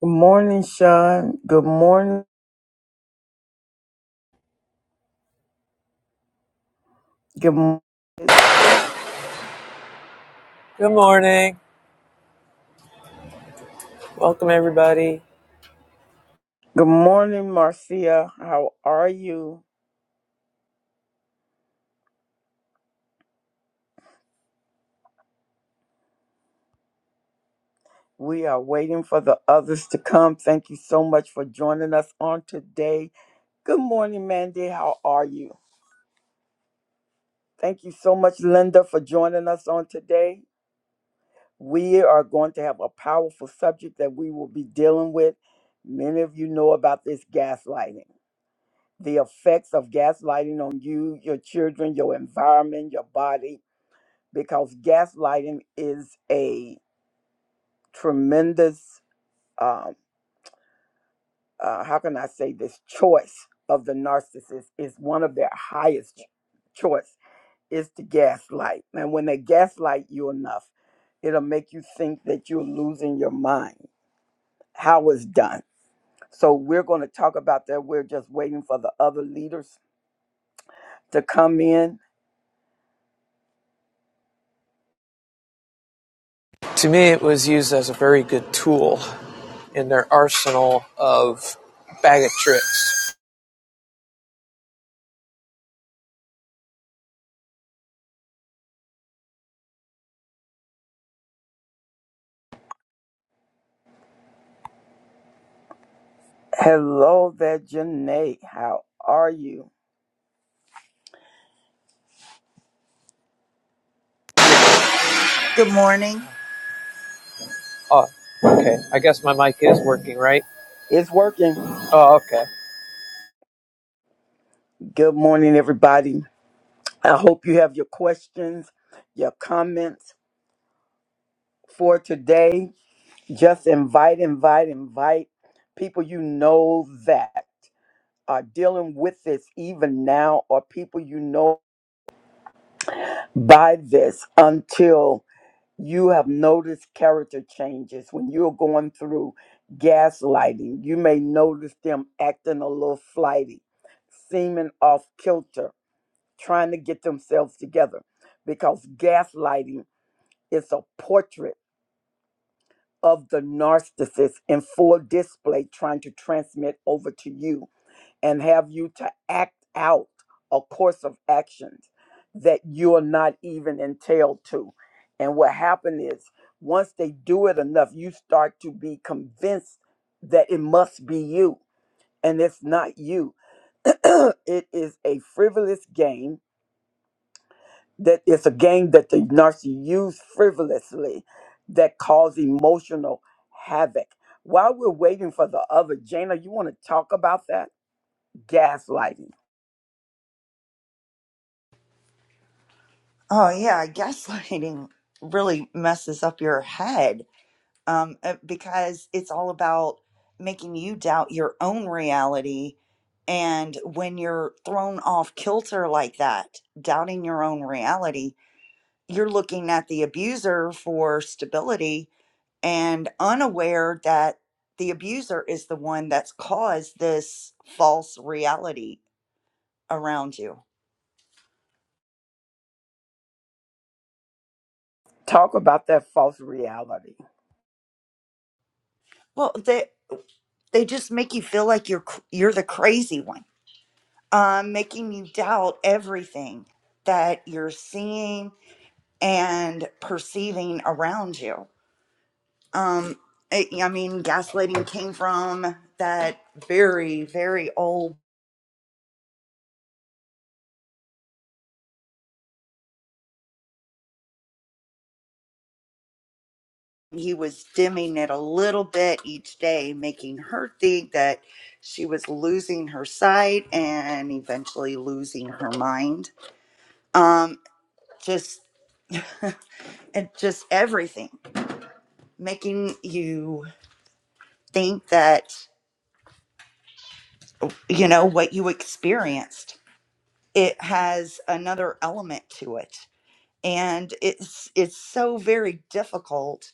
Good morning, Sean. Good morning. Good, mo- Good morning. Welcome, everybody. good morning, Marcia. How are you? We are waiting for the others to come. Thank you so much for joining us on today. Good morning, Mandy. How are you? Thank you so much, Linda, for joining us on today. We are going to have a powerful subject that we will be dealing with. Many of you know about this gaslighting, the effects of gaslighting on you, your children, your environment, your body, because gaslighting is a tremendous um, uh, how can i say this choice of the narcissist is one of their highest ch- choice is to gaslight and when they gaslight you enough it'll make you think that you're losing your mind how it's done so we're going to talk about that we're just waiting for the other leaders to come in To me, it was used as a very good tool in their arsenal of bag of tricks. hello there Janae. how are you We- Good morning. Oh, okay. I guess my mic is working, right? it's working Oh, okay. good morning everybody I hope you have your questions, your comments for today. Just invite, invite, invite people you know that are dealing with this even now, or people you know by this until you have noticed character changes. When you're going through gaslighting, you may notice them acting a little flighty, seeming off kilter, trying to get themselves together because gaslighting is a portrait of the narcissist in full display trying to transmit over to you and have you to act out a course of actions that you are not even entailed to. And what happened is once they do it enough, you start to be convinced that it must be you and it's not you. it is a frivolous game that it's a game that the narcissist use frivolously that cause emotional havoc. While we're waiting for the other, Jana, you want to talk about that? Gaslighting. Oh yeah, gaslighting really messes up your head um, uh, because it's all about making you doubt your own reality. And when you're thrown off kilter like that, doubting your own reality, you're looking at the abuser for stability and unaware that the abuser is the one that's caused this false reality around you. Talk about that false reality. Well, the they just make you feel like you're you're the crazy one um, making you doubt everything that you're seeing and perceiving around you um, it- i mean gaslighting came from that very very old he was dimming it a little bit each day making her think that she was losing her sight and eventually losing her mind um, just and just everything making you think that, you know, what you experienced, it has another element to it. And it's it's so very difficult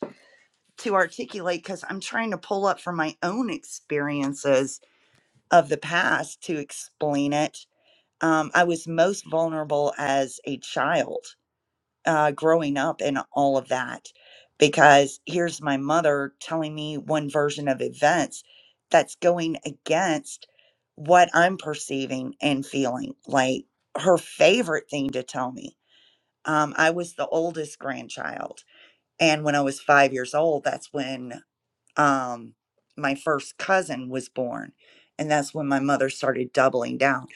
to articulate because I'm trying to pull up from my own experiences of the past to explain it. Um, I was most vulnerable as a child uh, growing up and all of that. Because here's my mother telling me one version of events that's going against what I'm perceiving and feeling. Like her favorite thing to tell me. Um, I was the oldest grandchild. And when I was five years old, that's when um, my first cousin was born. And that's when my mother started doubling down.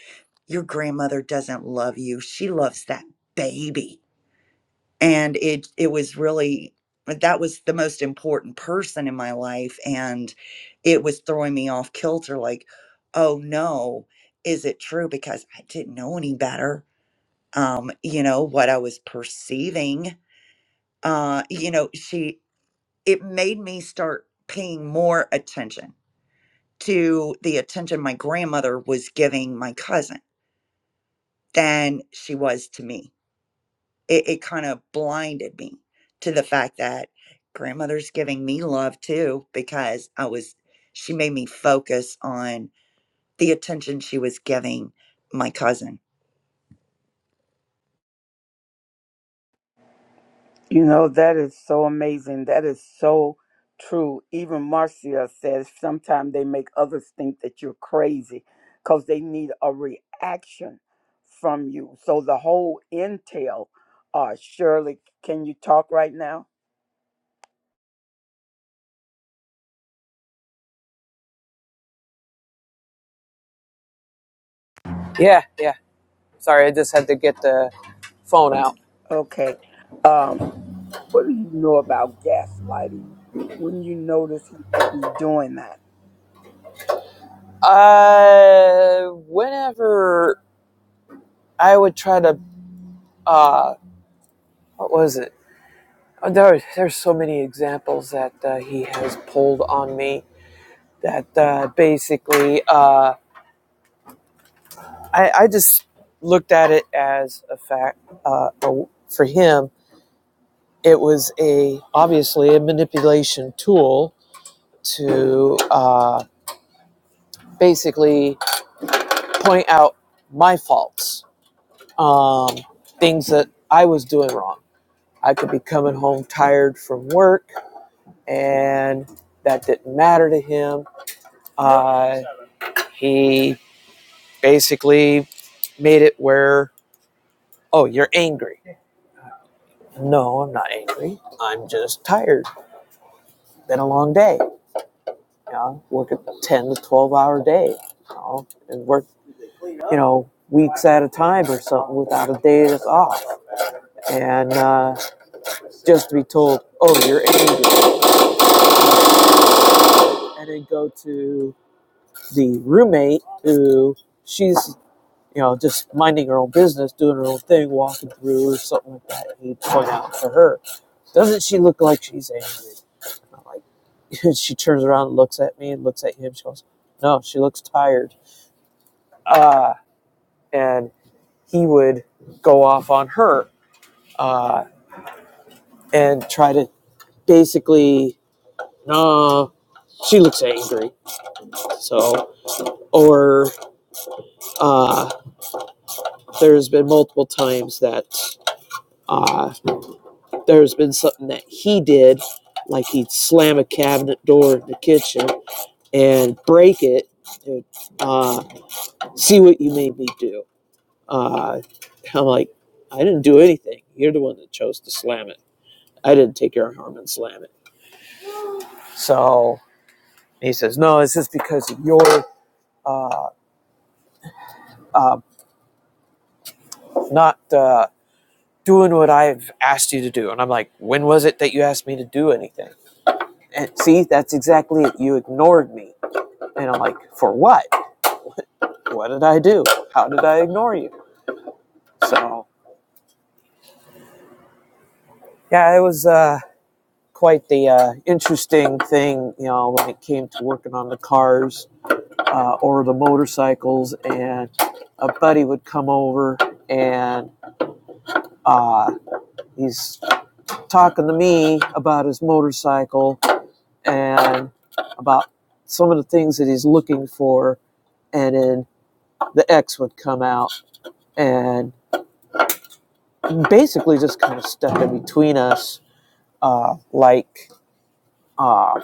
Your grandmother doesn't love you, she loves that baby and it it was really that was the most important person in my life and it was throwing me off kilter like oh no is it true because i didn't know any better um you know what i was perceiving uh you know she it made me start paying more attention to the attention my grandmother was giving my cousin than she was to me it, it kind of blinded me to the fact that grandmother's giving me love too because I was she made me focus on the attention she was giving my cousin. You know, that is so amazing. That is so true. Even Marcia says sometimes they make others think that you're crazy because they need a reaction from you. So the whole entail. uh, Shirley, can you talk right now? Yeah, yeah. Sorry, I just had to get the phone out. Okay. Um, what do you know about gaslighting when you notice he will be doing that? Uh, whenever I would try to, uh, what was it? Uh, There, there's so many examples that uh, he has pulled on me that uh, basically. Uh, I, I just looked at it as a fact. Uh, a, for him, it was a obviously a manipulation tool to uh, basically point out my faults, um, things that I was doing wrong. I could be coming home tired from work, and that didn't matter to him. Uh, he basically made it where, oh, you're angry. No, I'm not angry. I'm just tired. Been a long day. You know, work a 10 to 12 hour day. You know, and work, you know, weeks at a time or something without a day that's off. And uh, just to be told, oh, you're angry. And then go to the roommate who she's you know, just minding her own business, doing her own thing, walking through or something like that. And he'd point out to her, doesn't she look like she's angry? And I'm like, she turns around and looks at me and looks at him. She goes, no, she looks tired. Uh, and he would go off on her uh, and try to basically, no, she looks angry. So, or uh, there's been multiple times that uh, there's been something that he did, like he'd slam a cabinet door in the kitchen and break it. And, uh, see what you made me do. Uh, I'm like, I didn't do anything. You're the one that chose to slam it. I didn't take your arm and slam it. So he says, No, it's just because of your uh, uh, not uh, doing what I've asked you to do. And I'm like, When was it that you asked me to do anything? And see, that's exactly it. You ignored me. And I'm like, For what? what did I do? How did I ignore you? So yeah, it was uh, quite the uh, interesting thing, you know, when it came to working on the cars uh, or the motorcycles. And a buddy would come over and uh, he's talking to me about his motorcycle and about some of the things that he's looking for. And then the ex would come out and basically just kind of step in between us, uh, like Uh,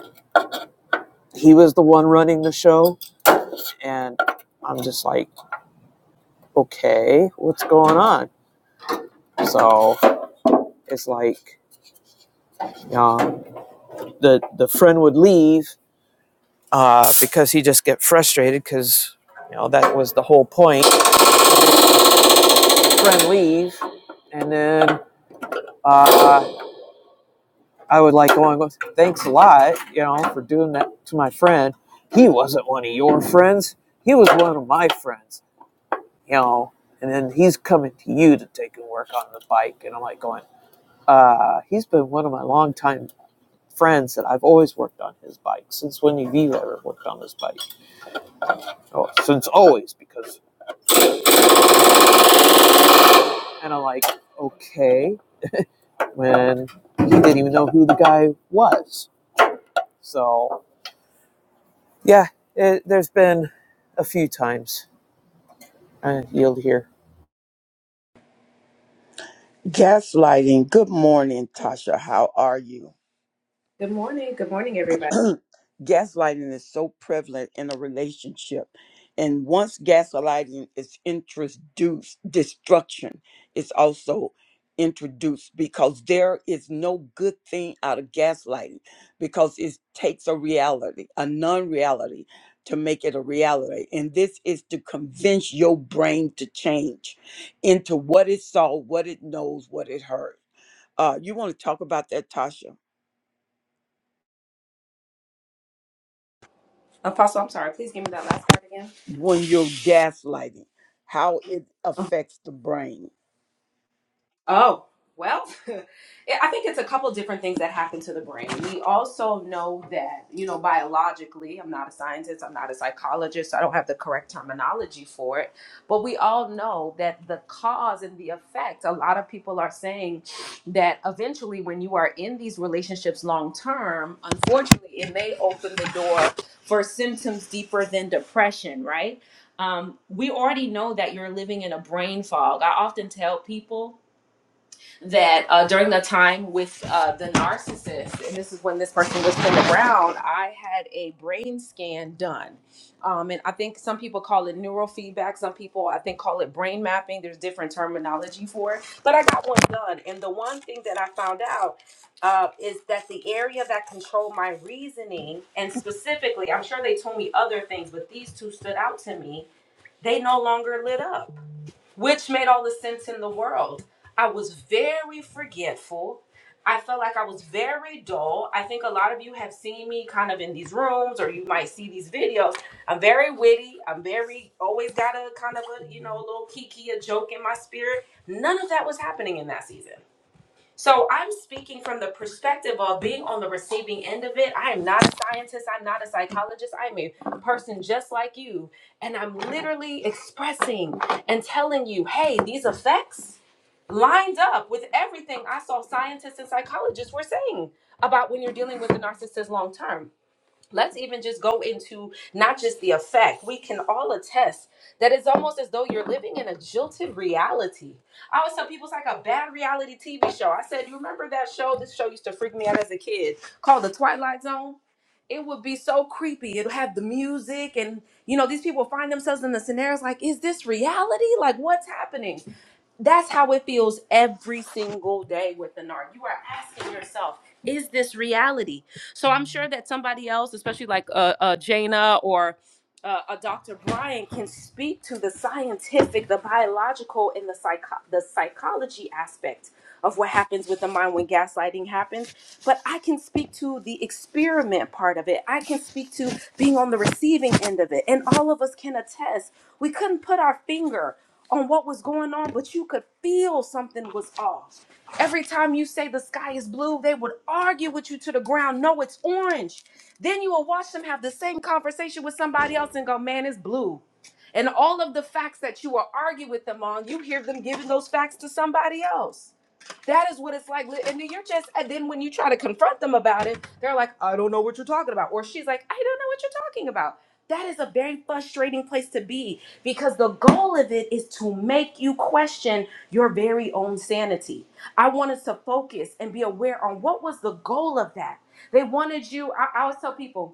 he was the one running the show, and I'm just like, okay, what's going on? So it's like um, the the friend would leave uh, because he just get frustrated because you know that was the whole point. Friend leave, and then uh, I would like going with thanks a lot, you know, for doing that to my friend. He wasn't one of your friends. He was one of my friends you know, and then he's coming to you to take and work on the bike. And I'm like going, uh, he's been one of my longtime friends that I've always worked on his bike since when have you ever worked on this bike? Oh, since always because, and I'm like, okay, when he didn't even know who the guy was. So yeah, it, there's been a few times I yield here. Gaslighting. Good morning, Tasha. How are you? Good morning. Good morning, everybody. gaslighting is so prevalent in a relationship. And once gaslighting is introduced, destruction is also introduced because there is no good thing out of gaslighting because it takes a reality, a non reality, to make it a reality. And this is to convince your brain to change into what it saw, what it knows, what it heard. Uh, you want to talk about that, Tasha? Apostle, I'm sorry. Please give me that last part again. when you're gaslighting, how it affects the brain. Oh, well, I think it's a couple different things that happen to the brain. We also know that, you know, biologically, I'm not a scientist, I'm not a psychologist, so I don't have the correct terminology for it, but we all know that the cause and the effect, a lot of people are saying that eventually when you are in these relationships long term, unfortunately, it may open the door for symptoms deeper than depression, right? Um, we already know that you're living in a brain fog. I often tell people that uh, during the time with uh, the narcissist, and this is when this person was pinned around, I had a brain scan done. Um, and I think some people call it neurofeedback, some people I think call it brain mapping. There's different terminology for it, but I got one done. And the one thing that I found out uh, is that the area that controlled my reasoning, and specifically, I'm sure they told me other things, but these two stood out to me. They no longer lit up which made all the sense in the world. I was very forgetful. I felt like I was very dull. I think a lot of you have seen me kind of in these rooms or you might see these videos. I'm very witty. I'm very always got a kind of a, you know, a little kiki, a joke in my spirit. None of that was happening in that season. So I'm speaking from the perspective of being on the receiving end of it. I am not a scientist. I'm not a psychologist. I'm a person just like you. And I'm literally expressing and telling you, hey, these effects lined up with everything I saw scientists and psychologists were saying about when you're dealing with the narcissist long term let's even just go into not just the effect we can all attest that it's almost as though you're living in a jilted reality i always tell people it's like a bad reality tv show i said you remember that show this show used to freak me out as a kid called the twilight zone it would be so creepy it'd have the music and you know these people find themselves in the scenarios like is this reality like what's happening that's how it feels every single day with the NARC. You are asking yourself, is this reality? So I'm sure that somebody else, especially like uh, uh, Jaina or uh, uh, Dr. Brian can speak to the scientific, the biological, and the psycho- the psychology aspect of what happens with the mind when gaslighting happens. But I can speak to the experiment part of it. I can speak to being on the receiving end of it, and all of us can attest. We couldn't put our finger on what was going on, but you could feel something was off. Every time you say the sky is blue, they would argue with you to the ground. No, it's orange. Then you will watch them have the same conversation with somebody else and go, man, it's blue. And all of the facts that you will argue with them on, you hear them giving those facts to somebody else. That is what it's like. And then you're just, and then when you try to confront them about it, they're like, I don't know what you're talking about. Or she's like, I don't know what you're talking about. That is a very frustrating place to be because the goal of it is to make you question your very own sanity. I wanted to focus and be aware on what was the goal of that. They wanted you, I I always tell people,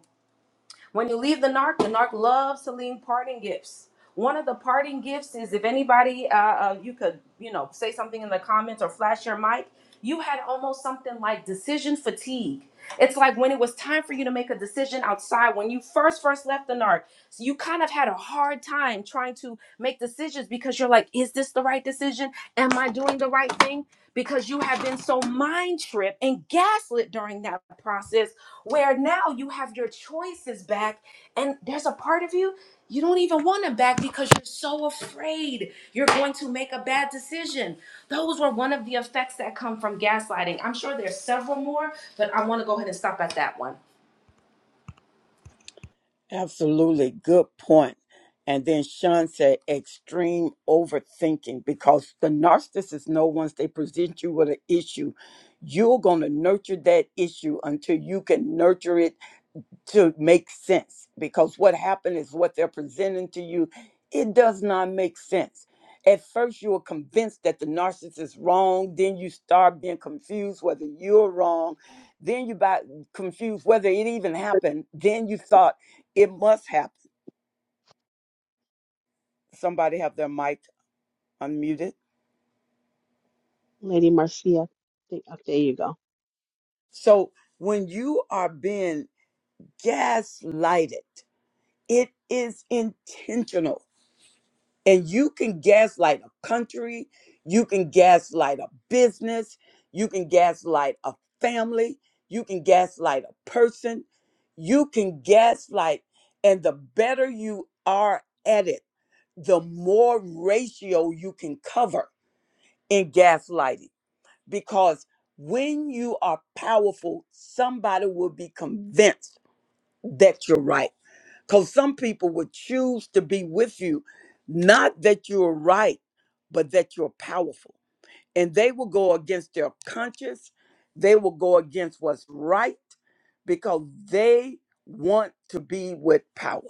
when you leave the narc, the narc loves to leave parting gifts. One of the parting gifts is if anybody, uh, uh, you could, you know, say something in the comments or flash your mic. You had almost something like decision fatigue. It's like when it was time for you to make a decision outside, when you first first left the narc, so you kind of had a hard time trying to make decisions because you're like, is this the right decision? Am I doing the right thing? Because you have been so mind tripped and gaslit during that process where now you have your choices back and there's a part of you you don't even want them back because you're so afraid you're going to make a bad decision those were one of the effects that come from gaslighting i'm sure there's several more but i want to go ahead and stop at that one Absolutely good point. And then Sean said extreme overthinking because the narcissist know once they present you with an issue, you're going to nurture that issue until you can nurture it to make sense because what happened is what they're presenting to you it does not make sense at first you are convinced that the narcissist is wrong then you start being confused whether you're wrong then you got confused whether it even happened then you thought it must happen somebody have their mic unmuted Lady Marcia. think- oh, there you go. so when you are being gaslighted it is intentional And you can gaslight a country, you can gaslight a business, you can gaslight a family, you can gaslight a person, you can gaslight. And the better you are at it, the more ratio you can cover in gaslighting. Because when you are powerful, somebody will be convinced that you're right because some people would choose to be with you, not that you're right, but that you're powerful. And they will go against their conscience. They will go against what's right because they want to be with power.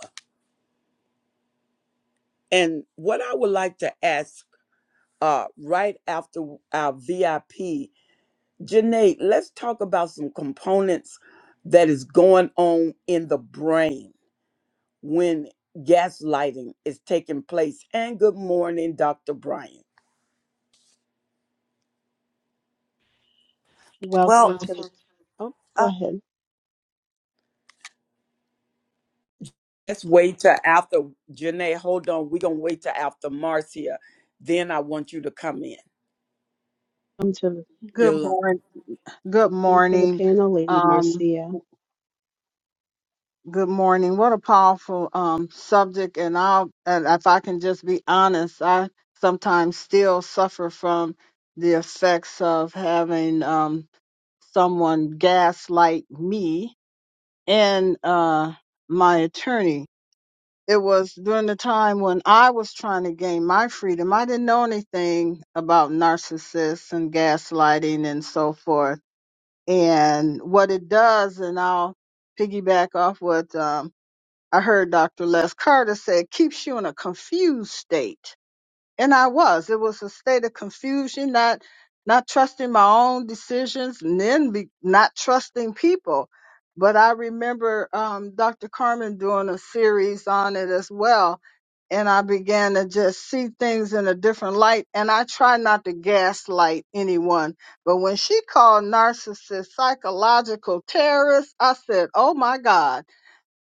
And what I would like to ask uh, right after our VIP, Janae, let's talk about some components that is going on in the brain when gaslighting is taking place. And good morning, Dr. Brian. Well, Welcome Wow. to the oh, go uh, ahead. Let's wait till after Janae. Hold on. We're gonna wait till after Marcia. Then I want you to come in. Welcome to the Good Yolanda. morning. Good welcome to the morning. panel, Lady Um, Marcia. good morning. What a powerful um, subject. And I'll, and if I can just be honest, I sometimes still suffer from the effects of having um, someone gaslight me and uh, my attorney. It was during the time when I was trying to gain my freedom. I didn't know anything about narcissists and gaslighting and so forth and what it does, and I'll piggyback off what um, I heard Dr. Les Carter said, keeps you in a confused state and I was. It was a state of confusion, not not trusting my own decisions, and then be, not trusting people. But I remember um, Dr. Carmen doing a series on it as well, and I began to just see things in a different light. And I try not to gaslight anyone, but when she called narcissists psychological terrorists, I said, "Oh my God."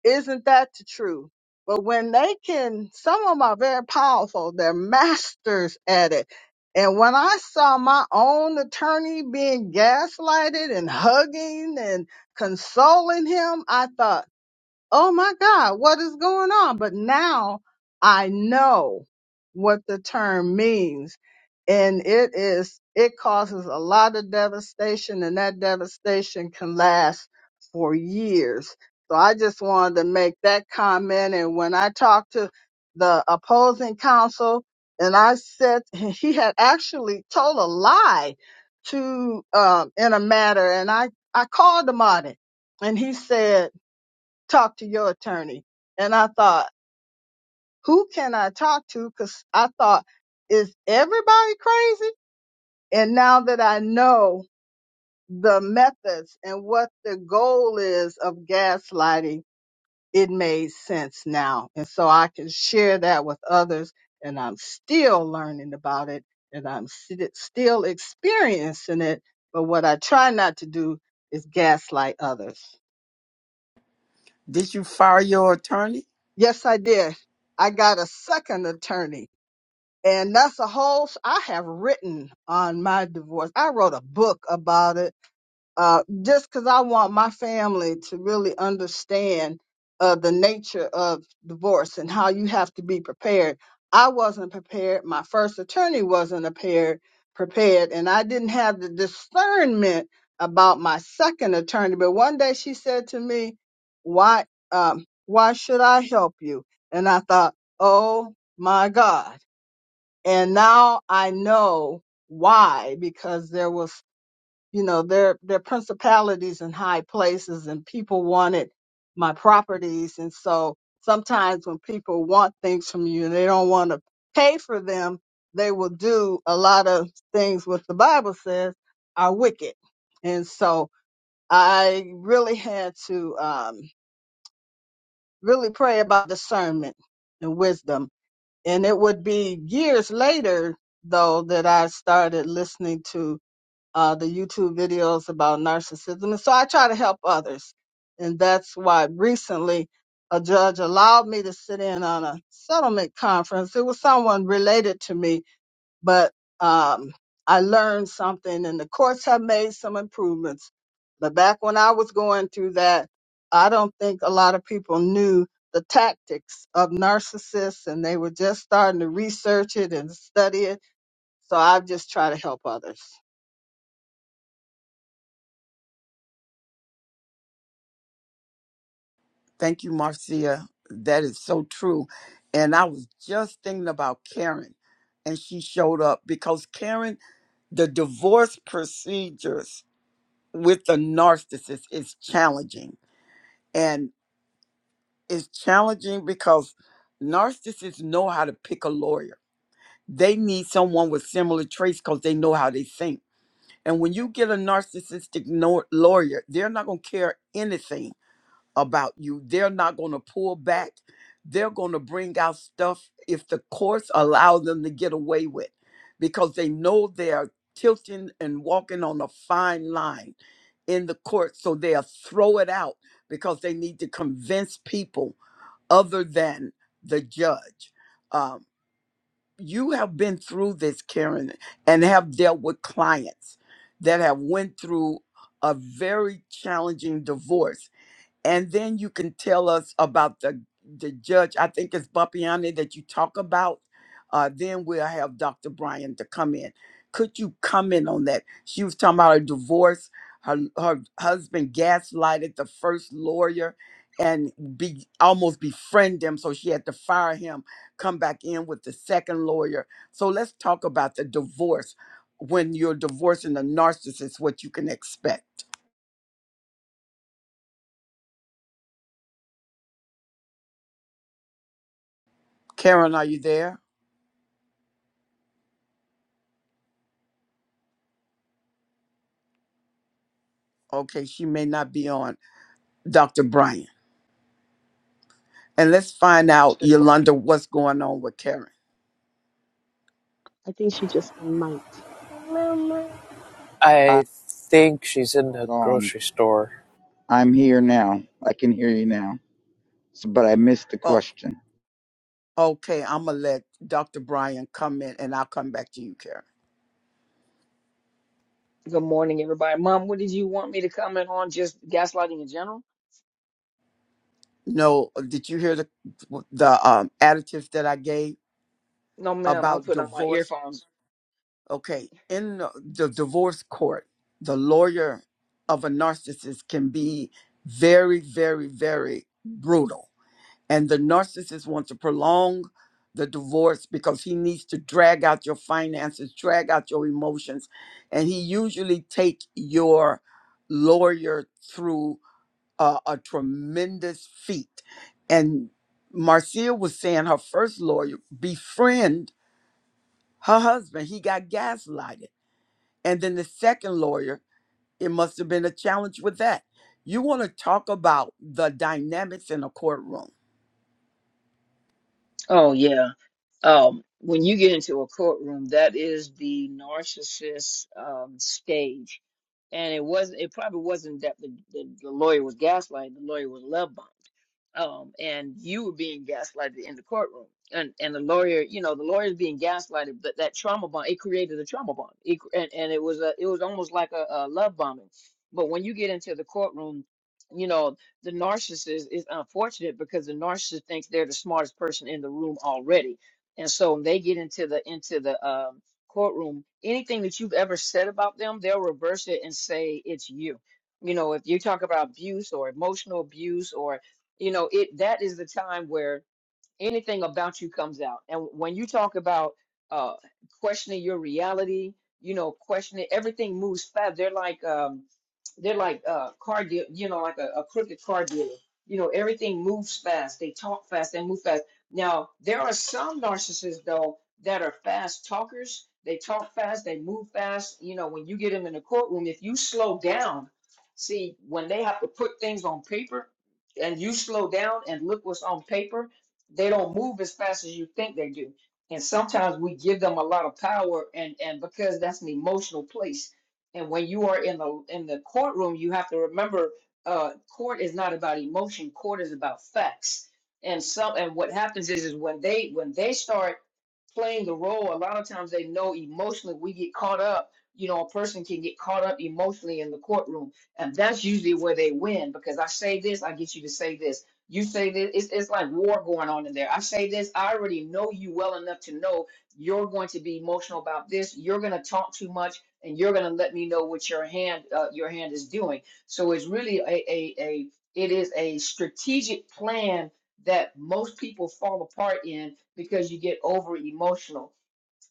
Isn't that the truth? But when they can, some of them are very powerful. They're masters at it. And when I saw my own attorney being gaslighted and hugging and consoling him, I thought oh my God, what is going on? But now I know what the term means. And it is, it causes a lot of devastation and that devastation can last for years. So I just wanted to make that comment. And when I talked to the opposing counsel and I said he had actually told a lie to, um, in a matter and I, I called him on it and he said, talk to your attorney. And I thought, who can I talk to? Cause I thought, is everybody crazy? And now that I know the methods and what the goal is of gaslighting, it made sense now. And so I can share that with others and I'm still learning about it and I'm st- still experiencing it. But what I try not to do is gaslight others. Did you fire your attorney? Yes, I did. I got a second attorney And that's a whole, s- I have written on my divorce. I wrote a book about it uh, just because I want my family to really understand uh, the nature of divorce and how you have to be prepared. I wasn't prepared. My first attorney wasn't prepared, prepared, and I didn't have the discernment about my second attorney. But one day she said to me, "Why, um, why should I help you?" And I thought, "Oh my God." and now I know why because there was you know there there are principalities in high places and people wanted my properties and so sometimes when people want things from you and they don't want to pay for them they will do a lot of things what the bible says are wicked and so i really had to um really pray about discernment and wisdom and it would be years later though that I started listening to uh, the YouTube videos about narcissism, and so I try to help others, and that's why recently a judge allowed me to sit in on a settlement conference. It was someone related to me but um, I learned something, and the courts have made some improvements. But back when I was going through that, I don't think a lot of people knew the tactics of narcissists, and they were just starting to research it and study it. So I just try to help others. Thank you, Marcia. That is so true. And I was just thinking about Karen, and she showed up because Karen, the divorce procedures with the narcissist is challenging. and. It's challenging because narcissists know how to pick a lawyer. They need someone with similar traits because they know how they think. And when you get a narcissistic no- lawyer, they're not going to care anything about you. They're not going to pull back. They're going to bring out stuff if the courts allow them to get away with because they know they're tilting and walking on a fine line in the court. So they'll throw it out because they need to convince people other than the judge. Um, you have been through this, Karen, and have dealt with clients that have went through a very challenging divorce and then you can tell us about the the judge. I think it's Bappiani that you talk about. Uh, then we'll have Dr. Bryan to come in. Could you comment on that? She was talking about her divorce. Her her husband gaslighted the first lawyer and be almost befriend him, so she had to fire him. Come back in with the second lawyer. So let's talk about the divorce. When you're divorcing a narcissist, what you can expect. Karen, are you there? Okay, she may not be on. Dr. Brian. And let's find out, missed the question. Yolanda, what's going on with Karen. I think she just unmiked. Oh, I think she's in the Hold on. grocery store. I'm here now. I can hear you now. So, but I missed the oh, question. okay. I'm gonna let Dr. Brian come in, and I'll come back to you, Karen. Good morning, everybody. Mom, what did you want me to comment on? Just gaslighting in general? No, did you hear the the um, additives that I gave No, ma'am. I'll about put on my divorce? earphones. Okay, in the, the divorce court, the lawyer of a narcissist can be very, very, very brutal And the narcissist wants to prolong the divorce because he needs to drag out your finances, drag out your emotions, and he usually take your lawyer through uh, a tremendous feat. And Marcia was saying her first lawyer befriend her husband. He got gaslighted, and then the second lawyer. It must have been a challenge with that. You want to talk about the dynamics in a courtroom Oh yeah. um, when you get into a courtroom, that is the narcissist um, stage. And it wasn't. It probably wasn't that the, the, the lawyer was gaslighting. The lawyer was love bombed, um, and you were being gaslighted in the courtroom. And and the lawyer, you know, the lawyer is being gaslighted, but that trauma bond it created a trauma bond. It, cr- and and it was a it was almost like a, a love bombing. But when you get into the courtroom, you know, the narcissist is unfortunate because the narcissist thinks they're the smartest person in the room already and so when they get into the into the um, courtroom, anything that you've ever said about them, they'll reverse it and say it's you. You know, if you talk about abuse or emotional abuse, or you know, it that is the time where anything about you comes out. And when you talk about uh, questioning your reality, you know, questioning everything moves fast. They're like um, they're like uh, car deal, you know, like a, a crooked car dealer. You know, everything moves fast. They talk fast. They move fast. Now there are some narcissists though that are fast talkers. They talk fast. They move fast. You know, when you get them in the courtroom, if you slow down, see when they have to put things on paper, and you slow down and look what's on paper they don't move as fast as you think they do. And sometimes we give them a lot of power and and because that's an emotional place. And when you are in the in the courtroom, you have to remember uh court is not about emotion, court is about facts. And some and what happens is is when they when they start playing the role, a lot of times they know emotionally we get caught up. You know, a person can get caught up emotionally in the courtroom. And that's usually where they win because I say this, I get you to say this you say that it's, it's like war going on in there. I say this, I already know you well enough to know you're going to be emotional about this. You're going to talk too much, and you're going to let me know what your hand uh, your hand is doing. So it's really a, a a it is a strategic plan that most people fall apart in because you get over emotional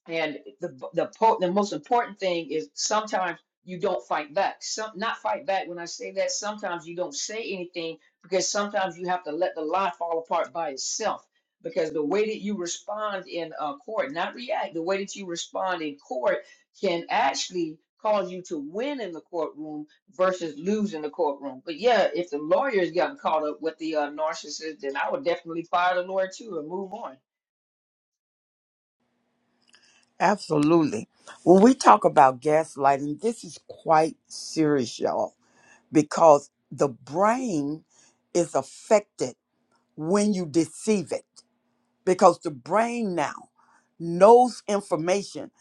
and the the po- the most important thing is sometimes you don't fight back. Some not fight back. When I say that, sometimes you don't say anything because sometimes you have to let the lie fall apart by itself. Because the way that you respond in uh, court, not react, the way that you respond in court can actually cause you to win in the courtroom versus lose in the courtroom. But yeah, if the lawyer's gotten caught up with the uh, narcissist, then I would definitely fire the lawyer too and move on Absolutely. When we talk about gaslighting, this is quite serious, y'all, because the brain is affected when you deceive it, because the brain now knows information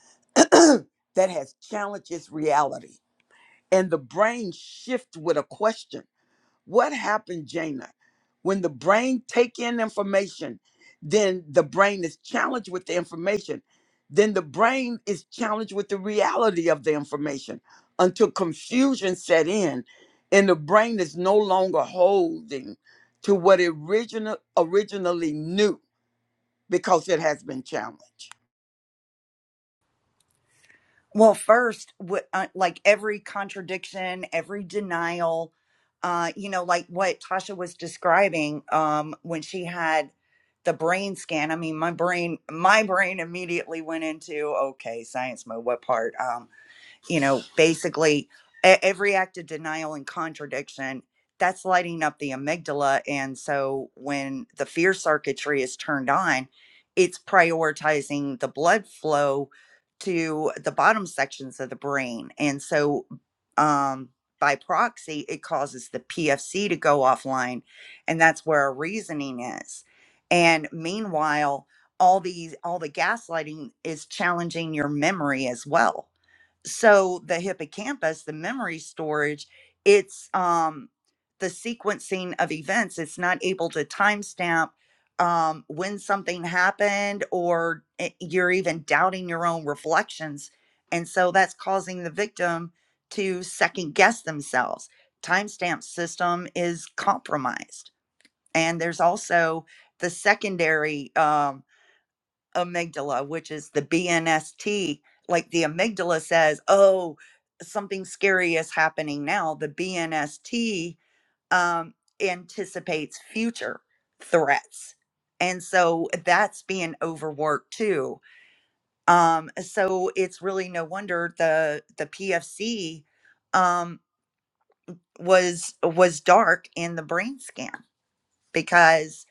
that has challenged its reality. And the brain shifts with a question. What happened, Jaina? When the brain take in information, then the brain is challenged with the information. Then the brain is challenged with the reality of the information until confusion set in and the brain is no longer holding to what it original, originally knew because it has been challenged. well, first, what, uh, like every contradiction, every denial, uh, you know, like what Tasha was describing um, when she had the brain scan. I mean, my brain, my brain immediately went into okay, science mode. What part? Um, you know, basically e- every act of denial and contradiction that's lighting up the amygdala. And so when the fear circuitry is turned on, it's prioritizing the blood flow to the bottom sections of the brain. And so, um, by proxy, it causes the PFC to go offline, and that's where our reasoning is. And meanwhile, all these all the gaslighting is challenging your memory as well so the hippocampus the memory storage it's um the sequencing of events it's not able to timestamp um when something happened or i- you're even doubting your own reflections and so that's causing the victim to second guess themselves timestamp system is compromised and there's also the secondary um, amygdala, which is the BNST, like the amygdala says, oh, something scary is happening now. The BNST um, anticipates future threats. And so that's being overworked too. Um, so it's really no wonder the the PFC um, was was dark in the brain scan because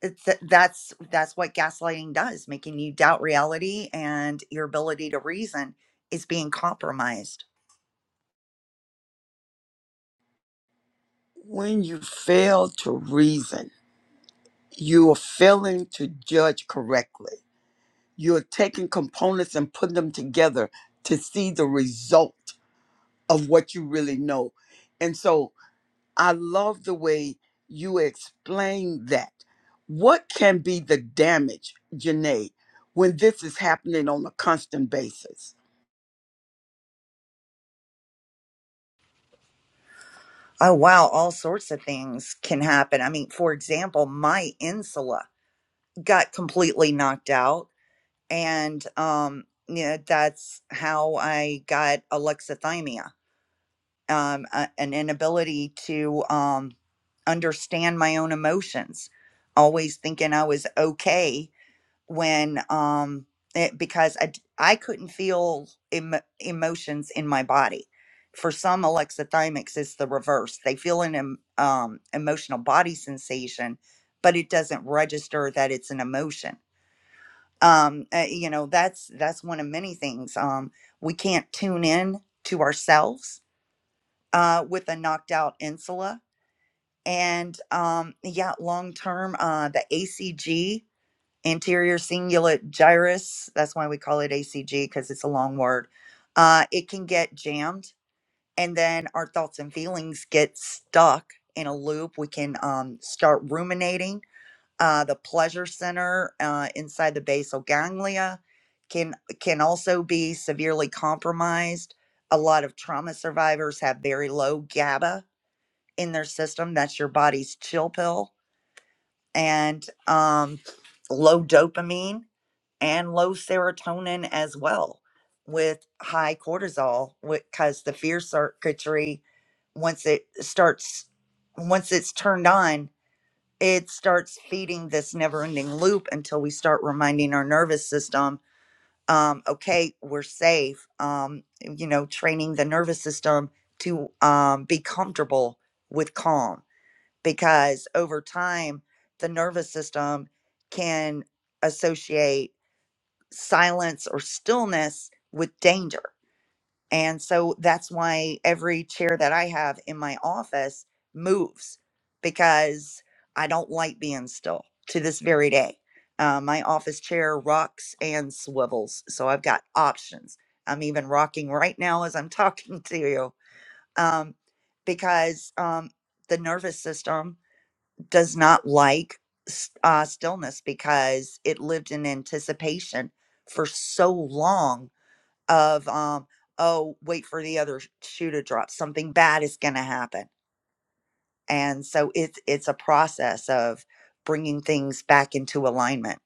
it- th- that's that's what gaslighting does making you doubt reality and your ability to reason is being compromised When you fail to reason, you are failing to judge correctly You're taking components and putting them together to see the result of what you really know. And so I love the way you explain that. What can be the damage, Janae, when this is happening on a constant basis? oh wow all sorts of things can happen i mean for example my insula got completely knocked out and um yeah that's how i got alexithymia um a- an inability to um understand my own emotions always thinking i was okay when um it, because I d- I couldn't feel em- emotions in my body. For some alexithymics, it's the reverse. They feel an em- um, emotional body sensation, but it doesn't register that it's an emotion. Um, uh, you know, that's that's one of many things. Um, we can't tune in to ourselves uh, with a knocked out insula, and um, yeah, long term, uh, the ACG anterior cingulate gyrus. That's why we call it ACG because it's a long word. Uh, it can get jammed, and then our thoughts and feelings get stuck in a loop. We can um, start ruminating. Uh, the pleasure center uh, inside the basal ganglia can can also be severely compromised. A lot of trauma survivors have very low GABA in their system. That's your body's chill pill, and um, low dopamine and low serotonin as well with high cortisol because the fear circuitry once it starts once it's turned on it starts feeding this never ending loop until we start reminding our nervous system um, okay we're safe um, you know training the nervous system to um, be comfortable with calm because over time the nervous system can associate silence or stillness with danger. And so that's why every chair that I have in my office moves because I don't like being still to this very day. Uh, my office chair rocks and swivels. So I've got options. I'm even rocking right now as I'm talking to you um, because um, the nervous system does not like s- uh, stillness because it lived in anticipation for so long of um oh wait for the other sh- shoe to drop something bad is going to happen and so it's it's a process of bringing things back into alignment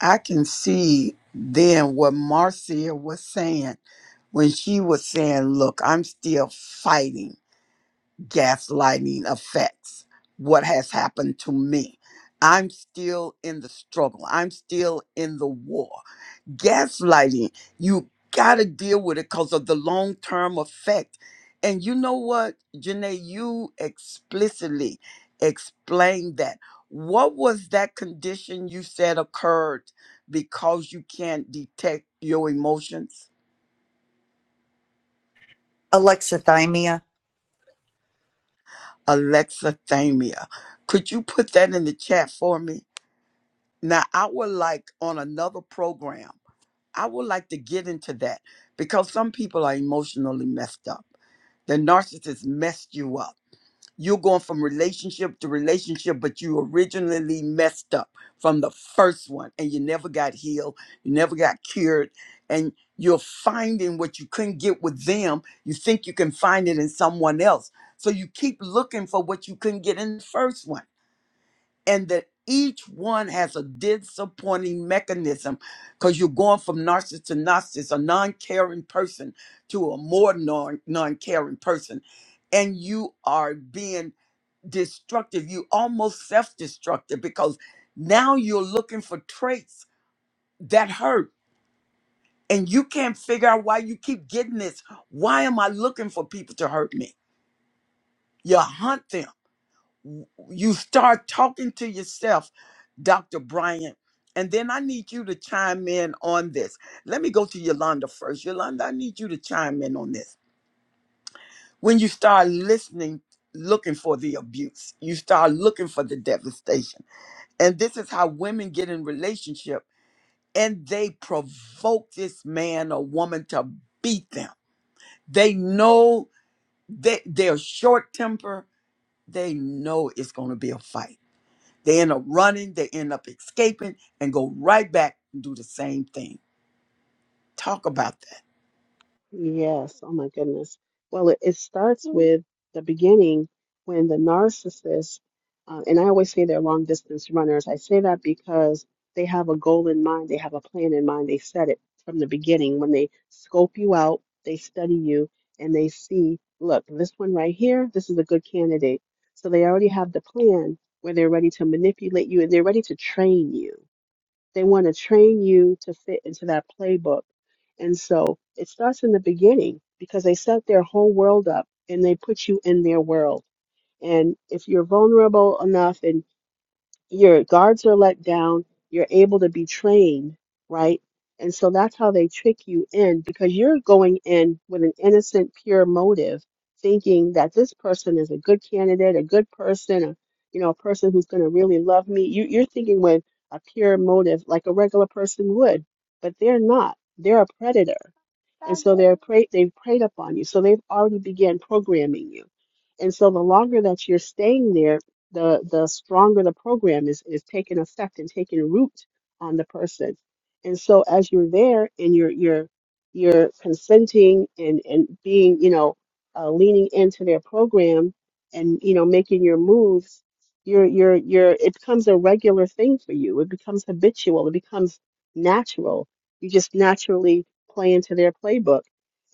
I can see then what Marcia was saying when she was saying, Look, I'm still fighting gaslighting affects what has happened to me. I'm still in the struggle. I'm still in the war. Gaslighting, you got to deal with it because of the long term effect. And you know what, Janae, you explicitly explained that. What was that condition you said occurred because you can't detect your emotions? alexithymia Alexithymia. Could you put that in the chat for me? Now, I would like on another program, I would like to get into that because some people are emotionally messed up. The narcissist messed you up. You're going from relationship to relationship, but you originally messed up from the first one and you never got healed. You never got cured. And you're finding what you couldn't get with them. You think you can find it in someone else. So you keep looking for what you couldn't get in the first one and that each one has a disappointing mechanism because you're going from narcissist to narcissist, a non caring person to a more non caring person. And you are being destructive, you almost self destructive because now you're looking for traits that hurt and you can't figure out why you keep getting this. Why am I looking for people to hurt me? You hunt them you start talking to yourself, Dr. Bryant. And then I need you to chime in on this. Let me go to Yolanda first. Yolanda, I need you to chime in on this. When you start listening, looking for the abuse, you start looking for the devastation. And this is how women get in relationship and they provoke this man or woman to beat them. They know that they're short temper. They know it's going to be a fight They end up running, they end up escaping, and go right back and do the same thing. Talk about that. Yes, oh my goodness. Well, it, it starts with the beginning when the narcissist, uh, and I always say they're long distance runners. I say that because they have a goal in mind, they have a plan in mind, they set it from the beginning. When they scope you out, they study you, and they see, look, this one right here, this is a good candidate. So they already have the plan where they're ready to manipulate you and they're ready to train you. They want to train you to fit into that playbook. And so it starts in the beginning because they set their whole world up and they put you in their world. And if you're vulnerable enough and your guards are let down, you're able to be trained, right? And so that's how they trick you in because you're going in with an innocent, pure motive, thinking that this person is a good candidate, a good person, a, you know, a person who's going to really love me. You, you're thinking with a pure motive, like a regular person would, but they're not. They're a predator, and so they're prey, they've preyed upon you. So they've already began programming you, and so the longer that you're staying there the the stronger the program is is taking effect and taking root on the person. And so as you're there and you're you're you're consenting and and being you know uh, leaning into their program and you know making your moves, you're you're you're it becomes a regular thing for you. It becomes habitual. It becomes natural. You just naturally play into their playbook,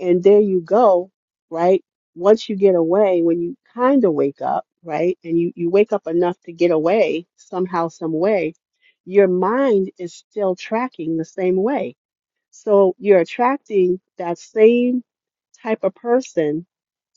and there you go, right? once you get away, when you kind of wake up, right, and you, you wake up enough to get away somehow, some way, your mind is still tracking the same way. So you're attracting that same type of person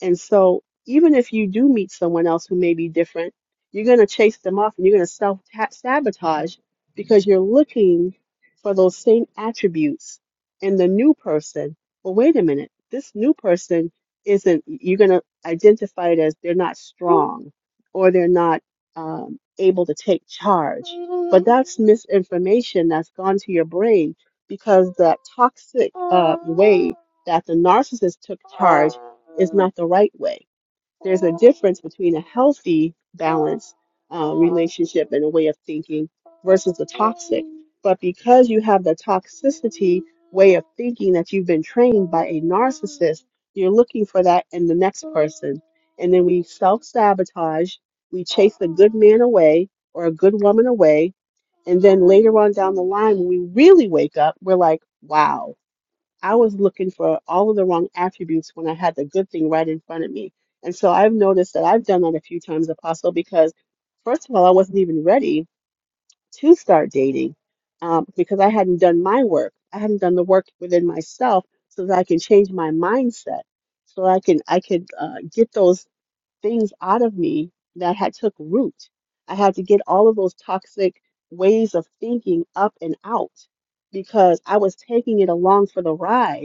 and so, even if you do meet someone else who may be different, you're going to chase them off and you're going to self sabotage because you're looking for those same attributes in the new person. Well, wait a minute. This new person isn't, you're going to identify it as they're not strong or they're not um, able to take charge. But that's misinformation that's gone to your brain because that toxic uh, way that the narcissist took charge is not the right way. There's a difference between a healthy, balanced uh, relationship and a way of thinking versus the toxic. But because you have the toxicity way of thinking that you've been trained by a narcissist, you're looking for that in the next person. And then we self sabotage, we chase a good man away or a good woman away. And then later on down the line, when we really wake up, we're like, wow. I was looking for all of the wrong attributes when I had the good thing right in front of me. And so I've noticed that I've done that a few times, Apostle, because first of all, I wasn't even ready to start dating um, because I hadn't done my work. I hadn't done the work within myself so that I can change my mindset, so I can I could uh, get those things out of me that had took root. I had to get all of those toxic ways of thinking up and out because I was taking it along for the ride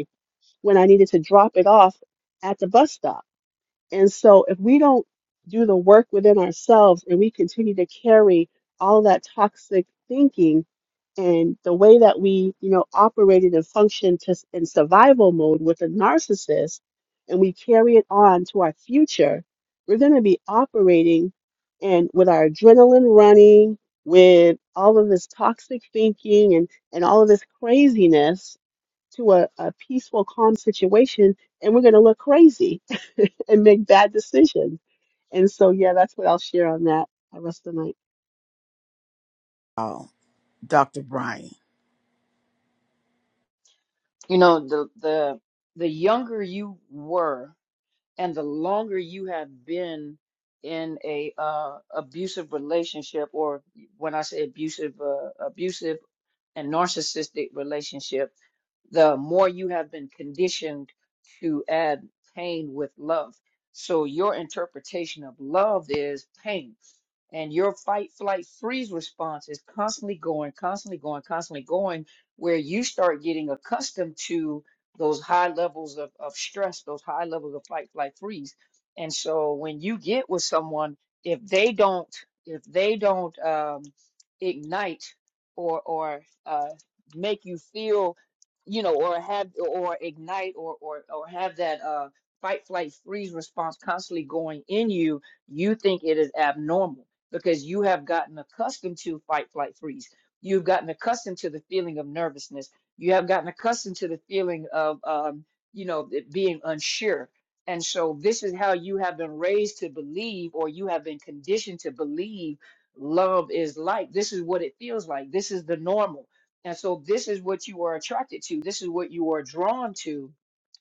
when I needed to drop it off at the bus stop. And so if we don't do the work within ourselves and we continue to carry all of that toxic thinking and the way that we, you know, operated and functioned to, in survival mode with a narcissist and we carry it on to our future, we're going to be operating and with our adrenaline running, with all of this toxic thinking and, and all of this craziness to a, a peaceful, calm situation, and we're going to look crazy and make bad decisions. And so, yeah, that's what I'll share on that the rest of the night. Oh, Dr. Brian. You know, the the the younger you were and the longer you have been in a uh abusive relationship or when I say abusive uh, abusive and narcissistic relationship, the more you have been conditioned to add pain with love. So your interpretation of love is pain and your fight, flight, freeze response is constantly going, constantly going, constantly going, where you start getting accustomed to those high levels of, of stress, those high levels of fight, flight, freeze. And so when you get with someone, if they don't, if they don't um, ignite or or uh, make you feel, you know, or have or ignite or or or have that uh, fight, flight, freeze response constantly going in you, you think it is abnormal because you have gotten accustomed to fight, flight, freeze. You've gotten accustomed to the feeling of nervousness. You have gotten accustomed to the feeling of, um, you know, it being unsure. And so this is how you have been raised to believe, or you have been conditioned to believe love is like. This is what it feels like. This is the normal. And so this is what you are attracted to. This is what you are drawn to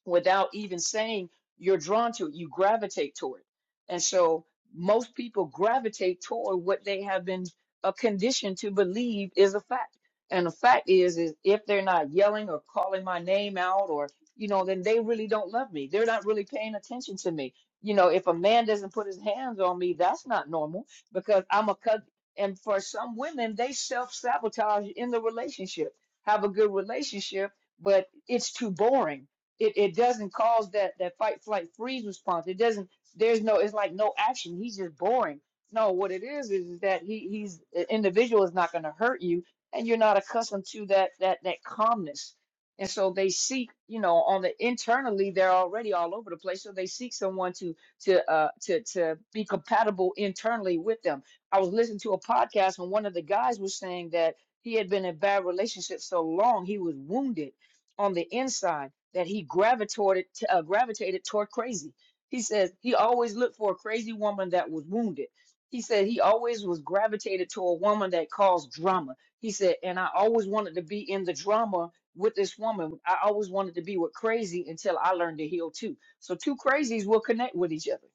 without even saying you're drawn to it. You gravitate toward it. And so most people gravitate toward what they have been uh, conditioned to believe is a fact. And the fact is, is if they're not yelling or calling my name out, or you know, then they really don't love me. They're not really paying attention to me. You know, if a man doesn't put his hands on me, that's not normal because I'm a cousin. And for some women, they self sabotage in the relationship. Have a good relationship, but it's too boring. It it doesn't cause that that fight, flight, freeze response. It doesn't there's no it's like no action he's just boring no what it is is, is that he he's the individual is not going to hurt you and you're not accustomed to that that that calmness and so they seek you know on the internally they're already all over the place so they seek someone to to uh to to be compatible internally with them i was listening to a podcast and one of the guys was saying that he had been in bad relationships so long he was wounded on the inside that he gravitated uh, gravitated toward crazy he says he always looked for a crazy woman that was wounded. He said he always was gravitated to a woman that caused drama. He said, and I always wanted to be in the drama with this woman. I always wanted to be with crazy until I learned to heal too. So two crazies will connect with each other.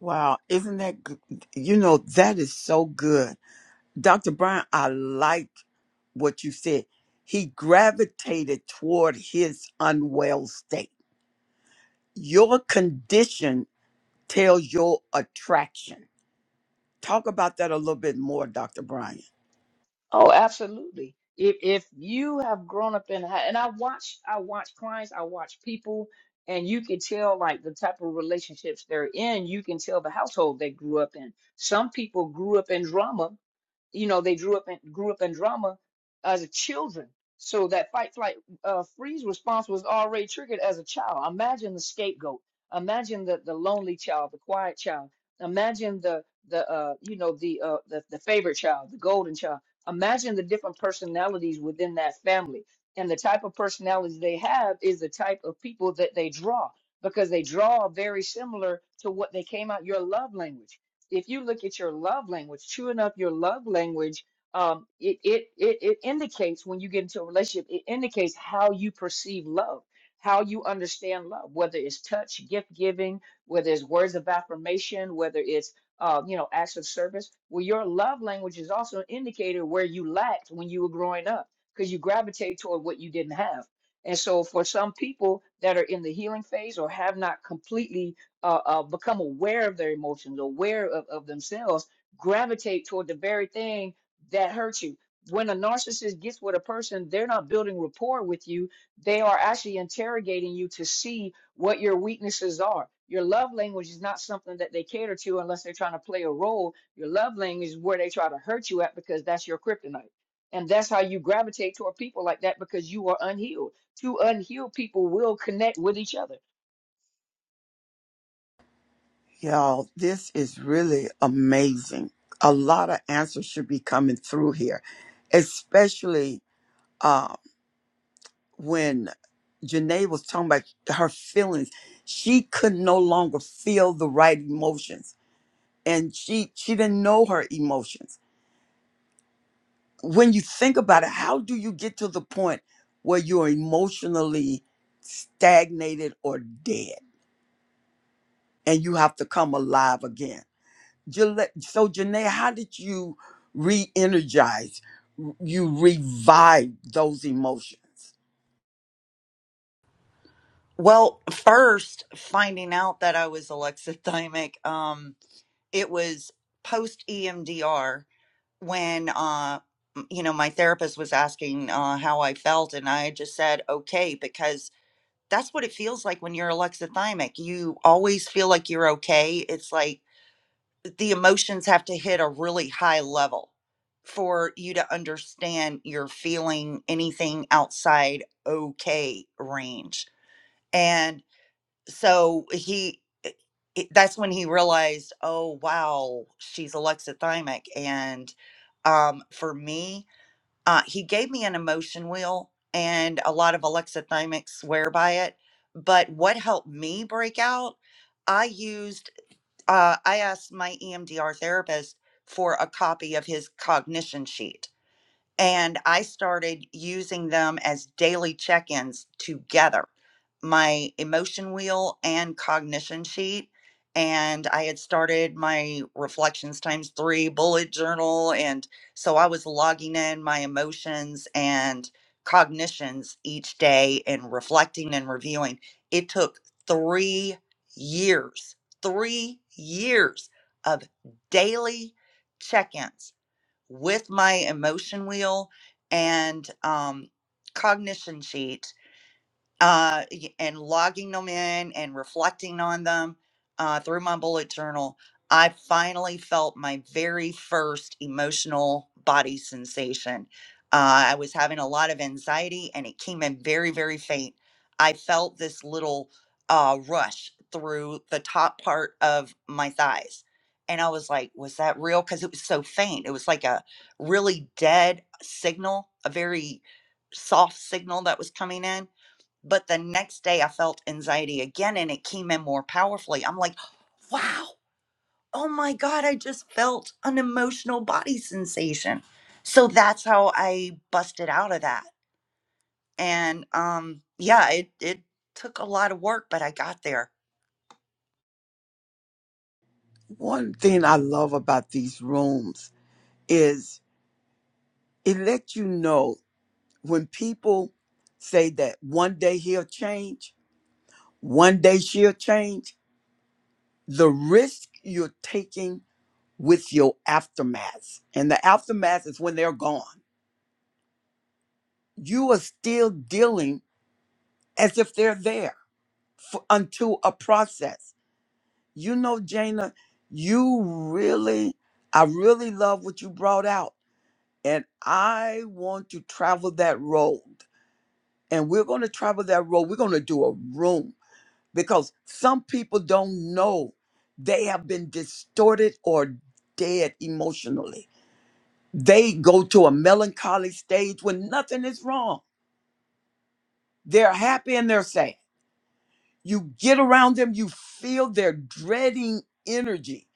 Wow, isn't that good? You know, that is so good. Dr. Brian, I like what you said. He gravitated toward his unwell state. Your condition tells your attraction. Talk about that a little bit more, Dr. Brian. Oh, absolutely. If if you have grown up in a hou- and I watch I watch clients, I watch people, and you can tell like the type of relationships they're in. You can tell the household they grew up in. Some people grew up in drama you know they grew up in grew up in drama as children so that fight flight uh, freeze response was already triggered as a child imagine the scapegoat imagine the the lonely child the quiet child imagine the the uh you know the uh the, the favorite child the golden child imagine the different personalities within that family and the type of personalities they have is the type of people that they draw because they draw very similar to what they came out your love language if you look at your love language, true enough, your love language, um, it, it, it, it indicates when you get into a relationship, it indicates how you perceive love, how you understand love, whether it's touch, gift giving, whether it's words of affirmation, whether it's, uh, you know, acts of service. Well, your love language is also an indicator where you lacked when you were growing up because you gravitate toward what you didn't have. And so for some people that are in the healing phase or have not completely uh, uh, become aware of their emotions, aware of, of themselves, gravitate toward the very thing that hurts you. When a narcissist gets with a person, they're not building rapport with you. They are actually interrogating you to see what your weaknesses are. Your love language is not something that they cater to unless they're trying to play a role. Your love language is where they try to hurt you at because that's your kryptonite. And that's how you gravitate toward people like that because you are unhealed. Two unhealed people will connect with each other Y'all, this is really amazing. A lot of answers should be coming through here, especially uh, when Janae was talking about her feelings. She could no longer feel the right emotions, and she she didn't know her emotions. When you think about it, how do you get to the point where you're emotionally stagnated or dead, and you have to come alive again? Jala- So, Janae, how did you re energize, you revive those emotions? well first finding out that i was alexithymic um it was post emdr when uh you know my therapist was asking uh how I felt and I just said okay because that's what it feels like when you're alexithymic you always feel like you're okay it's like the emotions have to hit a really high level for you to understand you're feeling anything outside okay range and so he i- that's when he realized oh wow she's alexithymic and um for me uh, he gave me an emotion wheel and a lot of alexithymics swear by it but what helped me break out i used uh, i asked my emdr therapist for a copy of his cognition sheet and I started using them as daily check ins together my emotion wheel and cognition sheet. And I had started my reflections times three bullet journal. And so I was logging in my emotions and cognitions each day and reflecting and reviewing. It took three years, three years of daily check ins with my emotion wheel and um, cognition sheet uh, y- and logging them in and reflecting on them uh, through my bullet journal, I finally felt my very first emotional body sensation. Uh, I was having a lot of anxiety and it came in very, very faint. I felt this little uh, rush through the top part of my thighs. And I was like, was that real? Because it was so faint. It was like a really dead signal, a very soft signal that was coming in but the next day I felt anxiety again and it came in more powerfully. I'm like, wow, oh my God, I just felt an emotional body sensation. So that's how I busted out of that. And um, yeah, it, it took a lot of work, but I got there. One thing I love about these rooms is it lets you know when people say that one day he'll change, one day she'll change, the risk you're taking with your aftermath. And the aftermath is when they're gone. You are still dealing as if they're there for, until a process. You know, Jana, you really, I really love what you brought out. And I want to travel that road. And we're going to travel that road. We're going to do a room because some people don't know they have been distorted or dead emotionally. They go to a melancholy stage when nothing is wrong. They're happy and they're sad. You get around them, you feel their dreading energy.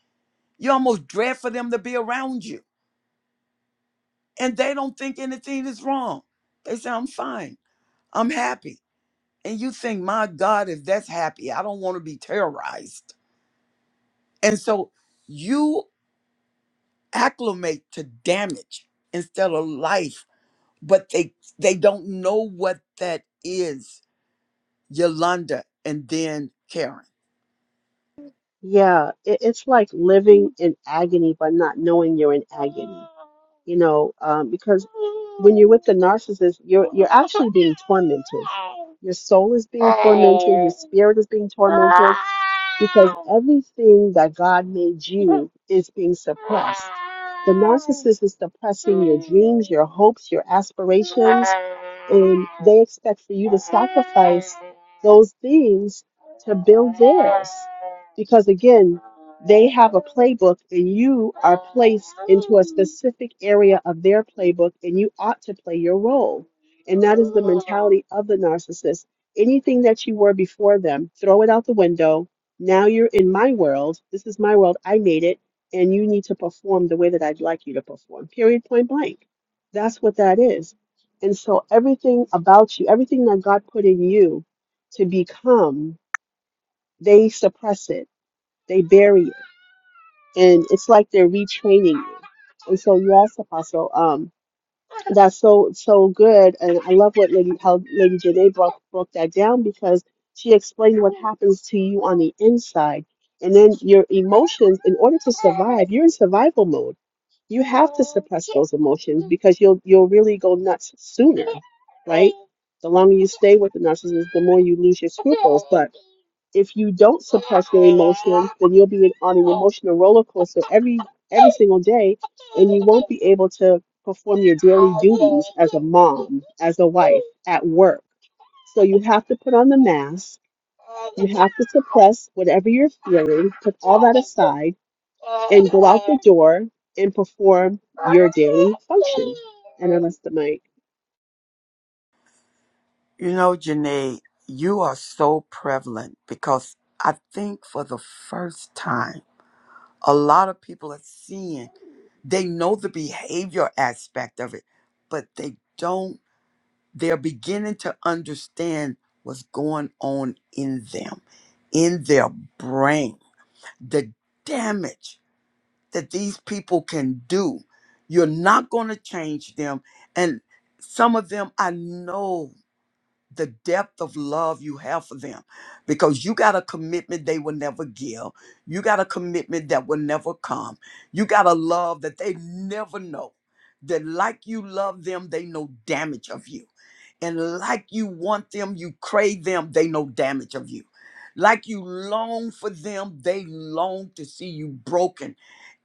You almost dread for them to be around you and they don't think anything is wrong. They say, I'm fine, I'm happy. And you think, my God, if that's happy, I don't want to be terrorized. And so you acclimate to damage instead of life, but they they don't know what that is, Yolanda and then Karen. Yeah, it, it's like living in agony but not knowing you're in agony. You know, um, because when you're with the narcissist, you're you're actually being tormented. Your soul is being tormented, your spirit is being tormented, because everything that God made you is being suppressed. The narcissist is suppressing your dreams, your hopes, your aspirations, and they expect for you to sacrifice those things to build theirs. Because again, they have a playbook and you are placed into a specific area of their playbook and you ought to play your role. And that is the mentality of the narcissist. Anything that you were before them, throw it out the window. Now you're in my world. This is my world. I made it. And you need to perform the way that I'd like you to perform, period, point blank. That's what that is. And so everything about you, everything that God put in you to become they suppress it, they bury it, and it's like they're retraining you. And so, yes, Apostle. Um, that's so so good and i love what lady how lady janae broke broke that down because she explained what happens to you on the inside and then your emotions in order to survive you're in survival mode you have to suppress those emotions because you'll you'll really go nuts sooner right the longer you stay with the narcissist the more you lose your scruples but if you don't suppress your emotions, then you'll be on an emotional roller coaster every every single day, and you won't be able to perform your daily duties as a mom, as a wife, at work. So you have to put on the mask. You have to suppress whatever you're feeling, put all that aside, and go out the door and perform your daily function. And I must the mic. You know, Janae, you are so prevalent because I think for the first time, a lot of people are seeing they know the behavior aspect of it, but they don't, they're beginning to understand what's going on in them, in their brain, the damage that these people can do. You're not going to change them. And some of them, I know the depth of love you have for them because you got a commitment they will never give. You got a commitment that will never come. You got a love that they never know. That, like you love them, they know damage of you. And like you want them, you crave them, they know damage of you. Like you long for them, they long to see you broken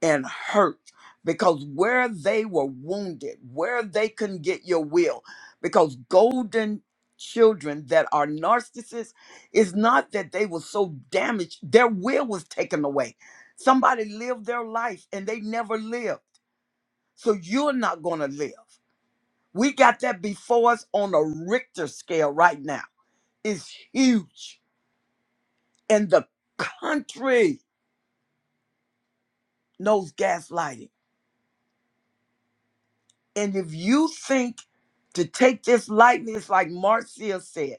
and hurt. Because where they were wounded, where they couldn't get your will, because golden children that are narcissists is not that they were so damaged, their will was taken away. Somebody lived their life and they never lived. So you're not going to live. We got that before us on a Richter scale right now. It's huge. And the country knows gaslighting. And if you think to take this lightly, it's like Marcia said,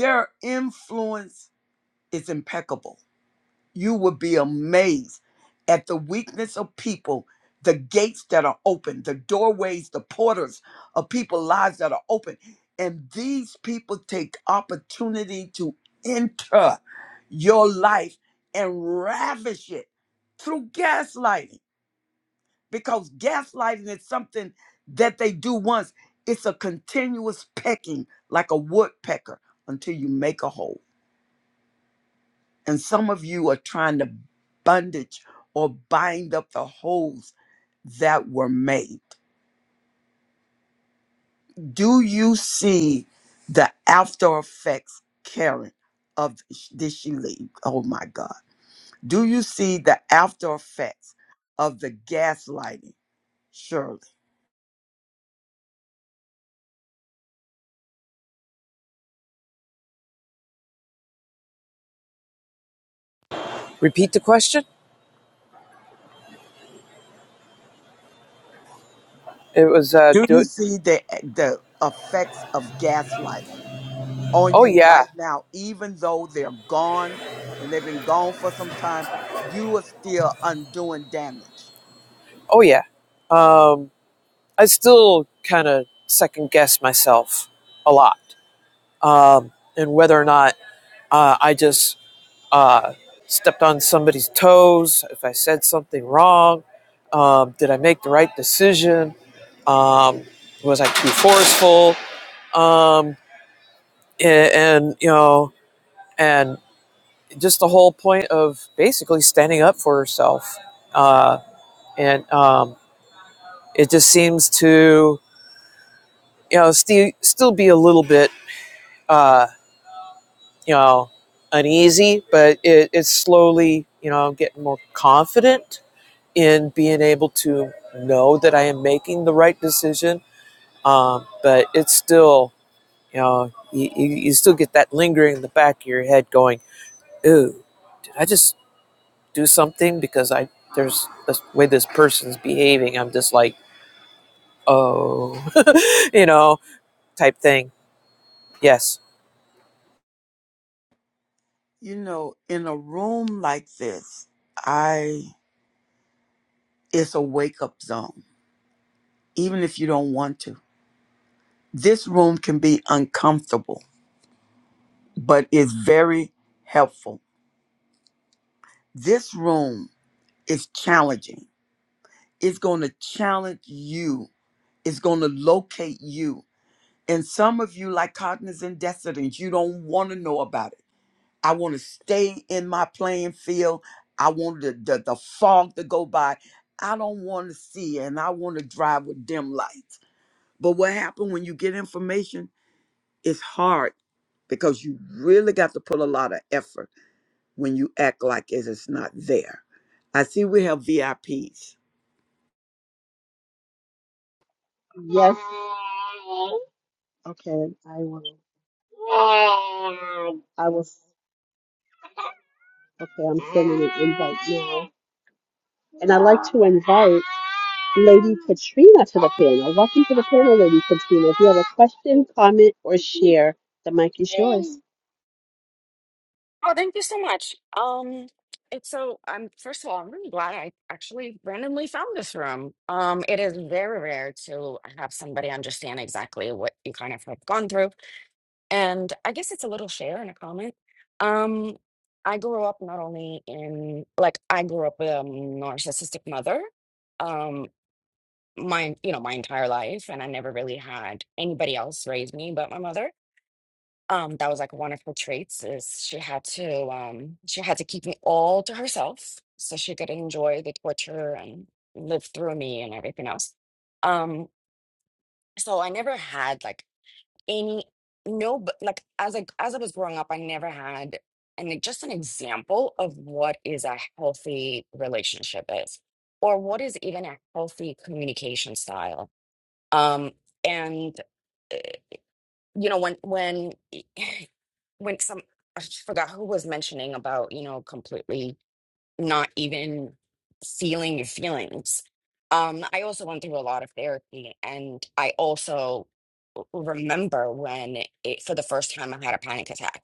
their influence is impeccable you would be amazed at the weakness of people, the gates that are open, the doorways, the porters of people's lives that are open. And these people take opportunity to enter your life and ravish it through gaslighting because gaslighting is something that they do once. It's a continuous pecking like a woodpecker until you make a hole. And some of you are trying to bondage or bind up the holes that were made. Do you see the after effects, Karen, of sh- did she leave? Oh my God. Do you see the after effects of the gaslighting, Shirley? Repeat the question. It was uh, Do do you it. see the the effects of gaslight on Oh you yeah, right now, even though they're gone and they've been gone for some time? You are still undoing damage. Oh yeah. Um, I still kind of second guess myself a lot, um, and whether or not uh, I just uh, stepped on somebody's toes, if I said something wrong, um, did I make the right decision? Um, was I too forceful? Um, and, and you know, and just the whole point of basically standing up for herself, uh, and um, it just seems to you know, still still be a little bit, uh, you know, uneasy, but it, it's slowly, you know, getting more confident in being able to know that I am making the right decision. Um, but it's still, you know, you, you still get that lingering in the back of your head going, ooh, did I just do something? Because I, there's the way this person's behaving. I'm just like, oh, you know, type thing. Yes. You know, in a room like this, I it's a wake up zone, even if you don't want to. This room can be uncomfortable, but it's very helpful. This room is challenging. It's going to challenge you. It's going to locate you. And some of you, like cognizant dissonance, you don't want to know about it I want to stay in my playing field. I want the, the, the fog to go by. I don't want to see and I want to drive with dim lights. But what happened when you get information? It's hard because you really got to put a lot of effort when you act like it is not there. I see we have VIPs. Yes. Okay, I will. I will. Okay, I'm sending an invite now. And I'd like to invite Lady Katrina to the panel. Welcome to the panel, Lady Katrina. If you have a question, comment, or share, the mic is yours. Oh, thank you so much. Um, it's so I'm first of all, I'm really glad I actually randomly found this room. Um, it is very rare to have somebody understand exactly what you kind of have gone through. And I guess it's a little share and a comment. Um, I grew up not only in like I grew up with a narcissistic mother, um, my you know, my entire life, and I never really had anybody else raise me but my mother um that was like one of her traits is she had to um she had to keep me all to herself so she could enjoy the torture and live through me and everything else um so i never had like any no but like as i as i was growing up i never had and like, just an example of what is a healthy relationship is or what is even a healthy communication style um and uh, you know when when when some I just forgot who was mentioning about you know completely not even feeling your feelings. Um, I also went through a lot of therapy, and I also w- remember when it, for the first time I had a panic attack,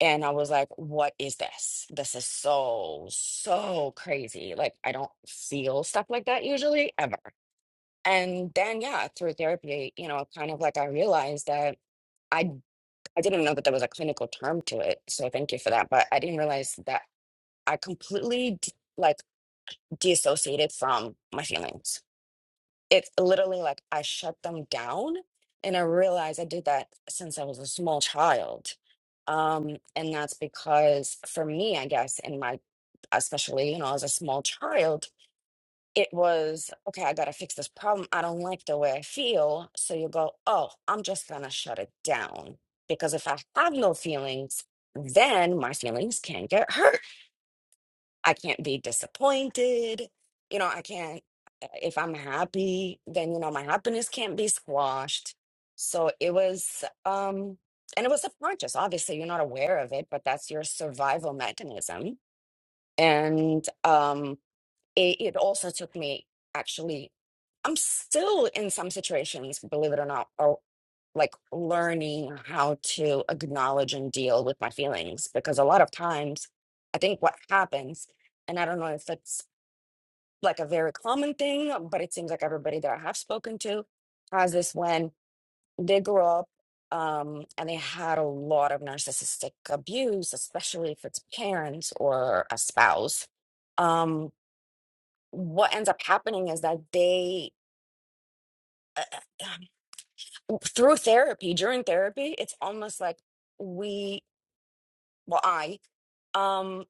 and I was like, "What is this? This is so so crazy. Like I don't feel stuff like that usually ever." And then yeah, through therapy, you know, kind of like I realized that. I didn't know that there was a clinical term to it, so thank you for that. But I didn't realize that I completely d- like dissociated from my feelings. It's literally like I shut them down, and I realized I did that since I was a small child. Um, and that's because for me, I guess, in my especially you know as a small child, it was okay i gotta fix this problem i don't like the way i feel so you go oh i'm just gonna shut it down because if i have no feelings then my feelings can get hurt i can't be disappointed you know i can't uh, if i'm happy then you know my happiness can't be squashed so it was um and it was subconscious obviously you're not aware of it but that's your survival mechanism and um it, it also took me actually i'm still in some situations believe it or not or like learning how to acknowledge and deal with my feelings because a lot of times i think what happens and i don't know if it's like a very common thing but it seems like everybody that i have spoken to has this when they grow up um, and they had a lot of narcissistic abuse especially if it's parents or a spouse Um, what ends up happening is that they uh, uh, through therapy during therapy it's almost like we well i um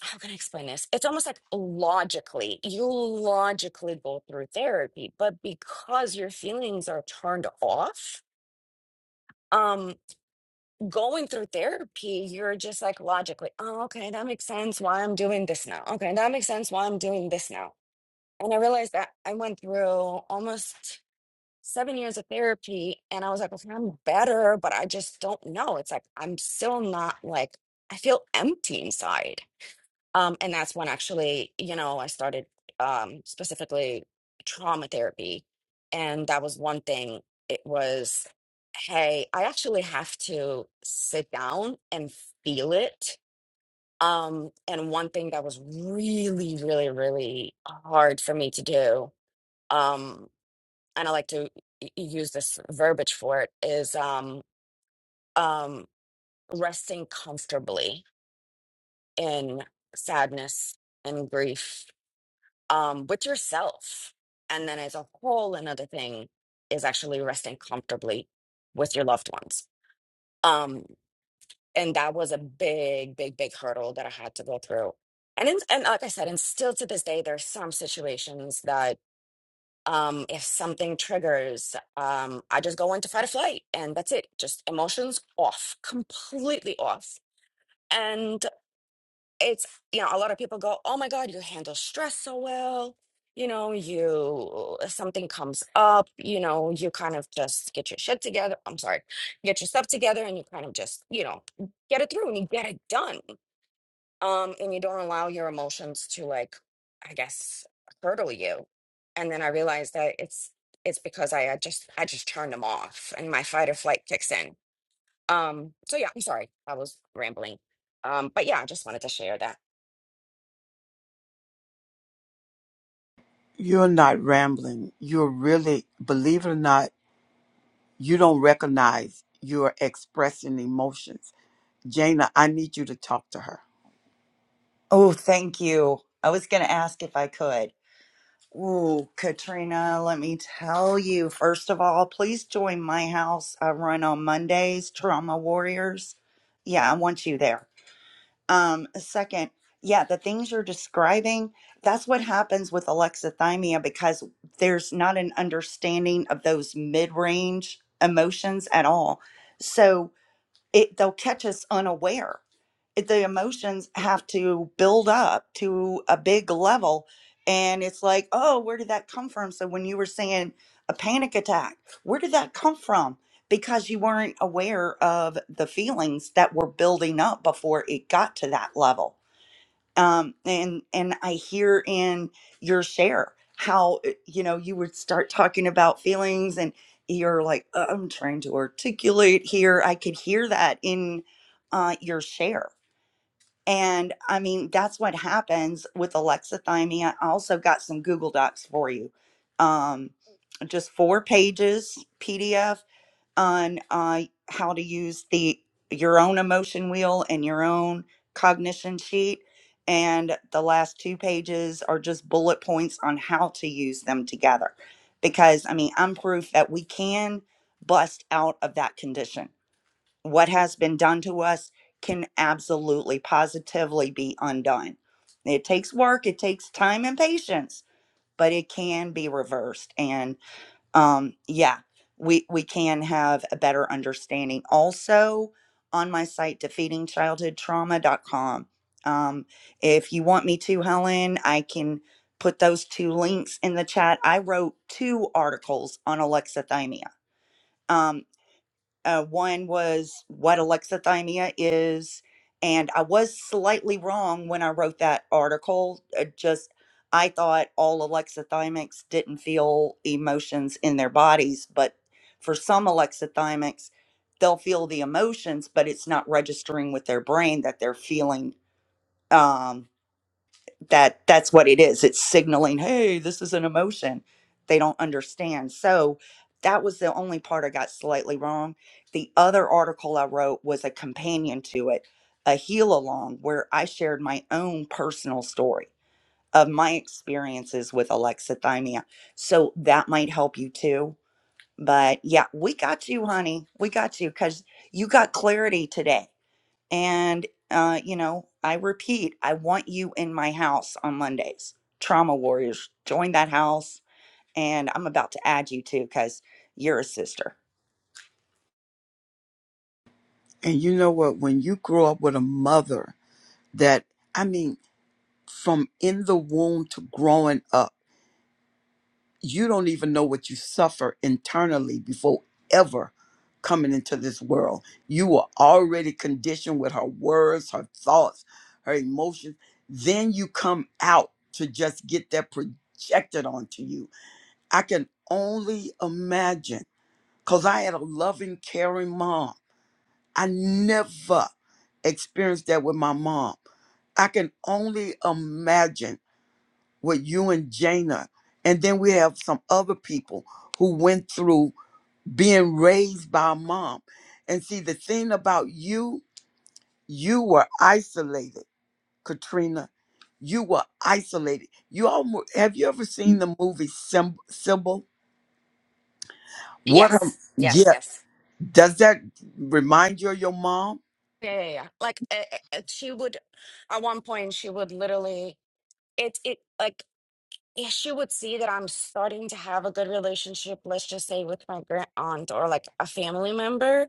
how can i explain this it's almost like logically you logically go through therapy but because your feelings are turned off um going through therapy you're just like logically oh okay that makes sense why i'm doing this now okay that makes sense why i'm doing this now and i realized that i went through almost seven years of therapy and I was like, okay, I'm better, but I just don't know. It's like I'm still not like I feel empty inside. Um, and that's when actually, you know, I started um specifically trauma therapy. And that was one thing. It was, hey, I actually have to sit down and feel it. Um, and one thing that was really, really, really hard for me to do. Um, and I like to y- use this verbiage for it is um um resting comfortably in sadness and grief um with yourself and then as a whole another thing is actually resting comfortably with your loved ones um and that was a big big big hurdle that I had to go through and in, and like I said and still to this day there's some situations that. um if something triggers um i just go into fight or flight and that's it just emotions off completely off and it's you know a lot of people go oh my god you handle stress so well you know you if something comes up you know you kind of just get your shit together i'm sorry get your stuff together and you kind of just you know get it through and you get it done um and you don't allow your emotions to like i guess hurdle you and then i realized that it's it's because i had just i just turned them off and my fight or flight kicks in um so yeah i'm sorry i was rambling um but yeah i just wanted to share that You're not rambling. You're really, believe it or not, you don't recognize you're expressing emotions. Jana, I need you to talk to her Oh, thank you. I was going to ask if I could. Ooh, Katrina, let me tell you. First of all, please join my house. I run on Mondays, Trauma Warriors. Yeah, I want you there. Um, second, yeah, the things you're describing, that's what happens with alexithymia because there's not an understanding of those mid range emotions at all. So, it they'll catch us unaware It- the emotions have to build up to a big level and it's like oh where did that come from so when you were saying a panic attack where did that come from because you weren't aware of the feelings that were building up before it got to that level um, and and I hear in your share how uh, you know you would start talking about feelings, and you're like, "Uh, I'm trying to articulate here. I could hear that in uh, your share, and I mean that's what happens with alexithymia. I also got some Google Docs for you, um, just four pages PDF on uh, how to use the your own emotion wheel and your own cognition sheet and the last two pages are just bullet points on how to use them together because i mean i'm proof that we can bust out of that condition what has been done to us can absolutely positively be undone it takes work it takes time and patience but it can be reversed and um yeah we we can have a better understanding also on my site defeatingchildhoodtrauma.com um if you want me to helen i can put those two links in the chat i wrote two articles on alexithymia um uh, one was what alexithymia is. And I was slightly wrong when I wrote that article. Uh, just, I thought all alexithymics didn't feel emotions in their bodies, but for some alexithymics, they'll feel the emotions, but it's not registering with their brain that they're feeling. Um, that that's what it is it's signaling hey this is an emotion they don't understand so that was the only part i got slightly wrong the other article i wrote was a companion to it a heal along where i shared my own personal story of my experiences with alexithymia so that might help you too but yeah we got you honey we got you because you got clarity today and, uh, you know, I repeat, I want you in my house on Mondays. Trauma Warriors, join that house. And I'm about to add you too, because you're a sister. And you know what? When you grow up with a mother that, I mean, from in the womb to growing up, you don't even know what you suffer internally before ever coming into this world. You were already conditioned with her words, her thoughts, her emotions. Then you come out to just get that projected onto you. I can only imagine because I had a loving, caring mom I never experienced that with my mom. I can only imagine with you and Jana. And then we have some other people who went through being raised by a mom. And see, the thing about you, you were isolated, Katrina. You were isolated. You almost have you ever seen the movie Sym- Sybil? What? Her, yes yes yeah. yes Does that remind you of your mom? yeah yeah yeah like uh, uh, uh, she would at one point she would literally it it like if she would see that i'm starting to have a good relationship let's just say with my grand aunt or like a family member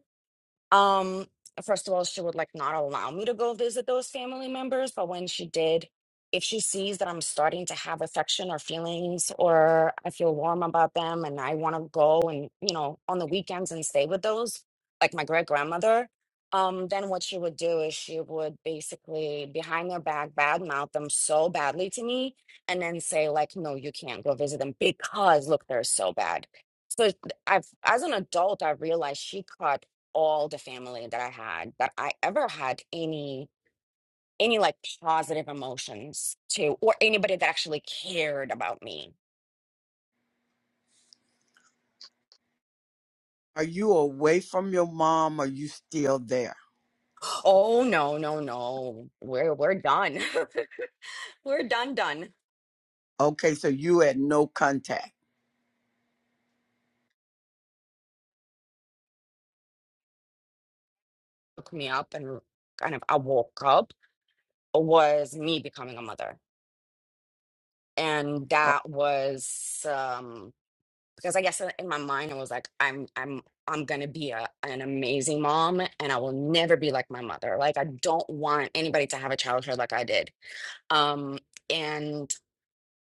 Um, first of all, she would like not allow me to go visit those family members, but when she did, if she sees that I'm starting to have affection or feelings or I feel warm about them and I want to go and, you know, on the weekends and stay with those, like my great grandmother, um, then what she would do is she would basically behind their back badmouth them so badly to me and then say like, no, you can't go visit them because look, they're so bad. So I've, as an adult, I realized she caught all the family that I had that I ever had any any like positive emotions to or anybody that actually cared about me. Are you away from your mom? Are you still there? Oh no, no, no. We're we're done. we're done done. Okay, so you had no contact. Woke me up and kind of I woke up was me becoming a mother. And Oh, that was um because I guess in in my mind I was like, I'm I'm I'm gonna be a, an amazing mom and I will never be like my mother. Like I don't want anybody to have a childhood like I did. Um and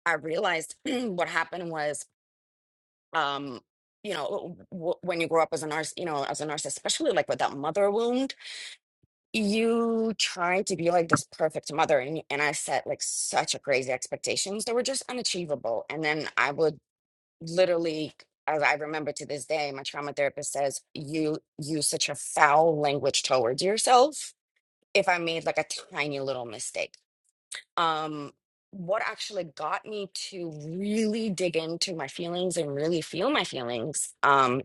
I realized what happened was um you know w- w- when you grow up as a nurse you know as a nurse especially like with that mother wound you try to be like this perfect mother and, and i set like such a crazy expectations that were just unachievable and then i would literally as i remember to this day my trauma therapist says you use such a foul language towards yourself if i made like a tiny little mistake um what actually got me to really dig into my feelings and really feel my feelings um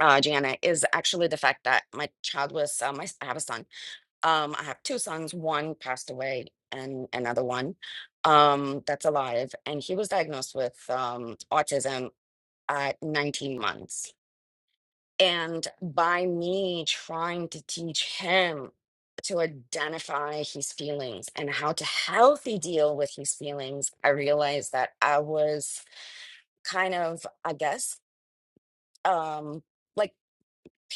uh jana is actually the fact that my child was uh, my i have a son um i have two sons one passed away and another one um that's alive and he was diagnosed with um autism at 19 months. And by me trying to teach him to identify his feelings and how to healthy deal with his feelings, I realized that I was kind of, I guess, um, like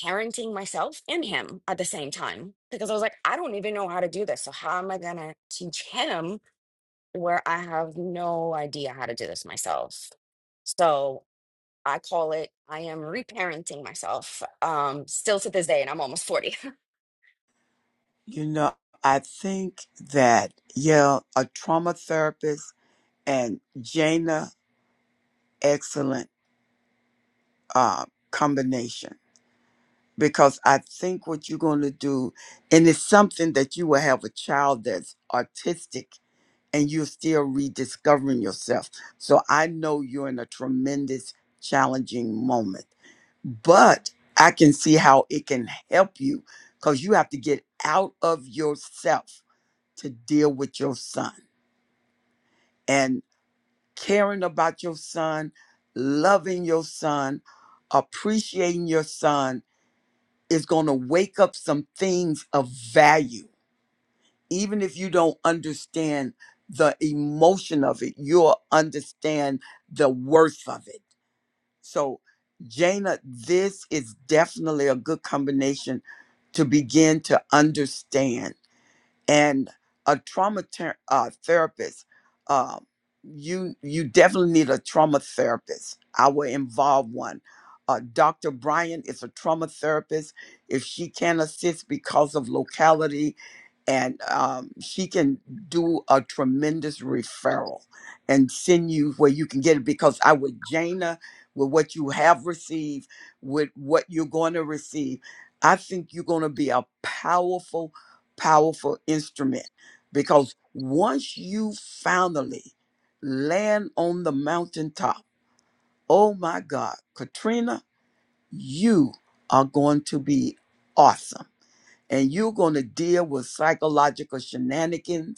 parenting myself and him at the same time because I was like, I don't even know how to do this. So, how am I going to teach him where I have no idea how to do this myself? So I call it I am reparenting myself um still to this day and I'm almost 40. You know, I think that, yeah, a trauma therapist and Jana, excellent uh, combination. Because I think what you're going to do, and it's something that you will have a child that's autistic and you're still rediscovering yourself. So I know you're in a tremendous, challenging moment, but I can see how it can help you because you have to get out of yourself to deal with your son and caring about your son, loving your son, appreciating your son is going to wake up some things of value even if you don't understand the emotion of it, you'll understand the worth of it. So, Jana, this is definitely a good combination to begin to understand and a trauma ter- uh, therapist uh, you you definitely need a trauma therapist i will involve one uh, dr bryan is a trauma therapist if she can assist because of locality and um, she can do a tremendous referral and send you where you can get it because i would jana with what you have received with what you're going to receive i think you're going to be a powerful powerful instrument because once you finally land on the mountaintop, oh my God, Katrina, you are going to be awesome. And you're going to deal with psychological shenanigans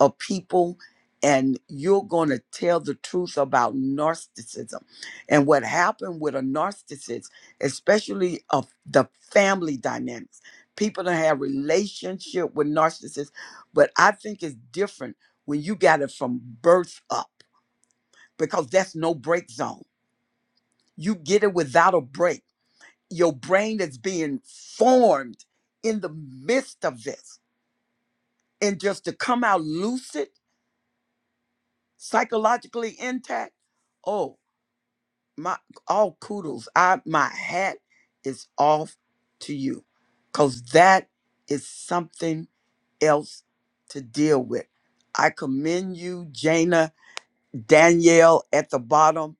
of people and you're going to tell the truth about narcissism and what happened with a narcissist especially of the family dynamics people that have relationship with narcissists but i think it's different when you got it from birth up because that's no break zone you get it without a break your brain is being formed in the midst of this and just to come out lucid psychologically intact, oh my all kudos. I my hat is off to you. Cause that is something else to deal with. I commend you, Jana, Danielle at the bottom,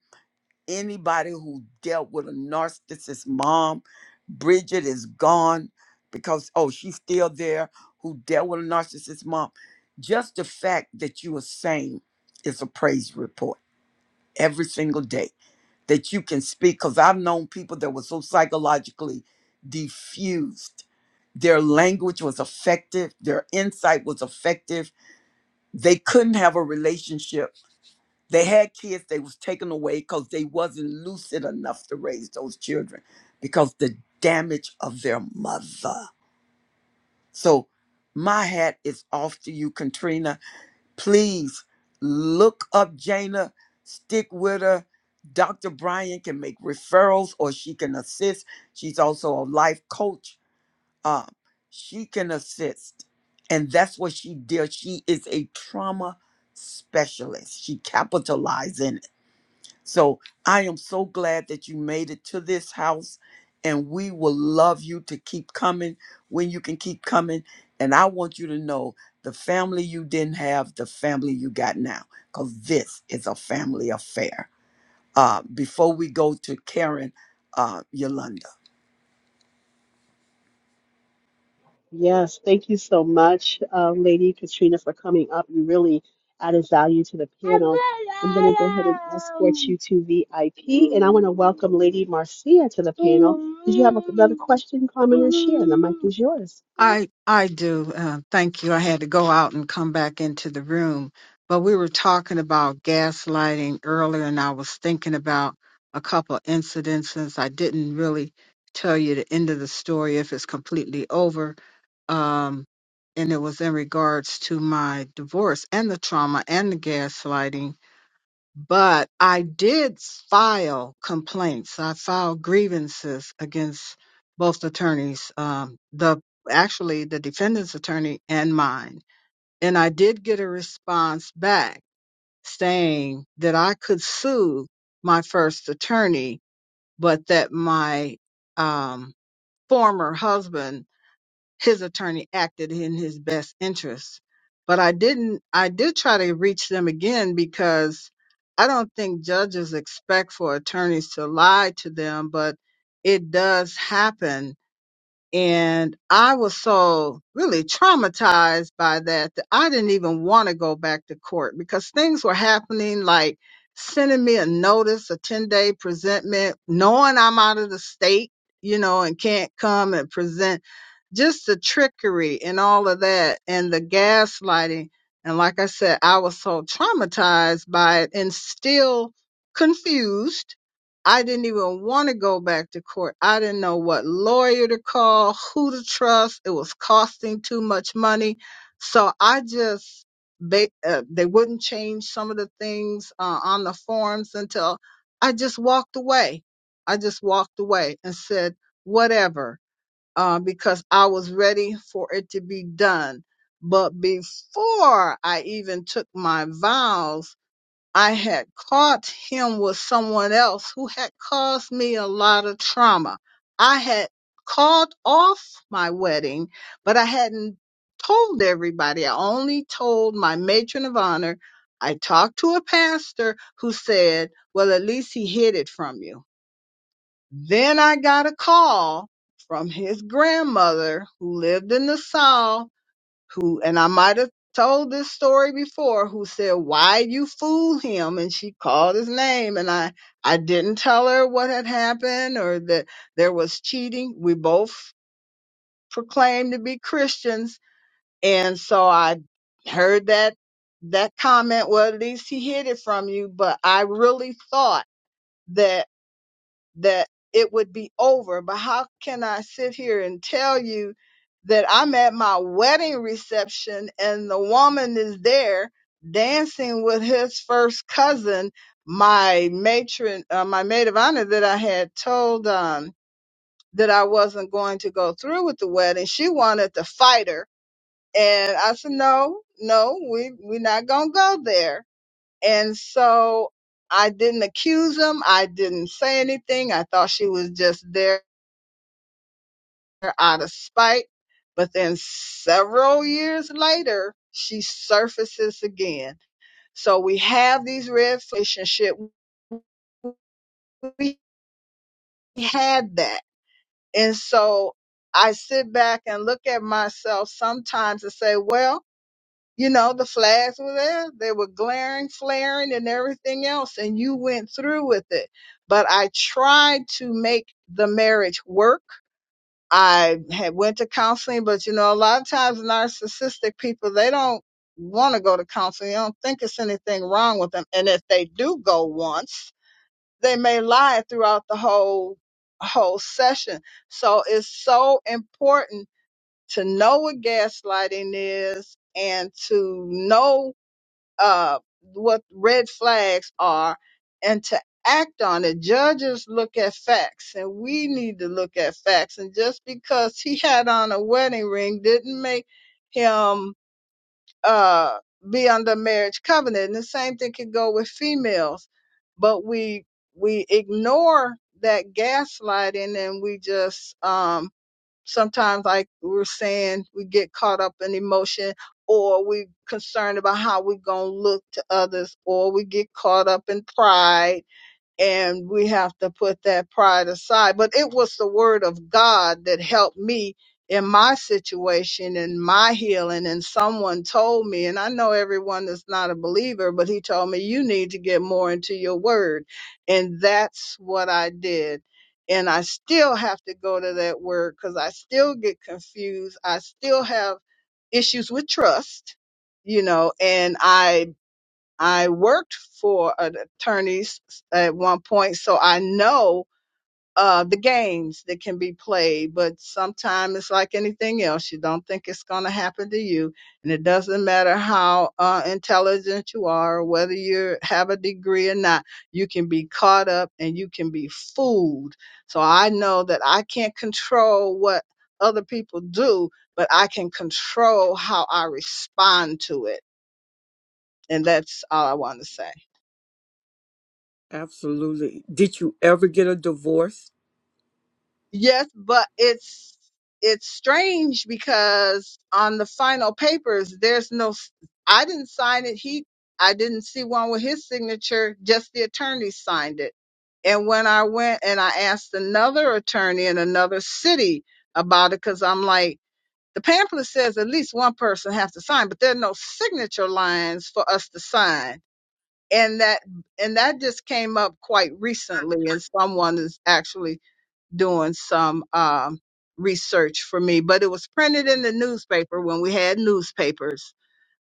anybody who dealt with a narcissist mom. Bridget is gone because, oh, she's still there, who dealt with a narcissist mom. Just the fact that you are sane is a praise report every single day that you can speak. Because I've known people that were so psychologically diffused. Their language was effective, their insight was effective. They couldn't have a relationship. They had kids, they was taken away because they wasn't lucid enough to raise those children because the damage of their mother. So my hat is off to you, Katrina please look up Jana, stick with her. Dr. Bryan can make referrals or she can assist. She's also a life coach. Uh, she can assist. And that's what she does. She is a trauma specialist. She capitalizes so I am so glad that you made it to this house, and we will love you to keep coming when you can keep coming. And I want you to know the family you didn't have, the family you got now, because this is a family affair. Uh, before we go to Karen, uh, Yolanda. Yes, thank you so much, uh, Lady Katrina, for coming up. You really added value to the panel. I'm going to go ahead and escort you to VIP, and I want to welcome Lady Marcia to the panel. Did you have another question, comment, or share? The mic is yours. I I do. Uh, thank you. I had to go out and come back into the room, but we were talking about gaslighting earlier, and I was thinking about a couple incidences. I didn't really tell you the end of the story if it's completely over, um, and it was in regards to my divorce and the trauma and the gaslighting but I did file complaints. I filed grievances against both attorneys, um, the actually the defendant's attorney and mine, and I did get a response back saying that I could sue my first attorney, but that my um, former husband his attorney acted in his best interest. But I didn't, I did try to reach them again because I don't think judges expect for attorneys to lie to them, but it does happen. And I was so really traumatized by that that I didn't even want to go back to court because things were happening like sending me a notice, a 10 day presentment, knowing I'm out of the state, you know, and can't come and present just the trickery and all of that and the gaslighting. And like I said, I was so traumatized by it and still confused. I didn't even want to go back to court. I didn't know what lawyer to call, who to trust. It was costing too much money. So I just, they, uh, they wouldn't change some of the things uh, on the forms until I just walked away. I just walked away and said, whatever uh, because I was ready for it to be done. But before I even took my vows, I had caught him with someone else who had caused me a lot of trauma. I had called off my wedding, but I hadn't told everybody. I only told my matron of honor. I talked to a pastor who said, Well, at least he hid it from you. Then I got a call from his grandmother who lived in the South, who, and I might have told this story before, who said, why you fool him? And she called his name and I, I didn't tell her what had happened or that there was cheating. We both proclaimed to be Christians. And so I heard that, that comment, well, at least he hid it from you, but I really thought that that it would be over. But how can I sit here and tell you that I'm at my wedding reception and the woman is there dancing with his first cousin, my matron, uh, my maid of honor that I had told um, that I wasn't going to go through with the wedding. She wanted to fight her, and I said, "No, no, we we're not gonna go there." And so I didn't accuse him. I didn't say anything. I thought she was just there out of spite. But then several years later, she surfaces again. So we have these red relationship. We had that. And so I sit back and look at myself sometimes and say, well, You know, the flags were there. They were glaring, flaring, and everything else. And you went through with it. But I tried to make the marriage work. I had went to counseling, but you know, a lot of times narcissistic people, they don't want to go to counseling. They don't think it's anything wrong with them. And if they do go once, they may lie throughout the whole, whole session. So it's so important to know what gaslighting is and to know uh, what red flags are and to act on it. Judges look at facts and we need to look at facts. And just because he had on a wedding ring didn't make him uh, be under marriage covenant. And the same thing could go with females, but we we ignore that gaslighting and we just um sometimes like we we're saying we get caught up in emotion or we concerned about how we're going to look to others or we get caught up in pride and we have to put that pride aside. But it was the word of God that helped me in my situation and my healing. And someone told me, and I know everyone is not a believer, but he told me, you need to get more into your word. And that's what I did. And I still have to go to that word because I still get confused. I still have issues with trust, you know, and I I worked for an attorneys at one point, so I know uh, the games that can be played. But sometimes it's like anything else; you don't think it's going to happen to you, and it doesn't matter how uh, intelligent you are, or whether you have a degree or not. You can be caught up, and you can be fooled. So I know that I can't control what other people do, but I can control how I respond to it, and that's all I want to say. Absolutely. Did you ever get a divorce? Yes, but it's it's strange because on the final papers, there's no. s- I didn't sign it. He, I didn't see one with his signature. Just the attorney signed it. And when I went and I asked another attorney in another city about it, because I'm like, the pamphlet says at least one person has to sign, but there are no signature lines for us to sign. And that and that just came up quite recently, and someone is actually doing some um, research for me, but it was printed in the newspaper when we had newspapers.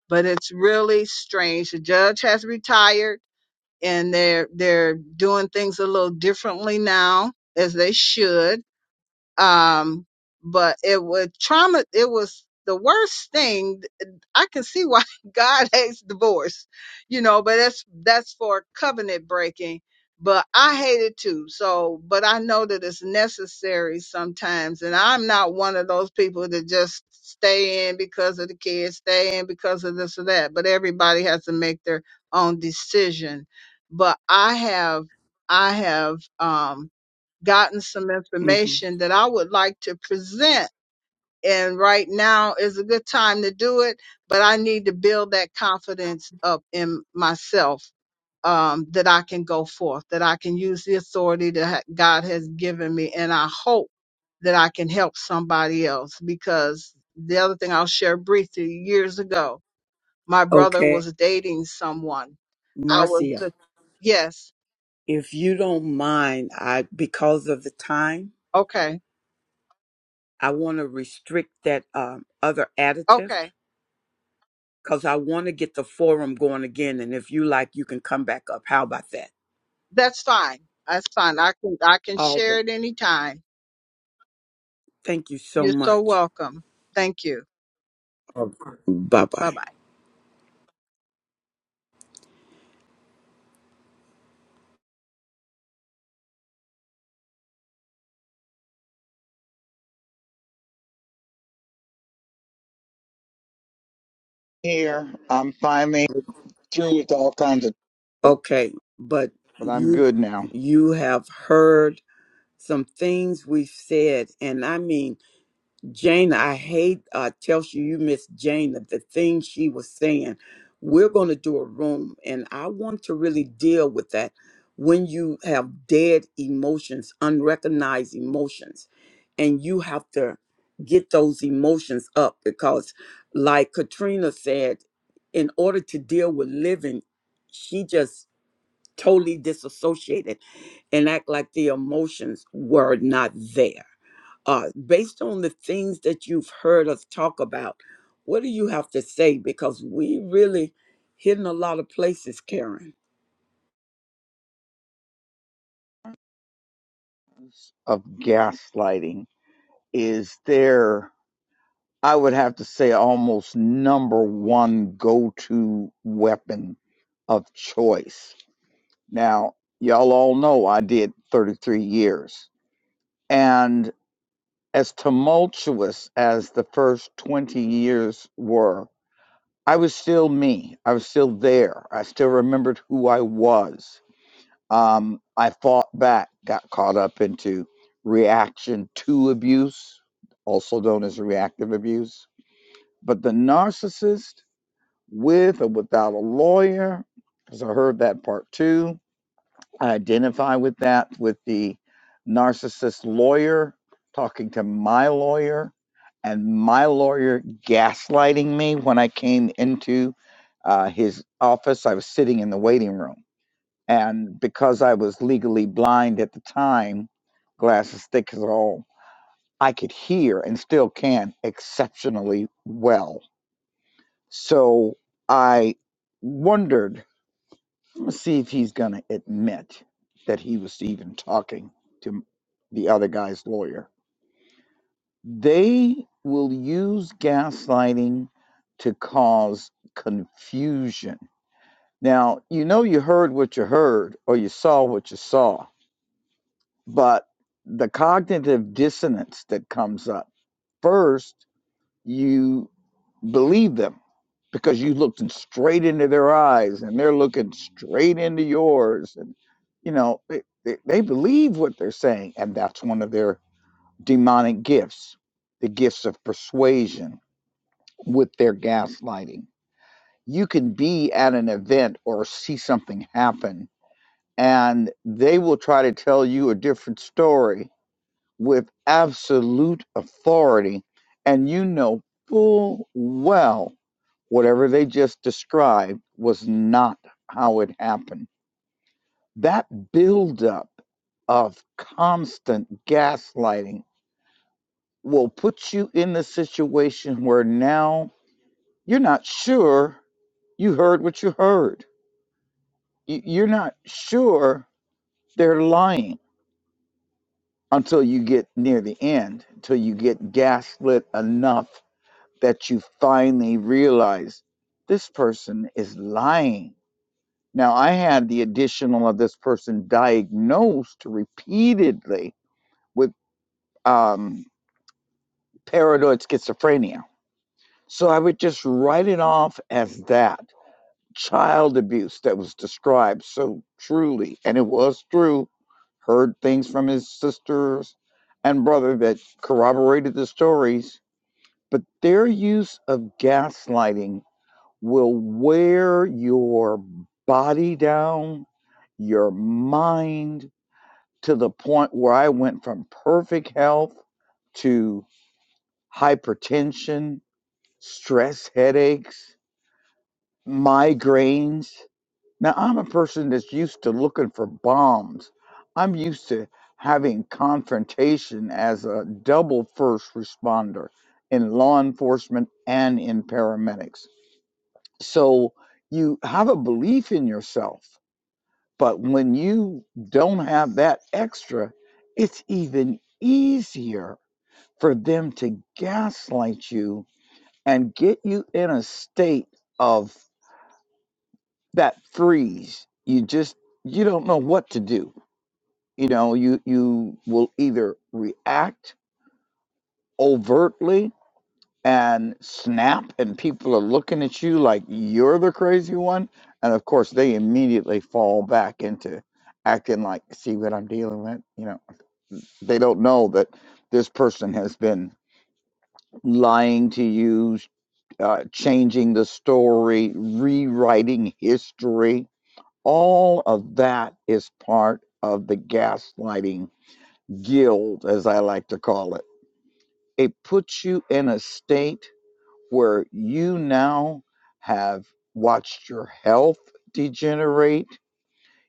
But it's really strange. The judge has retired, and they're they're doing things a little differently now, as they should um, but it was trauma. It was the worst thing. I can see why God hates divorce, you know, but that's, that's for covenant breaking. But I hate it too. So, but I know that it's necessary sometimes. And I'm not one of those people that just stay in because of the kids, stay in because of this or that. But everybody has to make their own decision. But I have, I have, um, gotten some hmm information that I would like to present. And right now is a good time to do it, but I need to build that confidence up in myself um, that I can go forth, that I can use the authority that ha- God has given me. And I hope that I can help somebody else because the other thing I'll share briefly years ago, my brother Okay. was dating someone. I was, Marcia, the- yes, if you don't mind, I because of the time, okay, I want to restrict that um, other additive okay because I want to get the forum going again. And if you like, you can come back up. How about that? That's fine. That's fine. I can I can All share right. it anytime. Thank you so You're so much. welcome. Thank you. Bye bye. Bye bye. Here, I'm finally through with all kinds of, Okay, but but I'm you good now. you have heard some things we've said, and I mean Jane, I hate uh tells you you miss Jane of the things she was saying. We're gonna do a room and I want to really deal with that when you have dead emotions, unrecognized emotions, and you have to get those emotions up because like Katrina said, in order to deal with living, she just totally disassociated and act like the emotions were not there uh, based on the things that you've heard us talk about, what do you have to say? Because we really hitting a lot of places, Karen. Of gaslighting is there, I would have to say, almost number one go to weapon of choice. Now, y'all all know I did 33 years. And as tumultuous as the first 20 years were, I was still me. I was still there. I still remembered who I was. Um, I fought back, got caught up into reaction to abuse, also known as reactive abuse. But the narcissist, with or without a lawyer, because I heard that part too, I identify with that, with the narcissist lawyer talking to my lawyer and my lawyer gaslighting me when I came into uh, his office. I was sitting in the waiting room. And because I was legally blind at the time, glasses thick as all, I could hear and still can exceptionally well. So I wondered Let's see if he's going to admit that he was even talking to the other guy's lawyer. They will use gaslighting to cause confusion. Now, you know you heard what you heard or you saw what you saw, but the cognitive dissonance that comes up first, you believe them. because you looked straight into their eyes and they're looking straight into yours and you know they, they, they believe what they're saying and that's one of their demonic gifts the gifts of persuasion with their gaslighting you can be at an event or see something happen and they will try to tell you a different story with absolute authority and you know full well Whatever they just described was not how it happened. That buildup of constant gaslighting will put you in the situation where now you're not sure you heard what you heard. You- You're not sure they're lying until you get near the end, until you get gaslit enough that you finally realize this person is lying Now, I had the additional of this person diagnosed repeatedly with um, paranoid schizophrenia. So I would just write it off as that child abuse that was described so truly, and it was true. Heard things from his sisters and brother that corroborated the stories, but their use of gaslighting will wear your body down, your mind, to the point where I went from perfect health to hypertension, stress headaches, migraines. Now, I'm a person that's used to looking for bombs. I'm used to having confrontation as a double first responder in law enforcement and in paramedics. So you have a belief in yourself, but when you don't have that extra, it's even easier for them to gaslight you and get you in a state of that freeze you just you don't know what to do you know you you will either react overtly and snap and people are looking at you like you're the crazy one and of course they immediately fall back into acting like see what i'm dealing with you know they don't know that this person has been lying to you uh, changing the story, rewriting history. All of that is part of the gaslighting guild, as I like to call it. It puts you in a state where you now have watched your health degenerate.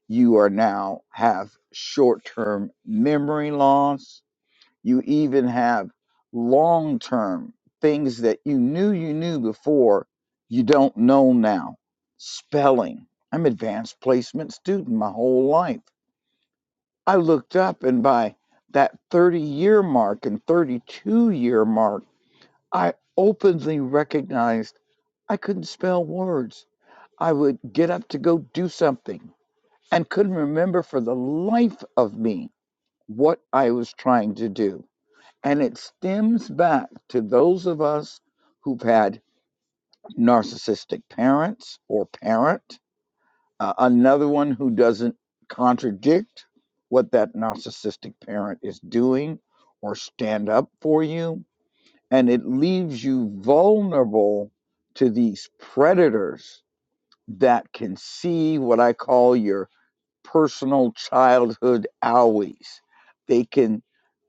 You are now have short term memory loss you even have long term things that you knew you knew before you don't know now. Spelling. I'm advanced placement student my whole life. I looked up and by that 30 year mark and 32 year mark, I openly recognized I couldn't spell words. I would get up to go do something and couldn't remember for the life of me what I was trying to do. And it stems back to those of us who've had narcissistic parents or parent, uh, another one who doesn't contradict what that narcissistic parent is doing or stand up for you. And it leaves you vulnerable to these predators that can see what I call your personal childhood owies. They can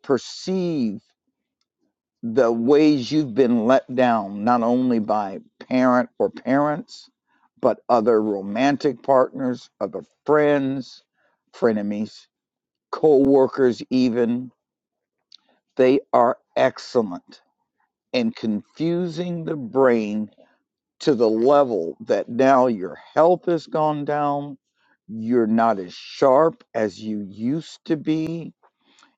perceive the ways you've been let down, not only by parent or parents, but other romantic partners, other friends, frenemies, co workers, even. They are excellent in confusing the brain to the level that now your health has gone down. You're not as sharp as you used to be.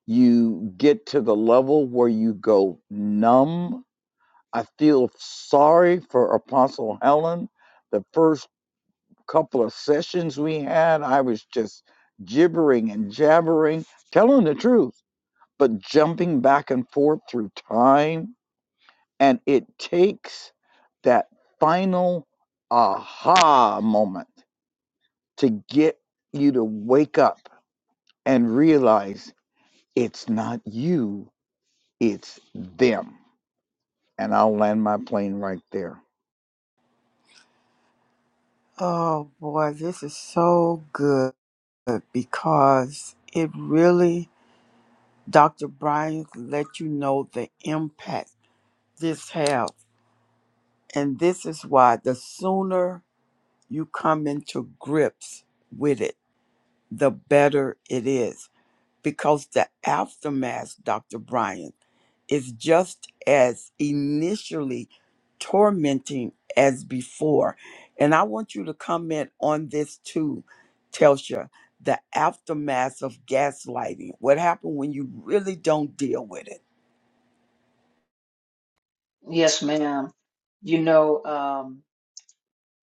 You get to the level where you go numb I feel sorry for Apostle Helen. The first couple of sessions we had, I was just gibbering and jabbering, telling the truth, but jumping back and forth through time. And it takes that final aha moment to get you to wake up and realize it's not you, it's them. And I'll land my plane right there. Oh boy, this is so good because it really, Dr. Brian, let you know the impact this has, And this is why the sooner you come into grips with it, the better it is. because the aftermath, Dr. Brian, is just as initially tormenting as before. And I want you to comment on this too, Telsha, the aftermath of gaslighting. What happened when you really don't deal with it? Yes, ma'am. You know, um,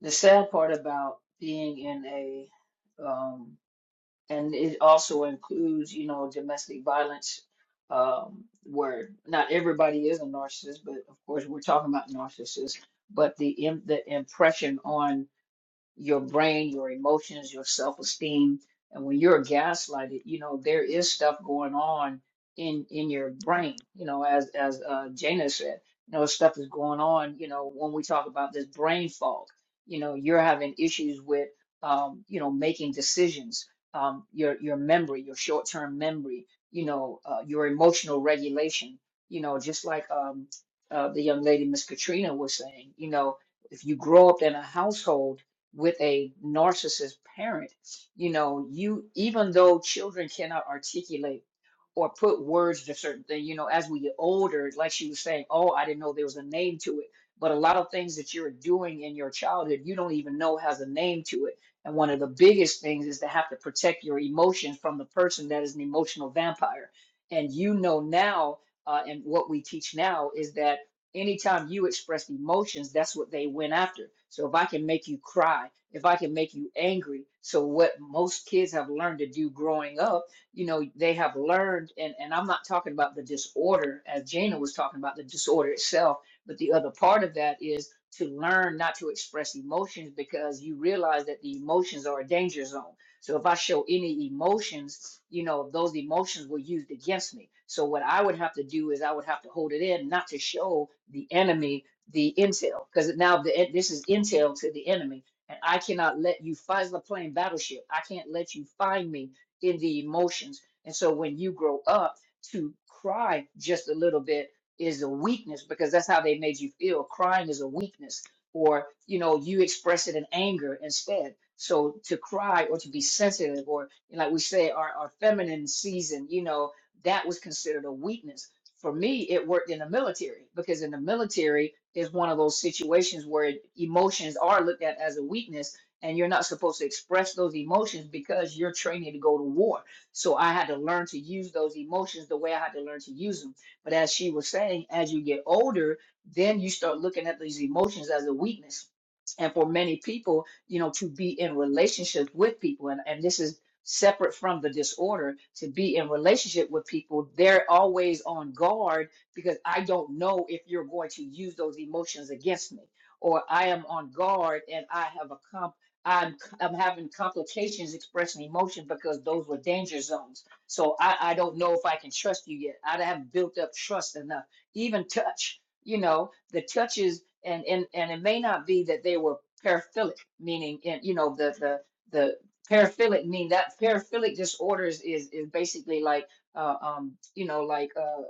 the sad part about being in a, um, and it also includes, you know, domestic violence, um, where not everybody is a narcissist, but of course we're talking about narcissists, but the im the impression on your brain, your emotions, your self esteem. And when you're gaslighted, you know, there is stuff going on in in your brain, you know, as as uh Jana said, you know, stuff is going on, you know, when we talk about this brain fog, you know, you're having issues with um, you know, making decisions, um, your your memory, your short-term memory, you know, uh, your emotional regulation, you know, just like um uh, the young lady Miss Katrina was saying, you know, if you grow up in a household with a narcissist parent, you know, you even though children cannot articulate or put words to certain things, you know, as we get older, like she was saying, oh, I didn't know there was a name to it. But a lot of things that you're doing in your childhood, you don't even know has a name to it. And one of the biggest things is to have to protect your emotions from the person that is an emotional vampire. And you know now, uh, and what we teach now is that anytime you expressed emotions, that's what they went after. So if I can make you cry, if I can make you angry, so what most kids have learned to do growing up, you know, they have learned, and, and I'm not talking about the disorder as Jana was talking about the disorder itself, but the other part of that is to learn not to express emotions because you realize that the emotions are a danger zone. So if I show any emotions, you know, those emotions were used against me. So what I would have to do is I would have to hold it in, not to show the enemy the intel, because now the, this is intel to the enemy, and I cannot let you find the plane battleship. I can't let you find me in the emotions. And so when you grow up, to cry just a little bit is a weakness because that's how they made you feel. Crying is a weakness or you know you express it in anger instead so to cry or to be sensitive or like we say our, our feminine season you know that was considered a weakness for me it worked in the military because in the military is one of those situations where emotions are looked at as a weakness and you're not supposed to express those emotions because you're training to go to war so i had to learn to use those emotions the way i had to learn to use them but as she was saying as you get older then you start looking at these emotions as a weakness. And for many people, you know, to be in relationship with people, and, and this is separate from the disorder, to be in relationship with people, they're always on guard because I don't know if you're going to use those emotions against me, or I am on guard and I have a comp. I'm I'm having complications expressing emotion because those were danger zones. So I, I don't know if I can trust you yet. I haven't built up trust enough even touch you know the touches and and and it may not be that they were paraphilic meaning in you know the the the paraphilic mean that paraphilic disorders is is basically like uh, um you know like uh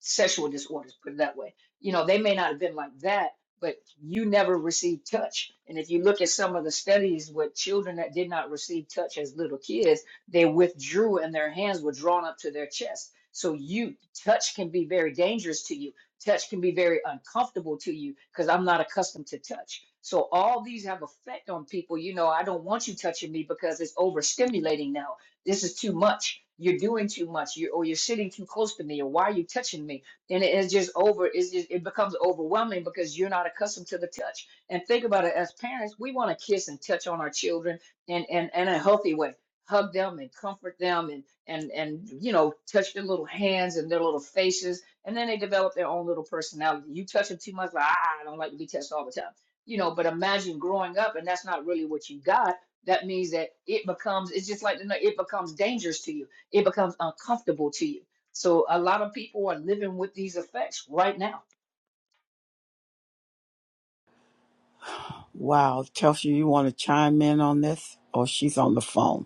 sexual disorders put it that way you know they may not have been like that but you never received touch and if you look at some of the studies with children that did not receive touch as little kids they withdrew and their hands were drawn up to their chest so you touch can be very dangerous to you Touch can be very uncomfortable to you because I'm not accustomed to touch. So all these have effect on people. You know, I don't want you touching me because it's overstimulating now. This is too much. You're doing too much. You or you're sitting too close to me, or why are you touching me? And it- it's just over. It's just it becomes overwhelming because you're not accustomed to the touch. And think about it, as parents, we want to kiss and touch on our children in and in, in a healthy way. Hug them and comfort them and and and you know touch their little hands and their little faces and then they develop their own little personality. You touch them too much, like ah, I don't like to be touched all the time, you know. But imagine growing up and that's not really what you got. That means that it becomes it's just like the night- it becomes dangerous to you. It becomes uncomfortable to you. So a lot of people are living with these effects right now. Wow, Telsha, you want to chime in on this? Oh, she's on the phone.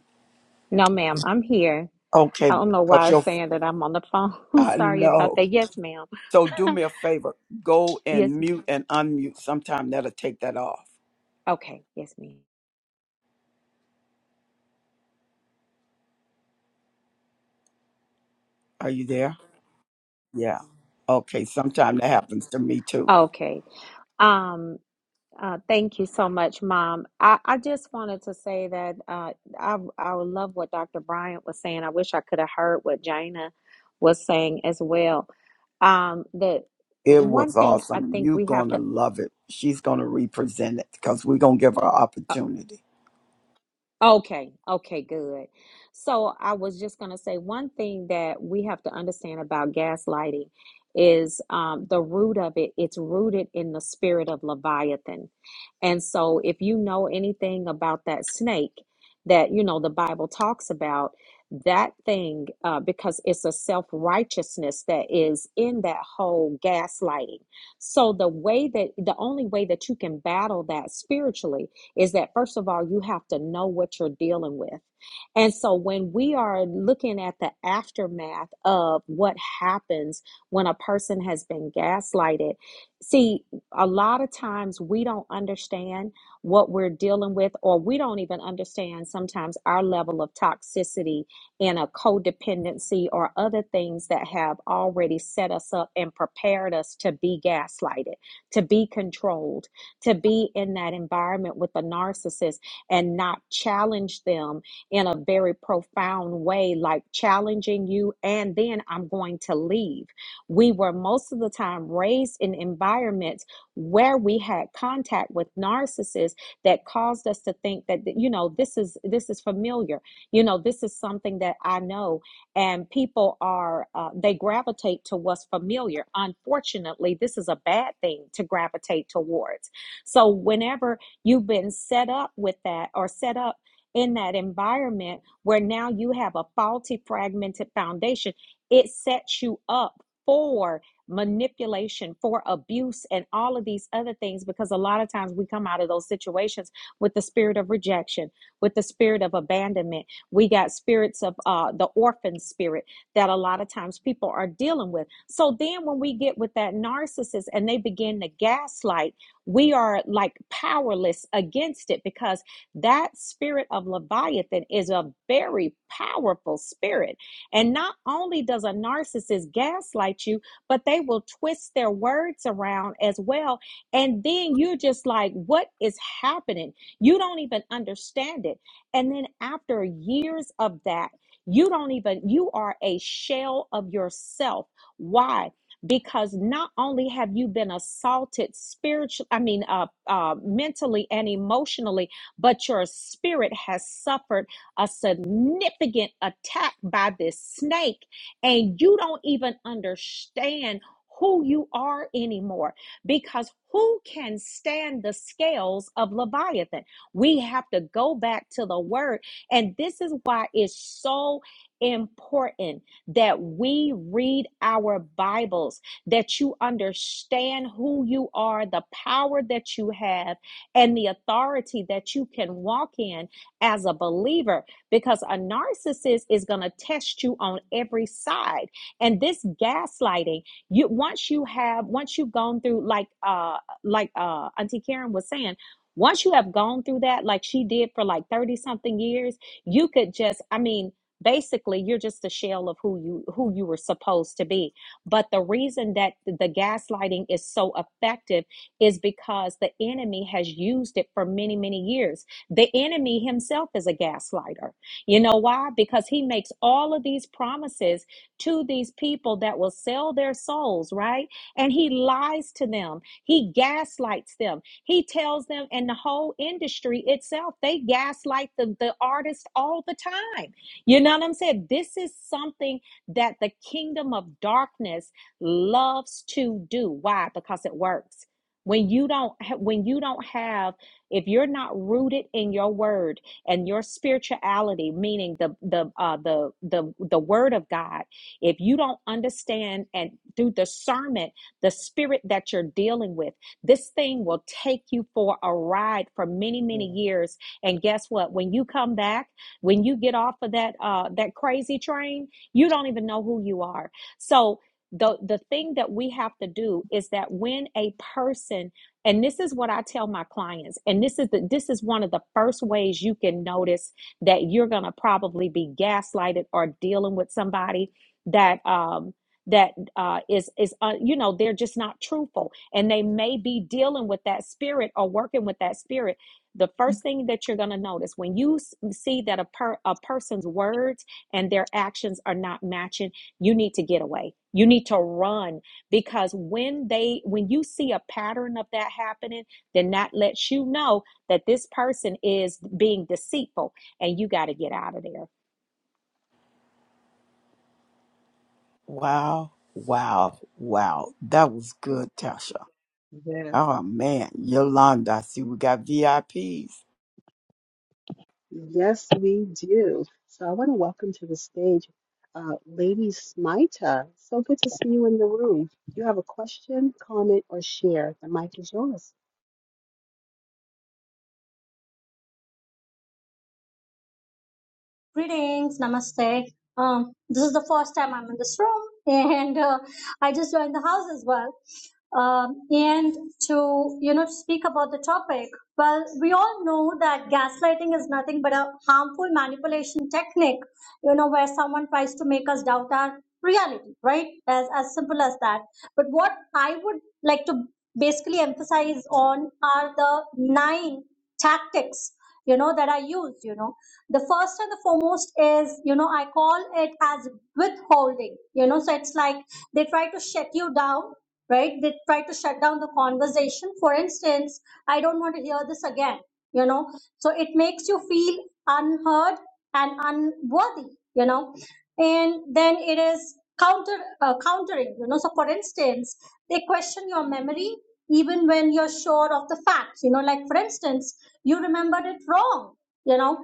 No, ma'am, I'm here. Okay, I don't know because why it's your saying that I'm on the phone. I Sorry about know. that. Yes, ma'am. So do me a favor, go Yes. and mute and unmute. Sometime that'll take that off. Okay. Yes, ma'am. Are you there? Yeah. Okay. Sometimes that happens to me too. Okay. Um, uh, thank you so much, Mom. I, I just wanted to say that uh, I I love what Dr. Bryant was saying. I wish I could have heard what Jaina was saying as well. Um, that It one was thing I awesome. think You're we going have to to. love it. She's going to represent it because we're going to give her opportunity. Okay, okay, good. So I was just going to say one thing that we have to understand about gaslighting is um, the root of it, it's rooted in the spirit of Leviathan. And so if you know anything about that snake that, you know, the Bible talks about, that thing, uh, because it's a self righteousness that is in that whole gaslighting. So the way that, the only way that you can battle that spiritually is that first of all, you have to know what you're dealing with. And so when we are looking at the aftermath of what happens when a person has been gaslighted, see, a lot of times we don't understand what we're dealing with, or we don't even understand sometimes our level of toxicity in a codependency or other things that have already set us up and prepared us to be gaslighted, to be controlled, to be in that environment with a narcissist and not challenge them in a very profound way, like challenging you, and then I'm going to leave. We were most of the time raised in environments where we had contact with narcissists that caused us to think that you know this is this is familiar you know this is something that i know and people are uh, they gravitate to what's familiar unfortunately this is a bad thing to gravitate towards so whenever you've been set up with that or set up in that environment where now you have a faulty, fragmented foundation, it sets you up for manipulation, for abuse, and all of these other things. Because a lot of times we come out of those situations with the spirit of rejection, with the spirit of abandonment. We got spirits of uh, the orphan spirit that a lot of times people are dealing with. So then when we get with that narcissist and they begin to gaslight, we are like powerless against it because that spirit of Leviathan is a very powerful spirit. And not only does a narcissist gaslight you, but they will twist their words around as well. And then you're just like, what is happening? You don't even understand it. And then after years of that, you don't even, you are a shell of yourself. Why? Because not only have you been assaulted spiritually, I mean, uh, uh, mentally and emotionally, but your spirit has suffered a significant attack by this snake, and you don't even understand who you are anymore because who can stand the scales of Leviathan? We have to go back to the word, and this is why it's so important that we read our Bibles, that you understand who you are, the power that you have and the authority that you can walk in as a believer because a narcissist is going to test you on every side and this gaslighting you once you have once you've gone through like uh like uh auntie karen was saying once you have gone through that like she did for like 30 something years you could just i mean basically you're just a shell of who you who you were supposed to be but the reason that the gaslighting is so effective is because the enemy has used it for many, many years. The enemy himself is a gaslighter. You know why? Because he makes all of these promises to these people that will sell their souls, right? And he lies to them, he gaslights them, he tells them, and the whole industry itself, they gaslight the, the artist all the time. You know what I'm saying? This is something that the kingdom of darkness loves to do. Why? Because it works when you don't when you don't have if you're not rooted in your word and your spirituality meaning the the uh the the the word of god if you don't understand and through discernment the spirit that you're dealing with this thing will take you for a ride for many many Yeah, years and guess what when you come back when you get off of that uh that crazy train you don't even know who you are so the the thing that we have to do is that when a person and this is what I tell my clients and this is the this is one of the first ways you can notice that you're going to probably be gaslighted or dealing with somebody that um that uh, is is uh, you know they're just not truthful and they may be dealing with that spirit or working with that spirit the first thing that you're going to notice when you see that a per, a person's words and their actions are not matching you need to get away. You need to run because when they when you see a pattern of that happening, then that lets you know that this person is being deceitful and you got to get out of there. Wow. Wow. Wow. That was good, Tasha. yeah. Oh man, Yolanda, I see we got VIPs. Yes, we do. So I want to welcome to the stage uh, Lady Smita. So good to see you in the room. Do you have a question, comment, or share? The mic is yours. Greetings, namaste. Um, this is the first time I'm in this room, and uh, I just joined the house as well. Um, and to you know to speak about the topic, well, we all know that gaslighting is nothing but a harmful manipulation technique. You know where someone tries to make us doubt our reality, right? As as simple as that. But what I would like to basically emphasize on are the nine tactics you know that I used. You know the first and the foremost is you know i call it as withholding you know so it's like they try to shut you down right they try to shut down the conversation for instance i don't want to hear this again you know so it makes you feel unheard and unworthy you know and then it is counter uh, countering you know so for instance they question your memory even when you're sure of the facts you know like for instance you remembered it wrong you know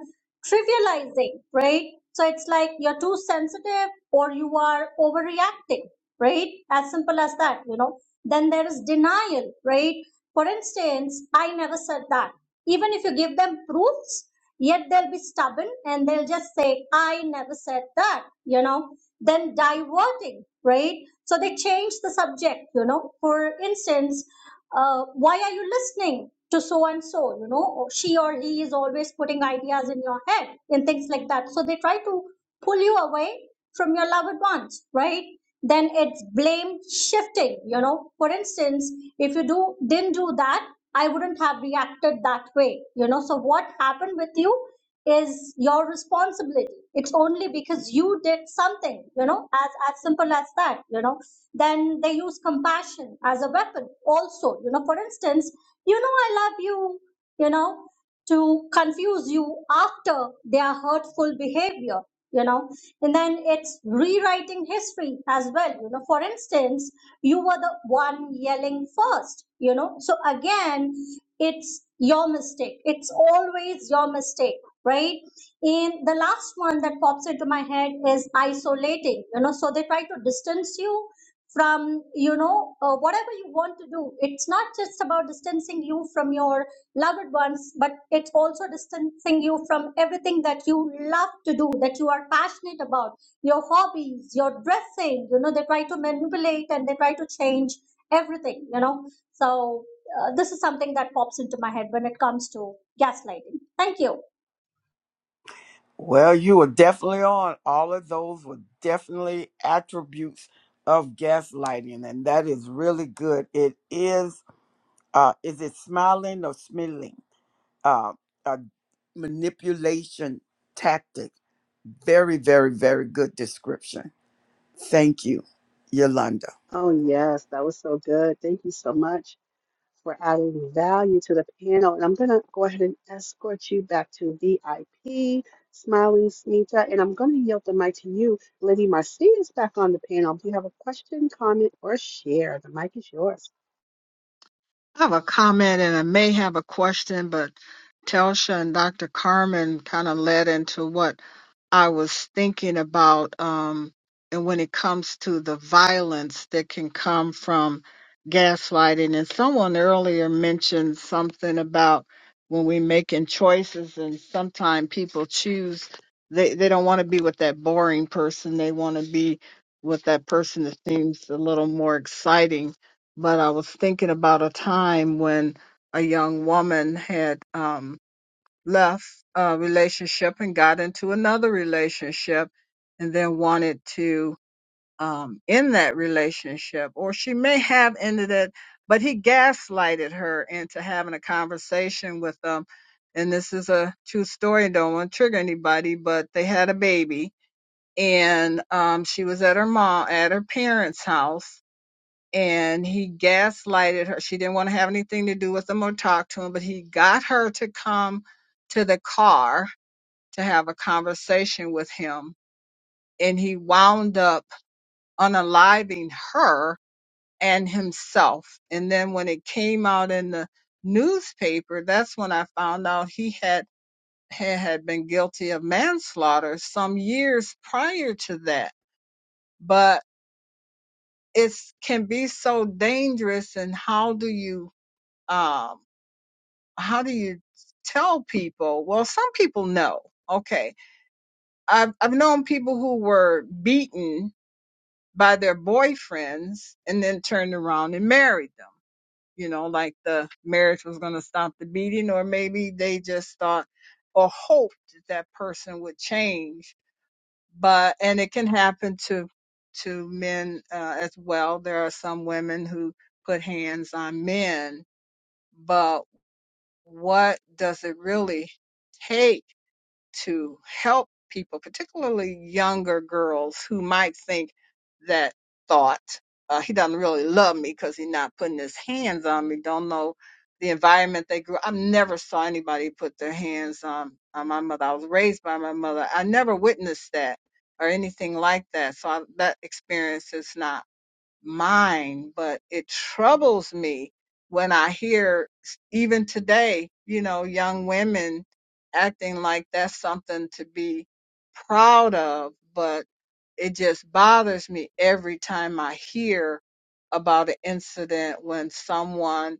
trivializing, right? So it's like you're too sensitive or you are overreacting, right? As simple as that, you know. Then there is denial, right? For instance, I never said that. Even if you give them proofs, yet they'll be stubborn and they'll just say, I never said that, you know. Then diverting, right? So they change the subject, you know. For instance, uh, why are you listening to so and so you know she or he is always putting ideas in your head and things like that so they try to pull you away from your loved ones right then it's blame shifting you know for instance if you do didn't do that i wouldn't have reacted that way you know so what happened with you is your responsibility it's only because you did something you know as as simple as that you know then they use compassion as a weapon also you know for instance you know i love you you know to confuse you after their hurtful behavior you know and then it's rewriting history as well you know for instance you were the one yelling first you know so again it's your mistake. It's always your mistake, right? And the last one that pops into my head is isolating, you know, so they try to distance you from, you know, uh, whatever you want to do. It's not just about distancing you from your loved ones, but it's also distancing you from everything that you love to do, that you are passionate about, your hobbies, your dressing, you know, they try to manipulate and they try to change everything, you know. So uh, this is something that pops into my head when it comes to gaslighting. Thank you. Well, you were definitely on. All of those were definitely attributes of gaslighting, and that is really good. It is, uh, is it smiling or smiling? Uh, a manipulation tactic. Very, very, very good description. Thank you, Yolanda. Oh, yes, that was so good. Thank you so much for adding value to the panel. And I'm going to go ahead and escort you back to VIP, Smiling Smita. And I'm going to yield the mic to you. Lady Marcia is back on the panel. Do you have a question, comment, or share? The mic is yours. I have a comment and I may have a question, but Telsha and Dr. Carmen kind of led into what I was thinking about, um, and when it comes to the violence that can come from gaslighting, and someone earlier mentioned something about when we're making choices, and sometimes people choose they they don't want to be with that boring person. They want to be with that person that seems a little more exciting. But I was thinking about a time when a young woman had um, left a relationship and got into another relationship and then wanted to um, end that relationship. Or she may have ended it, but he gaslighted her into having a conversation with them. And this is a true story. Don't want to trigger anybody, but they had a baby and um, she was at her mom, at her parents' house. And he gaslighted her. She didn't want to have anything to do with him or talk to him, but he got her to come to the car to have a conversation with him. And he wound up unaliving her and himself. And then when it came out in the newspaper, that's when I found out he had had had been guilty of manslaughter some years prior to that. But it can be so dangerous. And how do you um, how do you tell people? Well, some people know. Okay, I've I've known people who were beaten by their boyfriends and then turned around and married them. You know, like the marriage was going to stop the beating, or maybe they just thought or hoped that that person would change. But and it can happen to to men uh, as well. There are some women who put hands on men, but what does it really take? to help people, particularly younger girls who might think that thought, uh, he doesn't really love me because he's not putting his hands on me, don't know the environment they grew. I never saw anybody put their hands on, on my mother. I was raised by my mother. I never witnessed that or anything like that. So I, that experience is not mine, but it troubles me when I hear, s- even today, you know, young women acting like that's something to be proud of, but it just bothers me every time I hear about an incident when someone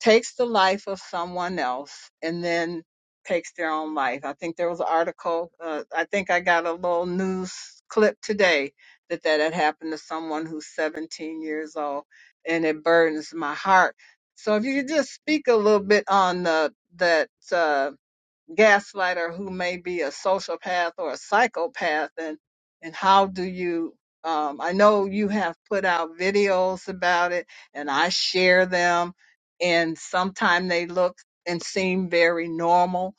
takes the life of someone else and then takes their own life. I think there was an article, uh, I think I got a little news clip today that that had happened to someone who's 17 years old and it burdens my heart. So if you could just speak a little bit on the, that, uh, gaslighter who may be a sociopath or a psychopath and and how do you um, I know you have put out videos about it and I share them and sometimes they look and seem very normal.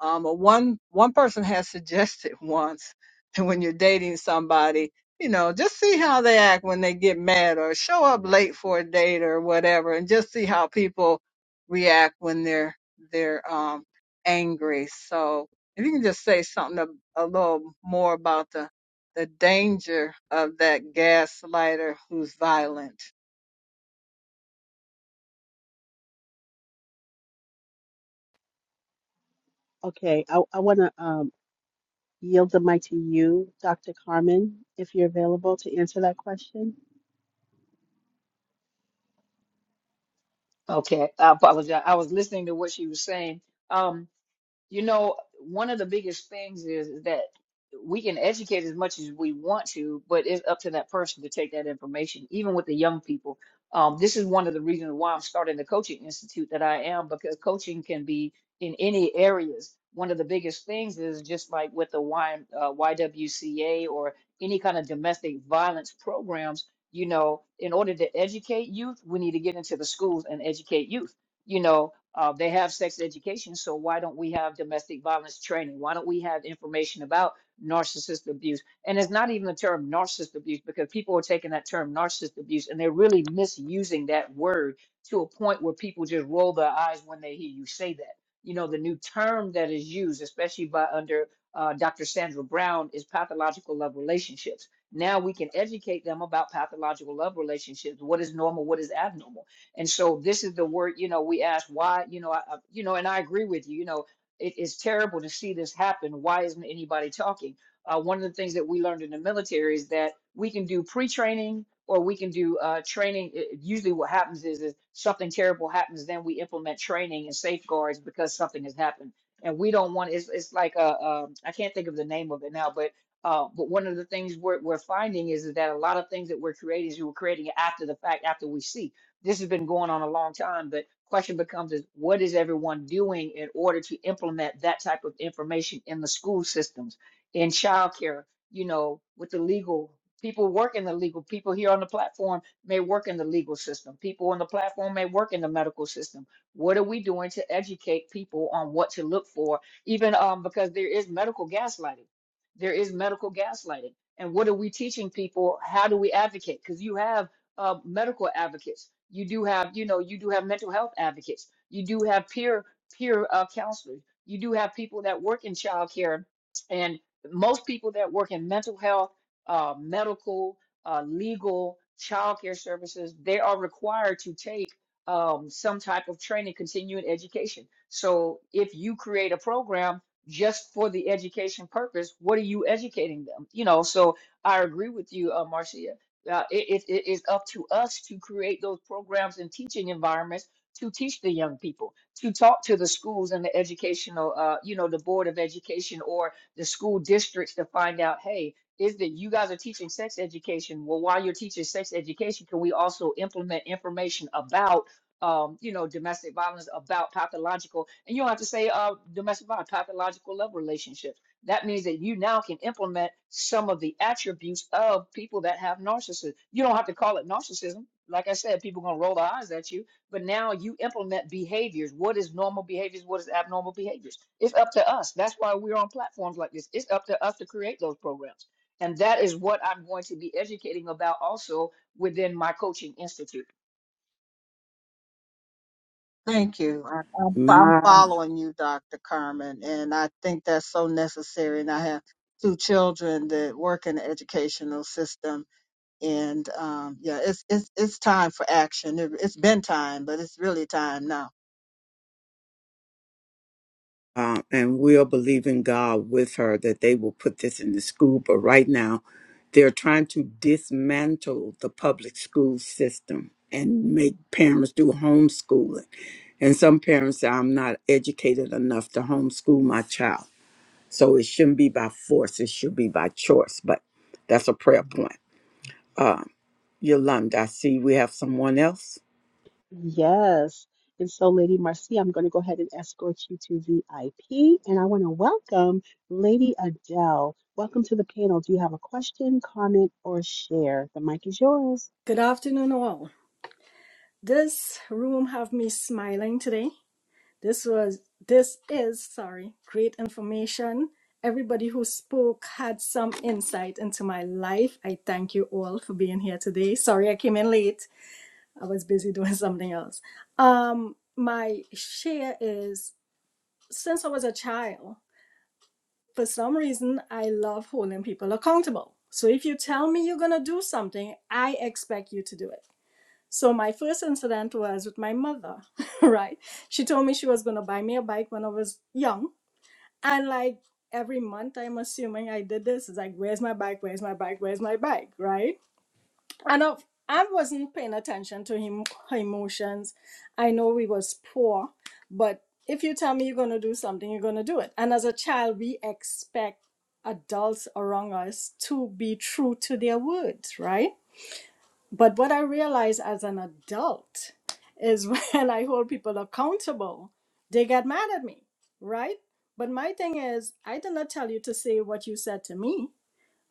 Um, but one one person has suggested once that when you're dating somebody, you know, just see how they act when they get mad or show up late for a date or whatever and just see how people react when they're they're um angry. So if you can just say something a, a little more about the the danger of that gaslighter who's violent. Okay, I, I want to. Yield the mic to you, Dr. Carmen, if you're available to answer that question. Okay, I apologize. I was listening to what she was saying. Um, You know, one of the biggest things is, is that we can educate as much as we want to, but it's up to that person to take that information, even with the young people. Um, this is one of the reasons why I'm starting the coaching institute that I am, because coaching can be in any areas. One of the biggest things is just like with the y, uh, YWCA or any kind of domestic violence programs, you know, in order to educate youth, we need to get into the schools and educate youth. You know, uh, they have sex education, so why don't we have domestic violence training? Why don't we have information about narcissist abuse? And it's not even the term narcissist abuse because people are taking that term narcissist abuse and they're really misusing that word to a point where people just roll their eyes when they hear you say that. You know, the new term that is used, especially by under uh, Dr. Sandra Brown, is pathological love relationships. Now we can educate them about pathological love relationships. What is normal? What is abnormal? And so this is the word, you know, we ask why, you know, I, I- you know, and I agree with you, you know, it is terrible to see this happen. Why isn't anybody talking? Uh, one of the things that we learned in the military is that we can do pre-training or we can do uh, training. It- it- usually what happens is, is something terrible happens, then we implement training and safeguards because something has happened. And we don't want, it's, it's like, a, um, I can't think of the name of it now, but uh, but one of the things we're, we're finding is that a lot of things that we're creating is we're creating it after the fact, after we see this has been going on a long time, but question becomes is what is everyone doing in order to implement that type of information in the school systems, in childcare, you know, with the legal people work in the legal, people here on the platform may work in the legal system, people on the platform may work in the medical system. What are we doing to educate people on what to look for? Even um, because there is medical gaslighting. There is medical gaslighting. And what are we teaching people? How do we advocate? Because you have uh, medical advocates you do have, you know, you do have mental health advocates. You do have peer peer uh, counselors. You do have people that work in childcare, and most people that work in mental health, uh, medical, uh, legal, childcare services, they are required to take um, some type of training, continuing education. So if you create a program just for the education purpose, what are you educating them? You know, so I agree with you, uh, Marcia uh, it, it, it is up to us to create those programs and teaching environments to teach the young people, to talk to the schools and the educational, uh, you know, the Board of Education or the school districts to find out, hey, is that you guys are teaching sex education? Well, while you're teaching sex education, can we also implement information about, um, you know, domestic violence, about pathological, and you don't have to say uh, domestic violence, pathological love relationships that means that you now can implement some of the attributes of people that have narcissism. You don't have to call it narcissism. Like I said, people are going to roll their eyes at you, but now you implement behaviors. What is normal behaviors? What is abnormal behaviors? It's up to us. That's why we're on platforms like this. It's up to us to create those programs. And that is what I'm going to be educating about also within my coaching institute. Thank you. I, I'm, I'm My following you, Dr. Carmen, and I think that's so necessary. And I have two children that work in the educational system, and um, yeah, it's it's it's time for action. It, it's been time, but it's really time now. uh, and we are believing God with her that they will put this in the school. But right now, they're trying to dismantle the public school system and make parents do homeschooling. And some parents say, I'm not educated enough to homeschool my child. So it shouldn't be by force, it should be by choice. But that's a prayer point. Uh, Yolanda, I see we have someone else. Yes. And so, Lady Marcia, I'm going to go ahead and escort you to VIP. And I want to welcome Lady Adele. Welcome to the panel. Do you have a question, comment, or share? The mic is yours. Good afternoon, all. This room have me smiling today. This was this is sorry, great information. Everybody who spoke had some insight into my life. I thank you all for being here today. Sorry I came in late. I was busy doing something else. Um my share is since I was a child, for some reason I love holding people accountable. So if you tell me you're going to do something, I expect you to do it So my first incident was with my mother, right? She told me she was gonna buy me a bike when I was young. And like every month I'm assuming I did this. It's like, where's my bike? Where's my bike? Where's my bike? Right? And I, I wasn't paying attention to him her emotions. I know we was poor, but if you tell me you're gonna do something, you're gonna do it. And as a child, we expect adults around us to be true to their words, right? But what I realize as an adult is when I hold people accountable, they get mad at me, right? But my thing is, I did not tell you to say what you said to me.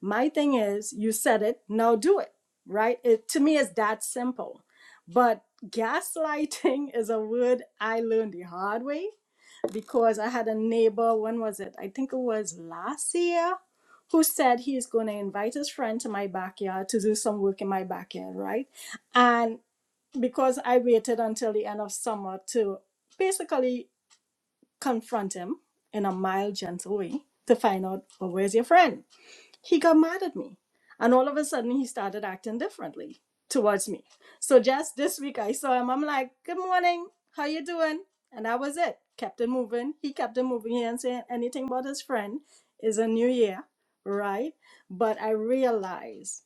My thing is, you said it, now do it, right? It to me is that simple. But gaslighting is a word I learned the hard way because I had a neighbor, when was it? I think it was last year, who said he's going to invite his friend to my backyard to do some work in my backyard, right? And because I waited until the end of summer to basically confront him in a mild, gentle way to find out, well, where's your friend? he got mad at me. And all of a sudden, he started acting differently towards me. So just this week, I saw him. I'm like, "Good morning, how you doing?" And that was it. Kept it moving. He kept it moving. He didn't say anything about his friend. It's a new year, right? But I realized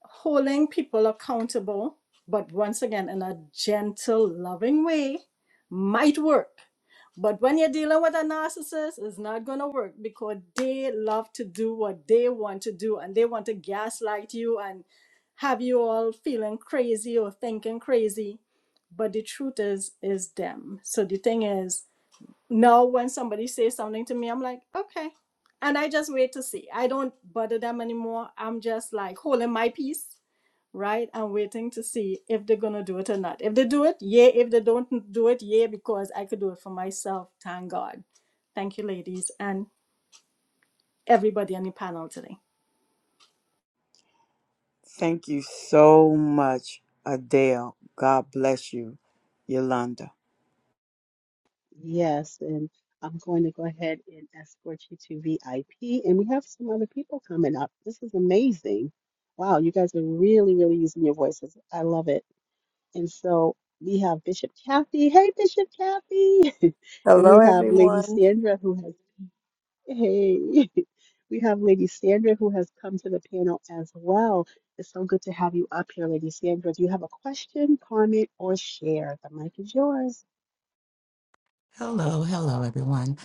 holding people accountable, but once again in a gentle, loving way, might work but when you're dealing with a narcissist, it's not going to work because they love to do what they want to do and they want to gaslight you and have you all feeling crazy or thinking crazy. But the truth is, is them. So the thing is, now when somebody says something to me, I'm like, okay. And I just wait to see. I don't bother them anymore. I'm just like holding my peace right? I'm waiting to see if they're gonna do it or not. If they do it, yeah. If they don't do it, yeah, because I could do it for myself. Thank God. Thank you, ladies, and everybody on the panel today. Thank you so much, Adele. God bless you, Yolanda. Yes. And I'm going to go ahead and escort you to VIP. And we have some other people coming up. This is amazing. Wow, you guys are really, really using your voices. I love it. And so we have Bishop Kathy. Hey, Bishop Kathy. And Hello, we have Lady everyone. Sandra who has, hey, we have Lady Sandra who has come to the panel as well. It's so good to have you up here, Lady Sandra. Do you have a question, comment, or share? The mic is yours. Hello, hello, everyone.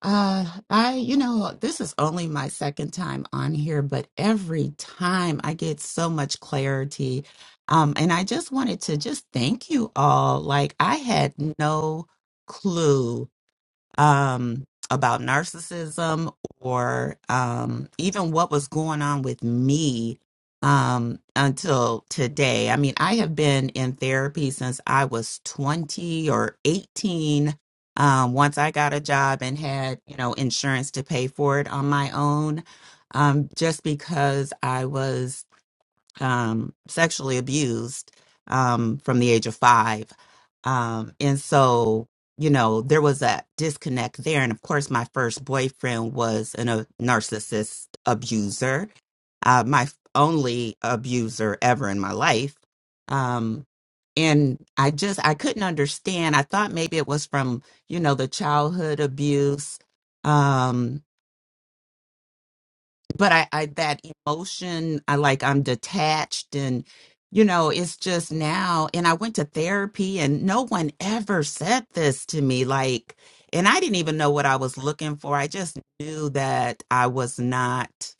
Uh, I, you know, this is only my second time on here, but every time I get so much clarity. Um, and I just wanted to just thank you all. Like, I had no clue um, about narcissism or um, even what was going on with me um, until today. I mean, I have been in therapy since I was 20 or 18. Um, once I got a job and had, you know, insurance to pay for it on my own, um, just because I was um, sexually abused um, from the age of five. Um, and so, you know, there was a disconnect there. And of course, my first boyfriend was an, a narcissist abuser, uh, my f- only abuser ever in my life. Um, and I just, I couldn't understand. I thought maybe it was from, you know, the childhood abuse. Um, but I, I that emotion i like i'm detached and you know it's just now and i went to therapy and no one ever said this to me like and i didn't even know what i was looking for i just knew that i was not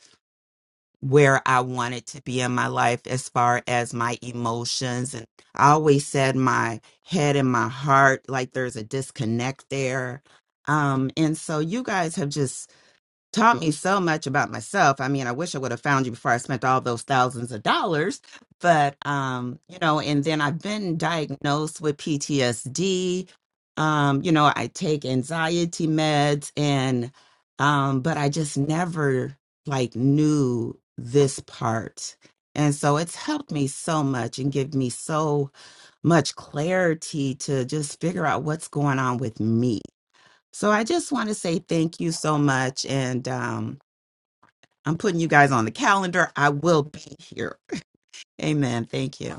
where i wanted to be in my life as far as my emotions and i always said my head and my heart like there's a disconnect there um and so you guys have just taught me so much about myself. I mean, I wish I would have found you before I spent all those thousands of dollars. But um, you know, and then I've been diagnosed with PTSD. Um, you know, I take anxiety meds and um, but I just never like knew this part. And so it's helped me so much and give me so much clarity to just figure out what's going on with me so I just want to say thank you so much. And um, I'm putting you guys on the calendar. I will be here. Amen. Thank you.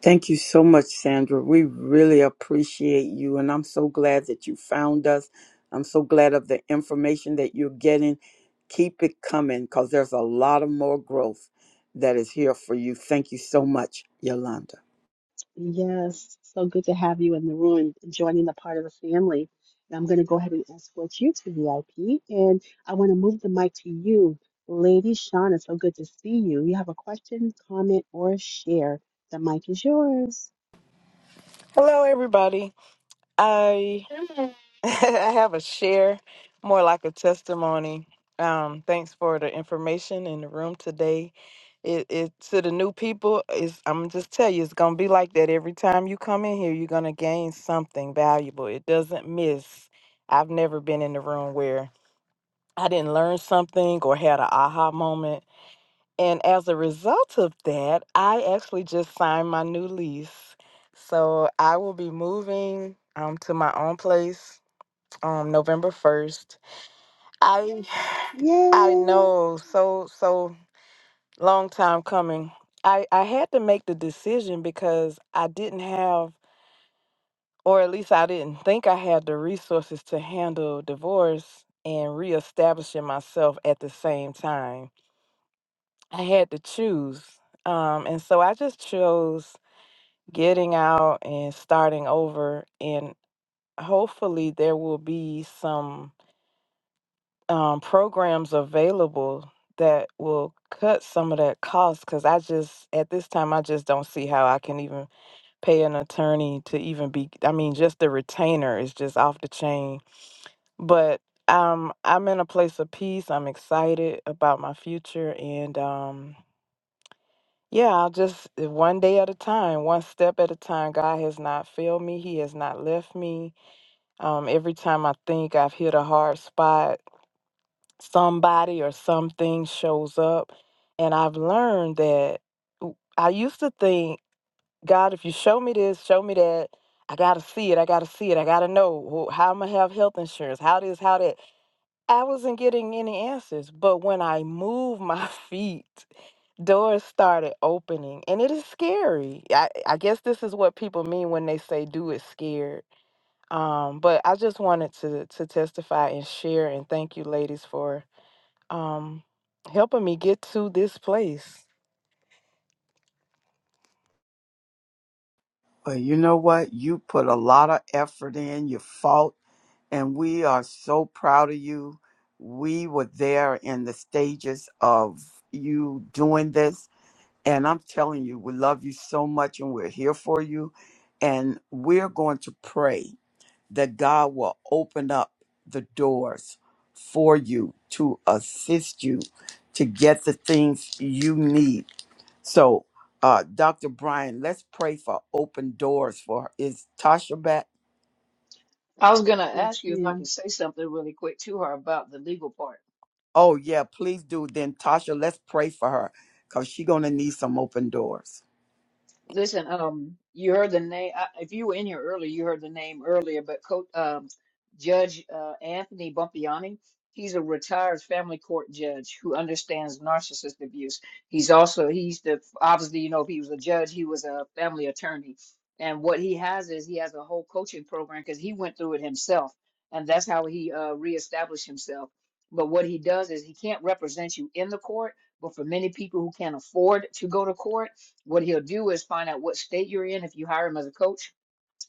Thank you so much, Sandra. We really appreciate you, and I'm so glad that you found us. I'm so glad of the information that you're getting. Keep it coming because there's a lot of more growth that is here for you. Thank you so much, Yolanda. Yes, so good to have you in the room, joining the part of the family. And I'm going to go ahead and escort you to VIP. And I want to move the mic to you, Lady Shauna. So good to see you. You have a question, comment, or share. The mic is yours. Hello, everybody. I I have a share, more like a testimony. Um, thanks for the information in the room today. It, it to the new people is I'm just tell you it's gonna be like that every time you come in here. You're gonna gain something valuable. It doesn't miss. I've never been in the room where I didn't learn something or had an aha moment and as a result of that, I actually just signed my new lease. So I will be moving um, to my own place um, November 1st. I I Yay! know so so long time coming. I, I had to make the decision because I didn't have or at least I didn't think I had the resources to handle divorce and reestablishing myself at the same time. I had to choose. Um, and so I just chose getting out and starting over. And hopefully, there will be some um, programs available that will cut some of that cost because I just, at this time, I just don't see how I can even pay an attorney to even be. I mean, just the retainer is just off the chain. But um, I'm in a place of peace. I'm excited about my future. And, um, Yeah, I'll just uh, one day at a time, one step at a time. God has not failed me. He has not left me. Um, every time I think I've hit a hard spot, somebody or something shows up. And I've learned that w- I used to think, God, if you show me this, show me that, I got to see it. I got to see it. I got to know wh- how I'm going to have health insurance, how this, how that. I wasn't getting any answers. But when I move my feet, doors started opening and it is scary I, I guess this is what people mean when they say do it scared um but i just wanted to to testify and share and thank you ladies for um helping me get to this place Well, you know what? You put a lot of effort in, you fought, and we are so proud of you. We were there in the stages of you doing this And I'm telling you, we love you so much and we're here for you. And we're going to pray that God will open up the doors for you to assist you to get the things you need. So, uh, Dr. Brian, let's pray for open doors for her. Is Tasha back? I was going to Yes, ask you if I ma'am. could say something really quick to her about the legal part. Oh, yeah, please do. Then, Tasha, let's pray for her because she's going to need some open doors. Listen, um, you heard the name. I, If you were in here earlier, you heard the name earlier. But Coach, um, Judge uh, Anthony Bumpiani, he's a retired family court judge who understands narcissist abuse. He's also he's the obviously you know if he was a judge, he was a family attorney. And what he has is he has a whole coaching program because he went through it himself, and that's how he uh, reestablished himself. But what he does is he can't represent you in the court. But for many people who can't afford to go to court what he'll do is find out what state you're in if you hire him as a coach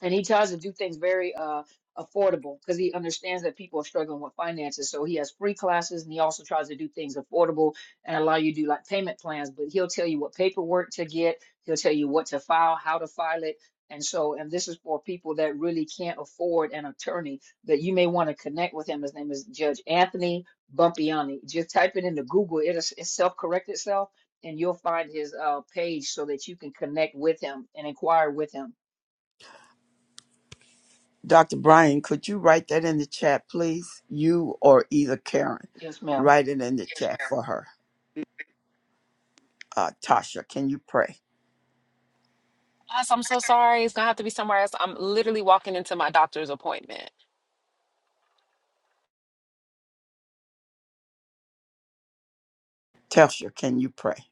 and he tries to do things very uh affordable because he understands that people are struggling with finances so he has free classes and he also tries to do things affordable and allow you to do like payment plans but he'll tell you what paperwork to get he'll tell you what to file how to file it and so and this is for people that really can't afford an attorney that you may want to connect with him his name is judge anthony bumpiani just type it into google it'll s- it self-correct itself and you'll find his uh page so that you can connect with him and inquire with him Dr. Brian, could you write that in the chat, please? You or either Karen, yes ma'am write it in the chat for her. Uh, Tasha, can you pray? Guys, I'm so sorry. It's gonna have to be somewhere else. I'm literally walking into my doctor's appointment. Tasha, can you pray?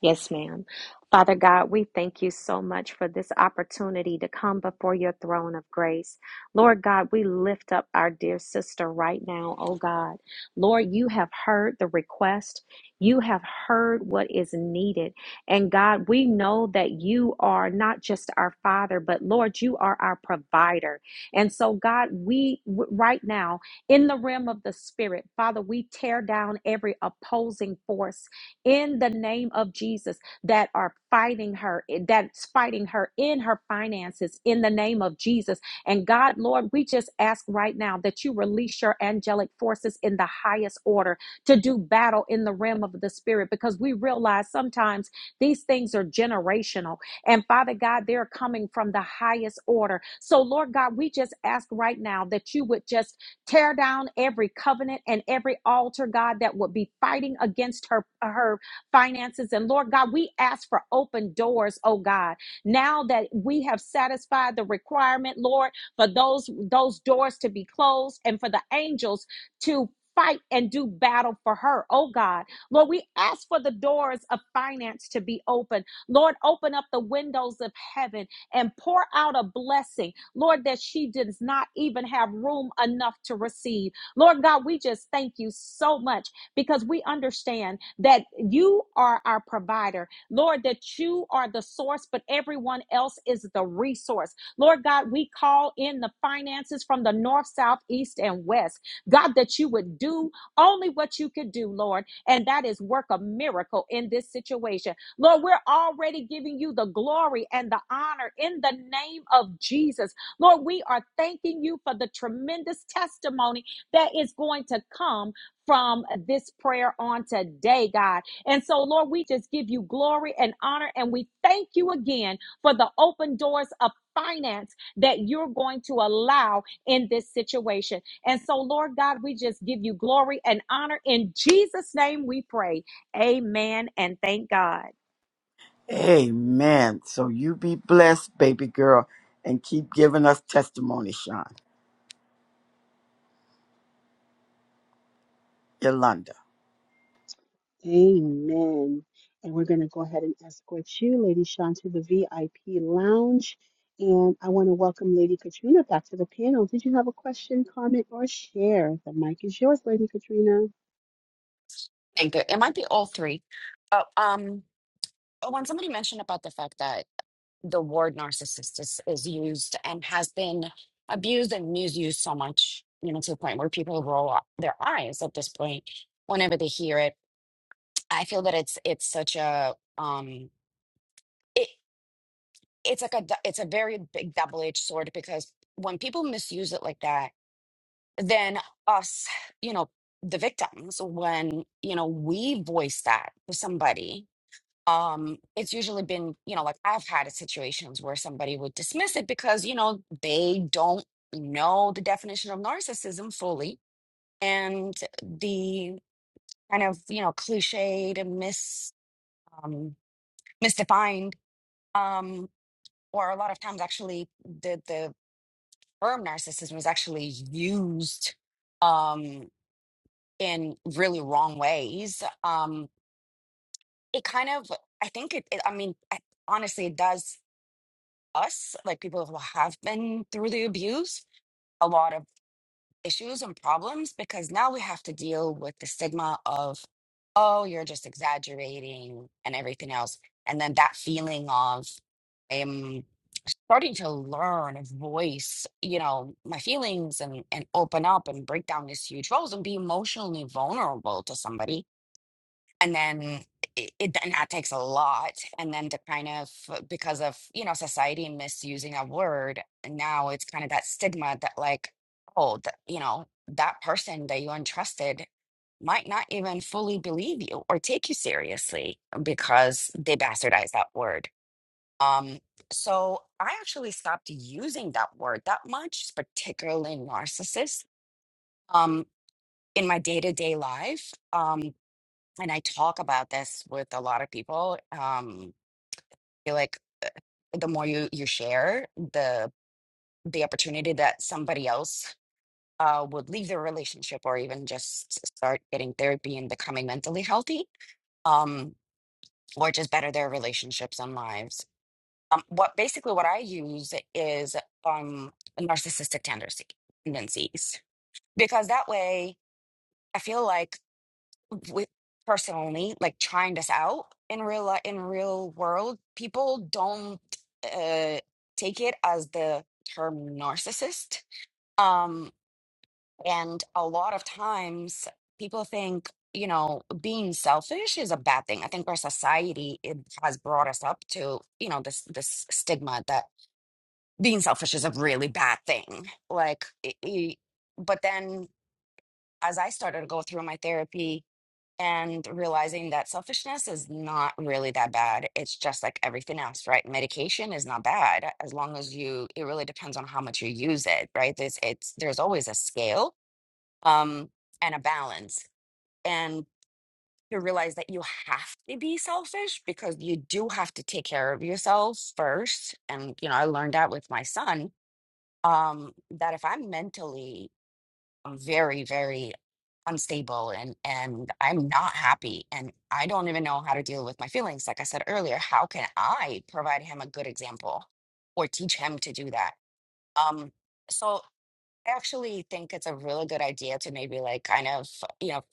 Yes, ma'am. Father God, we thank you so much for this opportunity to come before your throne of grace. Lord God, we lift up our dear sister right now, oh God. Lord, you have heard the request, you have heard what is needed. And God, we know that you are not just our Father, but Lord, you are our provider. And so, God, we w- right now, in the realm of the Spirit, Father, we tear down every opposing force in the name of Jesus that are fighting her, that's fighting her in her finances in the name of Jesus. And God, Lord, we just ask right now that you release your angelic forces in the highest order to do battle in the realm of the spirit because we realize sometimes these things are generational. And Father God, they're coming from the highest order. So, Lord God, we just ask right now that you would just Tear down every covenant and every altar, God, that would be fighting against her, her finances. And Lord God, we ask for open doors, oh God. Now that we have satisfied the requirement, Lord, for those those doors to be closed and for the angels to fight and do battle for her, oh God. Lord, we ask for the doors of finance to be open. Lord, open up the windows of heaven and pour out a blessing. Lord, that she does not even have room enough to receive. Lord God, we just thank you so much because we understand that you are our provider. Lord, that you are the source, but everyone else is the resource. Lord God, we call in the finances from the north, south, east, and west. God, that you would do only what you could do, Lord, and that is work a miracle in this situation. Lord, we're already giving you the glory and the honor in the name of Jesus Lord, we are thanking you for the tremendous testimony that is going to come from this prayer on today, God. And so, Lord, we just give you glory and honor, and we thank you again for the open doors of finance that you're going to allow in this situation. And so, Lord God, we just give you glory and honor. In Jesus' name we pray. Amen and thank God. Amen. So you be blessed, baby girl, and keep giving us testimony, Sean. Yolanda. Amen. And we're going to go ahead and escort you, Lady Sean, to the VIP lounge. And I want to welcome Lady Katrina back to the panel. Did you have a question, comment, or share? The mic is yours, Lady Katrina. I think it it might be all three. But um but when somebody mentioned about the fact that the word narcissist is, is used and has been abused and misused so much, you know, to the point where people roll up their eyes at this point whenever they hear it, I feel that it's it's such a um it it's like a du- it's a very big double-edged sword because when people misuse it like that than us, you know, the victims when, you know, we voice that to somebody. Um, it's usually been, you know, like I've had situations where somebody would dismiss it because, you know, they don't know the definition of narcissism fully and the kind of, you know, cliched and mis um misdefined um or a lot of times actually the the term narcissism is actually used um. in really wrong ways, um, it kind of, I think it, it I mean, I, honestly, it does us, like people who have been through the abuse, a lot of issues and problems because now we have to deal with the stigma of, oh, you're just exaggerating and everything else. And then that feeling of, I'm starting to learn and voice, you know, my feelings and, and open up and break down these huge walls and be emotionally vulnerable to somebody and then it, it then that takes a lot and then to kind of because of you know society misusing a word now it's kind of that stigma that like oh that you know that person that you entrusted might not even fully believe you or take you seriously because they bastardized that word um so i actually stopped using that word that much particularly narcissist um in my day-to-day life um and I talk about this with a lot of people. Um, I feel like the more you you share, the the opportunity that somebody else uh, would leave their relationship or even just start getting therapy and becoming mentally healthy, um, or just better their relationships and lives. Um, what basically what I use is um, narcissistic tendency- tendencies because that way. I feel like with personally like trying this out in real life in real world people don't uh take it as the term narcissist um and a lot of times people think you know being selfish is a bad thing i think our society it has brought us up to you know this this stigma that being selfish is a really bad thing like i i- but then as i started to go through my therapy and realizing that selfishness is not really that bad. It's just like everything else, right? Medication is not bad as long as you, it really depends on how much you use it, right? There's, it's, there's always a scale um, and a balance. And to realize that you have to be selfish because you do have to take care of yourself first. And, you know, I learned that with my son um, that if I'm mentally very, very unstable and and I'm not happy and I don't even know how to deal with my feelings. Like I said earlier, how can I provide him a good example or teach him to do that? Um, so I actually think it's a really good idea to maybe like kind of, you know,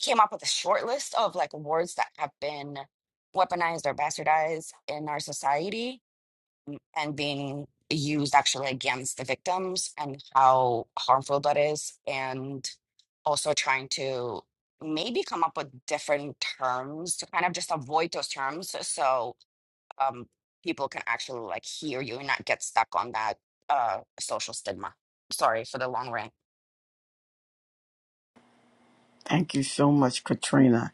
came up with a short list of like words that have been weaponized or bastardized in our society and being used actually against the victims and how harmful that is and also trying to maybe come up with different terms to kind of just avoid those terms so um, people can actually like hear you and not get stuck on that uh, social stigma sorry for the long rant Thank you so much, Katrina.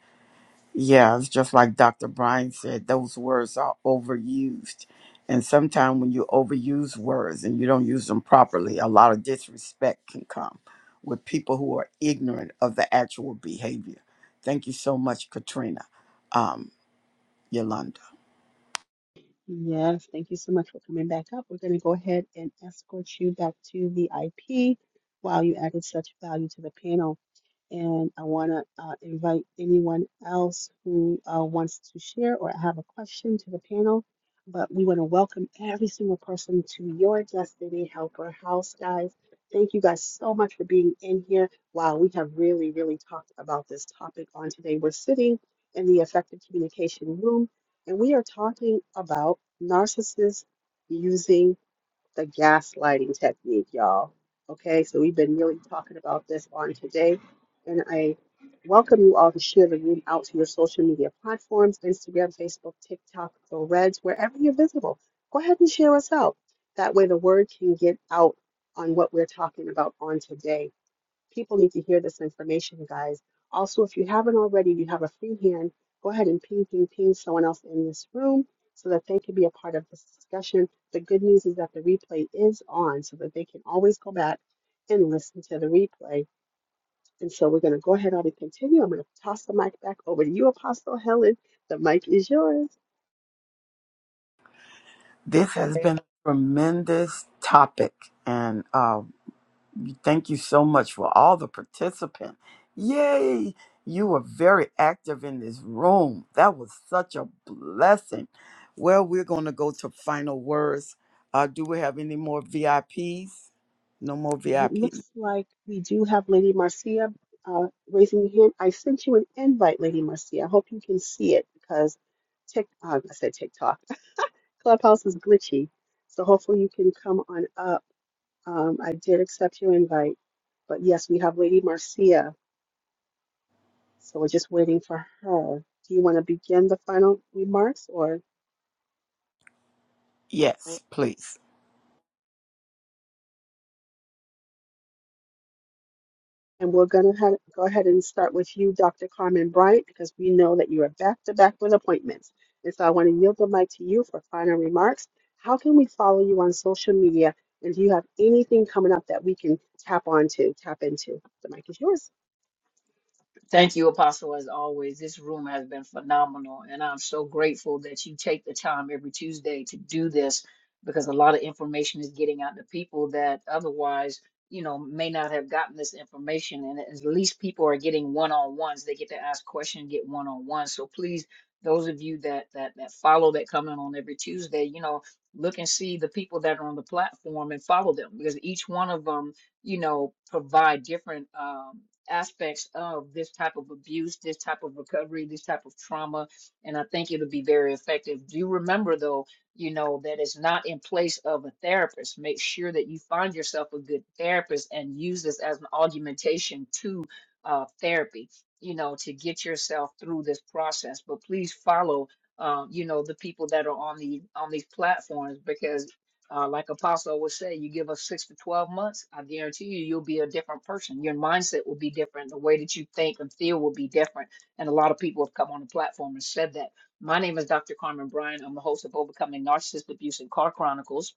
Yeah, it's just like Dr. Brian said, those words are overused. And sometimes when you overuse words and you don't use them properly, a lot of disrespect can come with people who are ignorant of the actual behavior. Thank you so much, Katrina, um, Yolanda. Yes, thank you so much for coming back up. We're going to go ahead and escort you back to VIP. Wow, you added such value to the panel. And I want to uh, invite anyone else who uh, wants to share or have a question to the panel. But we want to welcome every single person to your Destiny Helper house, guys. Thank you guys so much for being in here. Wow, we have really, really talked about this topic on today. We're sitting in the effective communication room and we are talking about narcissists using the gaslighting technique, y'all. Okay, so we've been really talking about this on today, and I welcome you all to share the room out to your social media platforms Instagram, Facebook, TikTok, the Reds, wherever you're visible. Go ahead and share us out. That way, the word can get out on what we're talking about on today. People need to hear this information, guys. Also, if you haven't already, you have a free hand, go ahead and ping, ping, ping someone else in this room so that they can be a part of this discussion. The good news is that the replay is on so that they can always go back and listen to the replay. And so we're going to go ahead on and continue. I'm going to toss the mic back over to you, Apostle Helen. The mic is yours. This has been a tremendous topic, and uh, Thank you so much for all the participants. Yay! You were very active in this room. That was such a blessing. Well, we're going to go to final words. Uh, do we have any more VIPs? No more It VIPs? looks like we do have Lady Marcia uh, raising her hand. I sent you an invite, Lady Marcia. I hope you can see it because Tik, uh, I said TikTok. Clubhouse is glitchy, so hopefully you can come on up. Um, I did accept your invite, but yes, we have Lady Marcia, so we're just waiting for her. Do you want to begin the final remarks, or? Yes, please. And we're going to have, go ahead and start with you, Dr. Carmen Bryant, because we know that you are back to back with appointments. And so I want to yield the mic to you for final remarks. How can we follow you on social media? And do you have anything coming up that we can tap onto, tap into? The mic is yours. Thank you, Apostle, as always. This room has been phenomenal, and I'm so grateful that you take the time every Tuesday to do this because a lot of information is getting out to people that otherwise, you know, may not have gotten this information. And at least people are getting one-on-ones. They get to ask questions, get one-on-ones. So please, those of you that that that follow that come in on every Tuesday, you know, look and see the people that are on the platform and follow them because each one of them you know, provide different um, aspects of this type of abuse, this type of recovery, this type of trauma. And I think it'll be very effective. Do remember, though, you know, that it's not in place of a therapist. Make sure that you find yourself a good therapist and use this as an augmentation to uh, therapy, you know, to get yourself through this process. But please follow. Um, you know the people that are on the on these platforms because uh, like Apostle would say, you give us six to 12 months, I guarantee you, you'll be a different person. Your mindset will be different. The way that you think and feel will be different. And a lot of people have come on the platform and said that. My name is Dr. Carmen Bryan. I'm the host of Overcoming Narcissist Abuse and Car Chronicles.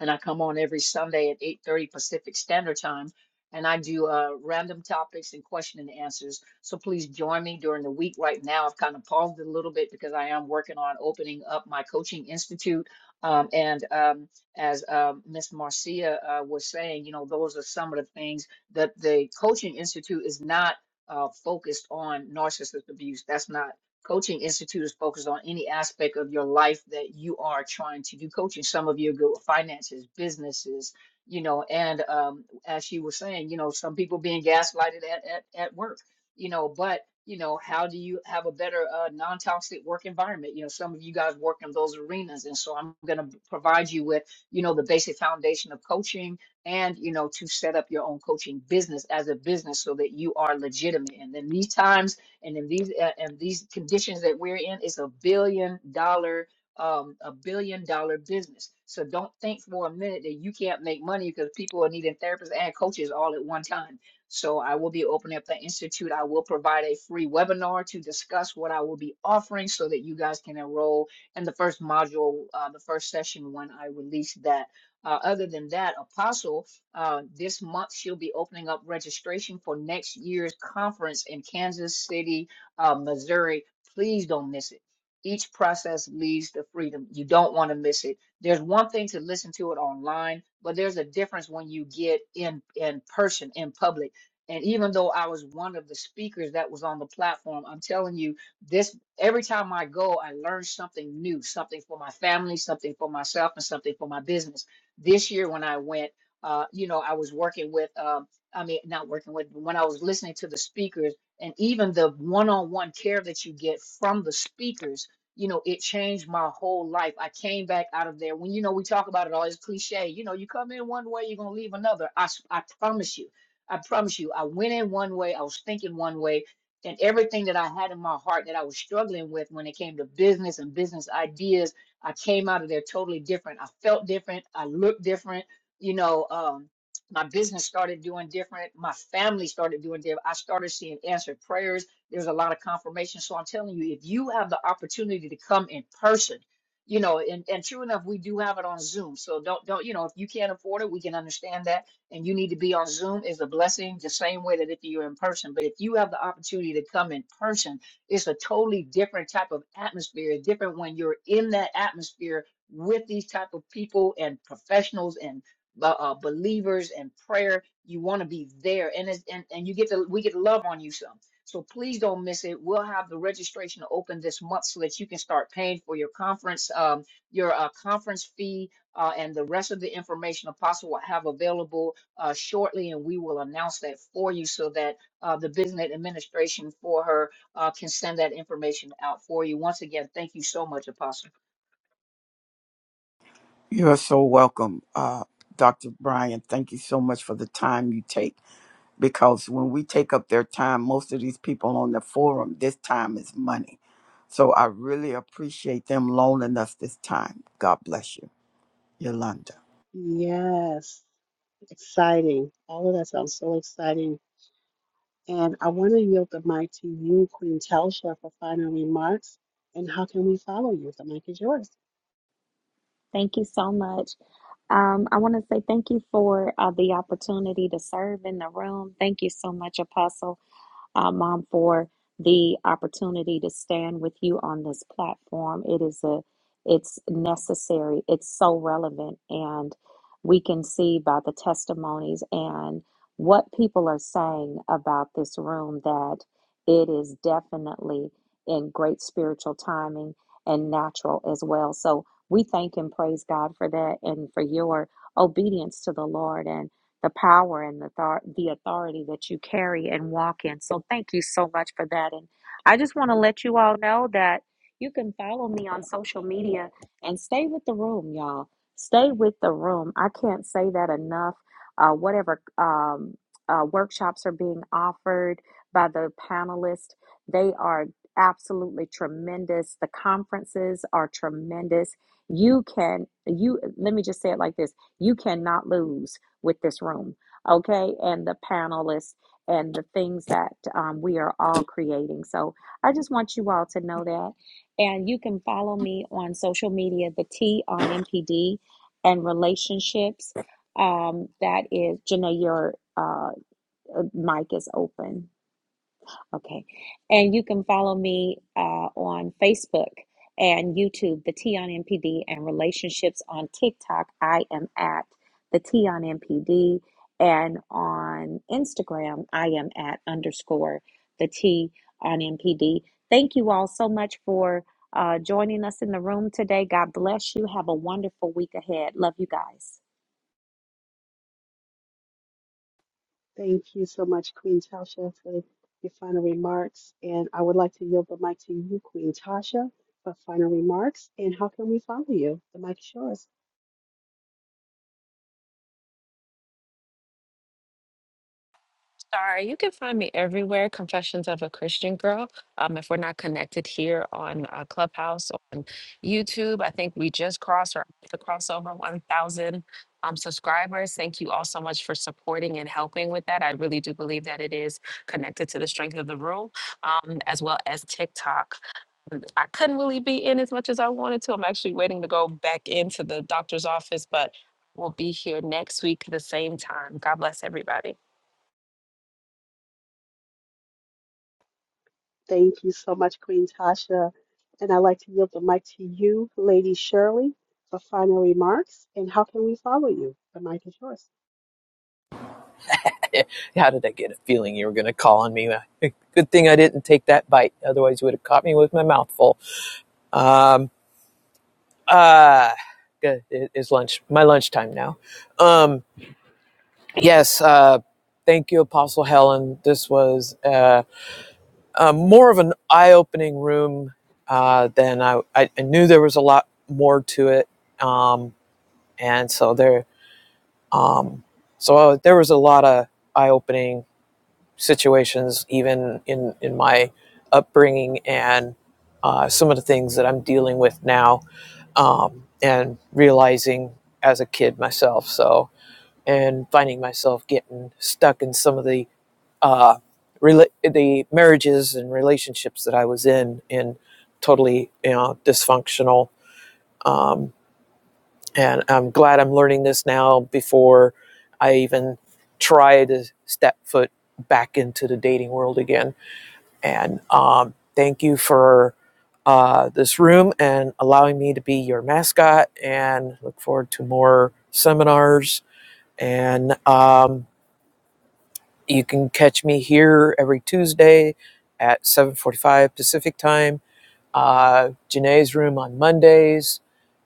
And I come on every Sunday at 8.30 Pacific Standard Time. And I do uh, random topics and question and answers. So please join me during the week. Right now, I've kind of paused it a little bit because I am working on opening up my coaching institute. Um, and um, as uh, Miss Marcia uh, was saying, you know, those are some of the things that the Coaching Institute is not uh, focused on narcissist abuse. That's not Coaching Institute is focused on any aspect of your life that you are trying to do coaching. Some of you go finances, businesses, you know, and um, as she was saying, you know, some people being gaslighted at, at, at work, you know, but you know, how do you have a better uh, non-toxic work environment? You know, some of you guys work in those arenas, and so I'm going to provide you with you know, the basic foundation of coaching and, you know, to set up your own coaching business as a business so that you are legitimate. And in these times and in these uh, and these conditions that we're in, it's a billion dollar um, a billion dollar business. So don't think for a minute that you can't make money because people are needing therapists and coaches all at one time. So I will be opening up the institute. I will provide a free webinar to discuss what I will be offering so that you guys can enroll and the first module, uh, the first session when I released that. Uh, other than that, Apostle, uh, this month she'll be opening up registration for next year's conference in Kansas City, uh, Missouri. Please don't miss it. Each process leads to freedom. You don't want to miss it. There's one thing to listen to it online, but there's a difference when you get in in person, in public. And even though I was one of the speakers that was on the platform, I'm telling you, this Every time I go, I learn something new, something for my family, something for myself, and something for my business. This year, when I went, uh, you know, I was working with, um, I mean, not working with, but when I was listening to the speakers and even the one on one care that you get from the speakers, you know, it changed my whole life. I came back out of there. When, you know, we talk about it all, it's cliche. You know, you come in one way, you're going to leave another. I, s- I promise you. I promise you, I went in one way, I was thinking one way, and everything that I had in my heart that I was struggling with when it came to business and business ideas, I came out of there totally different. I felt different. I looked different. You know, um, my business started doing different. My family started doing different. I started seeing answered prayers. There's a lot of confirmation. So I'm telling you, if you have the opportunity to come in person, you know, and, and true enough, we do have it on Zoom. So don't don't you know if you can't afford it, we can understand that and you need to be on Zoom is a blessing, the same way that if you're in person. But if you have the opportunity to come in person, it's a totally different type of atmosphere. It's different when you're in that atmosphere with these type of people and professionals and uh, uh, believers and prayer. You want to be there, and it's, and and you get to we get to love on you some. So please don't miss it. We'll have the registration open this month so that you can start paying for your conference, um, your uh, conference fee, uh, and the rest of the information Apostle will have available uh, shortly, and we will announce that for you so that uh, the business administration for her uh, can send that information out for you. Once again, thank you so much, Apostle. You're so welcome, uh, Dr. Brian. Thank you so much for the time you take. because when we take up their time, most of these people on the forum, this time is money. So I really appreciate them loaning us this time. God bless you, Yolanda. Yes, exciting. All of that sounds so exciting. And I want to yield the mic to you, Queen Telsha, for final remarks. And how can we follow you? The mic is yours. Thank you so much. Um, I want to say thank you for uh, the opportunity to serve in the room. Thank you so much, Apostle uh, Mom, for the opportunity to stand with you on this platform. It is a, it's necessary. It's so relevant, and we can see by the testimonies and what people are saying about this room that it is definitely in great spiritual timing and natural as well. So we thank and praise God for that and for your obedience to the Lord. and the power and the, thar- the authority that you carry and walk in. So thank you so much for that. And I just want to let you all know that you can follow me on social media and stay with the room, y'all. Stay with the room. I can't say that enough. Uh, whatever um, uh, workshops are being offered by the panelists, they are absolutely tremendous. The conferences are tremendous. You can, you, let me just say it like this you cannot lose with this room, okay, and the panelists and the things that um, we are all creating. So I just want you all to know that. And you can follow me on social media, the T on MPD and relationships. Um, that is, Janae, your uh, uh, mic is open. Okay. And you can follow me uh, on Facebook and YouTube, the T on MPD, and relationships on TikTok. I am at the T on MPD. And on Instagram, I am at underscore the T on MPD. Thank you all so much for uh, joining us in the room today. God bless you. Have a wonderful week ahead. Love you guys. Thank you so much, Queen Tasha, for your final remarks. And I would like to yield the mic to you, Queen Tasha, for final remarks. And how can we follow you? The mic is yours. Sorry, you can find me everywhere. Confessions of a Christian Girl. Um, if we're not connected here on uh, Clubhouse on YouTube, I think we just crossed or the crossover 1,000 um, subscribers. Thank you all so much for supporting and helping with that. I really do believe that it is connected to the strength of the room, um, as well as TikTok. Um, I couldn't really be in as much as I wanted to. I'm actually waiting to go back into the doctor's office, but we'll be here next week at the same time. God bless everybody. Thank you so much, Queen Tasha. And I'd like to yield the mic to you, Lady Shirley, for final remarks. And how can we follow you? The mic is yours. How did I get a feeling you were going to call on me? Good thing I didn't take that bite. Otherwise, you would have caught me with my mouth full. Um, uh, It is lunch, my lunchtime now. Um, yes. Uh, thank you, Apostle Helen. This was uh, uh, more of an eye opening room uh, than I, I, I knew there was a lot more to it. Um, and so there, um, so uh, there was a lot of eye opening situations, even in in my upbringing and uh, some of the things that I'm dealing with now, um, and realizing as a kid myself. So, and finding myself getting stuck in some of the uh, rela- the marriages and relationships that I was in, in totally you know dysfunctional. Um, and I'm glad I'm learning this now before I even try to step foot back into the dating world again and um, thank you for uh, this room and allowing me to be your mascot. And look forward to more seminars. And um, you can catch me here every Tuesday at 7:45 Pacific time. Uh, Janae's room on Mondays.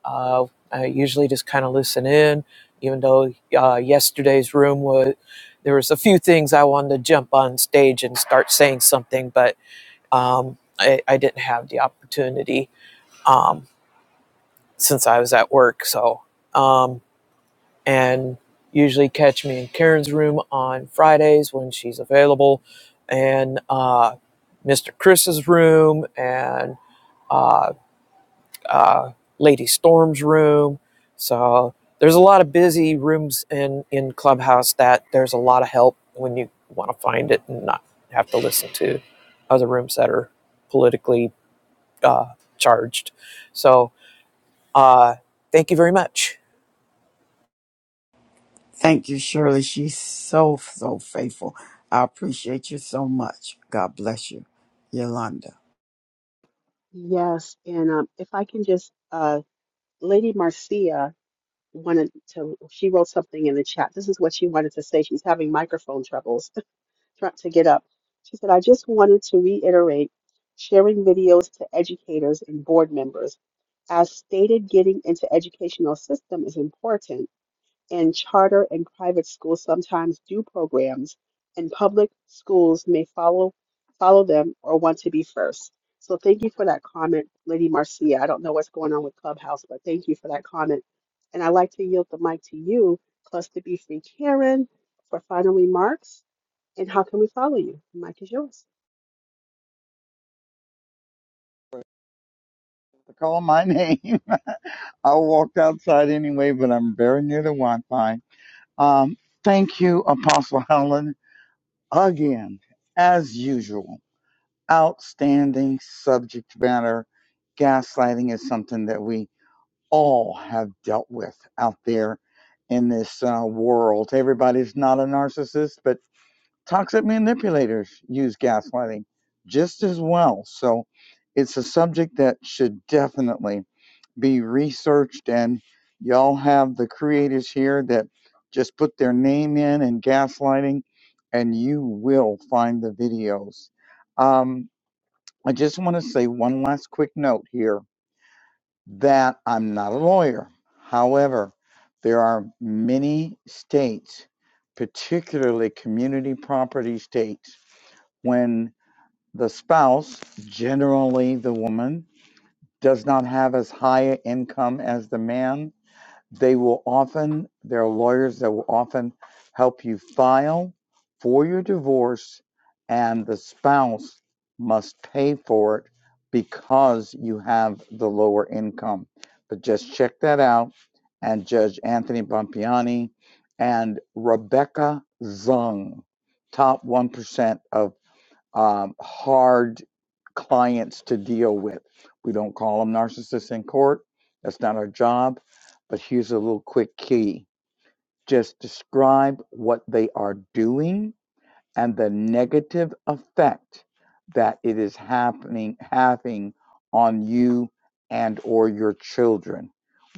Uh, I usually just kind of listen in, even though uh, yesterday's room was there was a few things I wanted to jump on stage and start saying something, but um, I, I didn't have the opportunity um, since I was at work. So, um, and usually catch me in Karen's room on Fridays when she's available, and uh, Mr. Chris's room, and uh, uh, Lady Storm's room. So, there's a lot of busy rooms in, in Clubhouse that there's a lot of help when you want to find it and not have to listen to other rooms that are politically uh, charged. So uh, thank you very much. Thank you, Shirley. She's so, so faithful. I appreciate you so much. God bless you, Yolanda. Yes. And um, if I can just, uh, Lady Marcia wanted to, she wrote something in the chat. This is what she wanted to say. She's having microphone troubles. trying to get up. She said, I just wanted to reiterate sharing videos to educators and board members. As stated, getting into educational system is important, and charter and private schools sometimes do programs, and public schools may follow follow them or want to be first. So thank you for that comment, Lady Marcia. I don't know what's going on with Clubhouse, but thank you for that comment. And I'd like to yield the mic to you, Cluster B Free Karen, for final remarks. And how can we follow you? The mic is yours. to call my name. I walked outside anyway, but I'm very near the Wi-Fi. Um, thank you, Apostle Helen, again, as usual. Outstanding subject matter. Gaslighting is something that we all have dealt with out there in this uh, world. Everybody's not a narcissist, but toxic manipulators use gaslighting just as well. So it's a subject that should definitely be researched and y'all have the creators here that just put their name in and gaslighting and you will find the videos um, i just want to say one last quick note here that i'm not a lawyer however there are many states particularly community property states when the spouse generally the woman does not have as high an income as the man they will often, there are lawyers that will often help you file for your divorce, and the spouse must pay for it because you have the lower income. But just check that out. And Judge Anthony Bompiani and Rebecca Zung, top 1% of um, hard clients to deal with. We don't call them narcissists in court. That's not our job. But here's a little quick key just describe what they are doing and the negative effect that it is happening having on you and or your children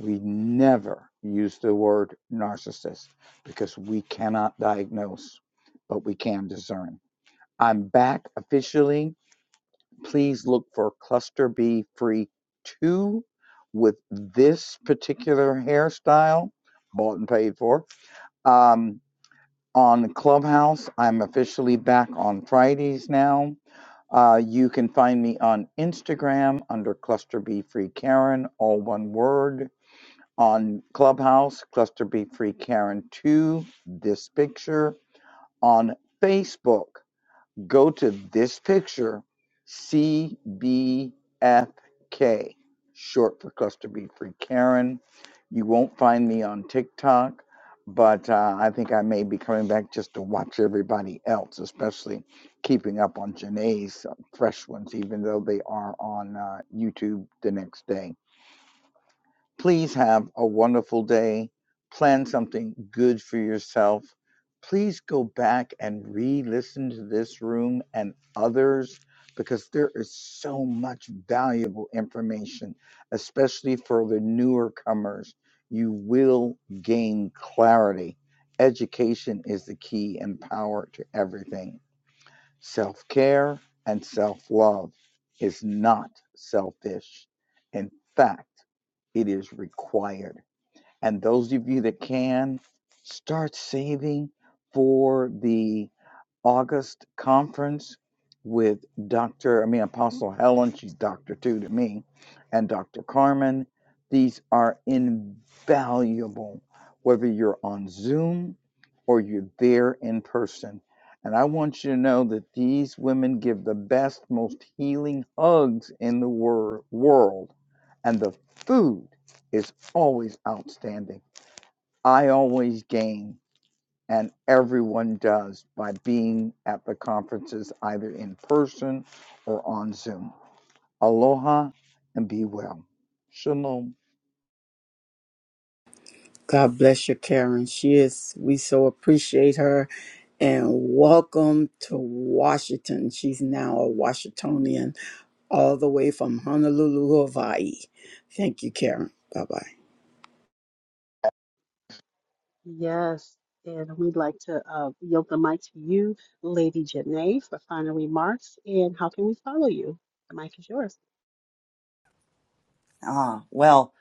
we never use the word narcissist because we cannot diagnose but we can discern i'm back officially please look for cluster B free two with this particular hairstyle, bought and paid for. Um, on Clubhouse, I'm officially back on Fridays now. Uh, you can find me on Instagram under Cluster B Free Karen, all one word. On Clubhouse, Cluster B Free Karen 2, this picture. On Facebook, Go to this picture, CBFK, short for Cluster B Free Karen. You won't find me on TikTok, but uh, I think I may be coming back just to watch everybody else, especially keeping up on Janae's uh, fresh ones, even though they are on uh, YouTube the next day. Please have a wonderful day. Plan something good for yourself. Please go back and re listen to this room and others because there is so much valuable information, especially for the newer comers. You will gain clarity. Education is the key and power to everything. Self care and self love is not selfish. In fact, it is required. And those of you that can, start saving for the August conference with Dr. I mean Apostle Helen, she's Dr. too to me, and Dr. Carmen. These are invaluable, whether you're on Zoom or you're there in person. And I want you to know that these women give the best, most healing hugs in the wor- world. And the food is always outstanding. I always gain and everyone does by being at the conferences either in person or on Zoom. Aloha and be well. Shalom. God bless you, Karen. She is, we so appreciate her. And welcome to Washington. She's now a Washingtonian, all the way from Honolulu, Hawaii. Thank you, Karen. Bye bye. Yes. And we'd like to uh, yield the mic to you, Lady Janae, for final remarks. And how can we follow you? The mic is yours. Ah, well,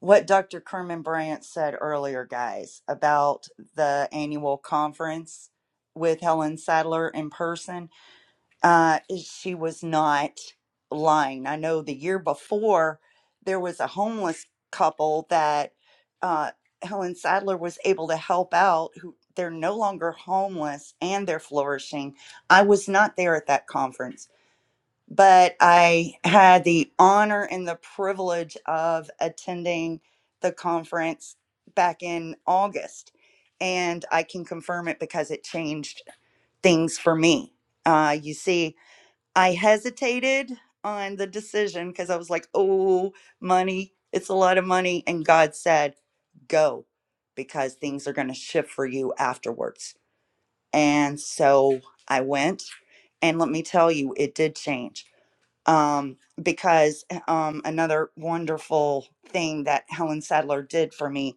what Dr. Kerman Bryant said earlier, guys, about the annual conference with Helen Sadler in person. uh, she was not lying. I know the year before there was a homeless couple that uh, Helen Sadler was able to help out. Who they're no longer homeless and they're flourishing. I was not there at that conference, but I had the honor and the privilege of attending the conference back in August. And I can confirm it because it changed things for me. Uh, you see, I hesitated on the decision because I was like, oh, money, it's a lot of money. And God said, go because things are going to shift for you afterwards. And so I went. And let me tell you, it did change. Um, because eh, um, another wonderful thing that Helen Sadler did for me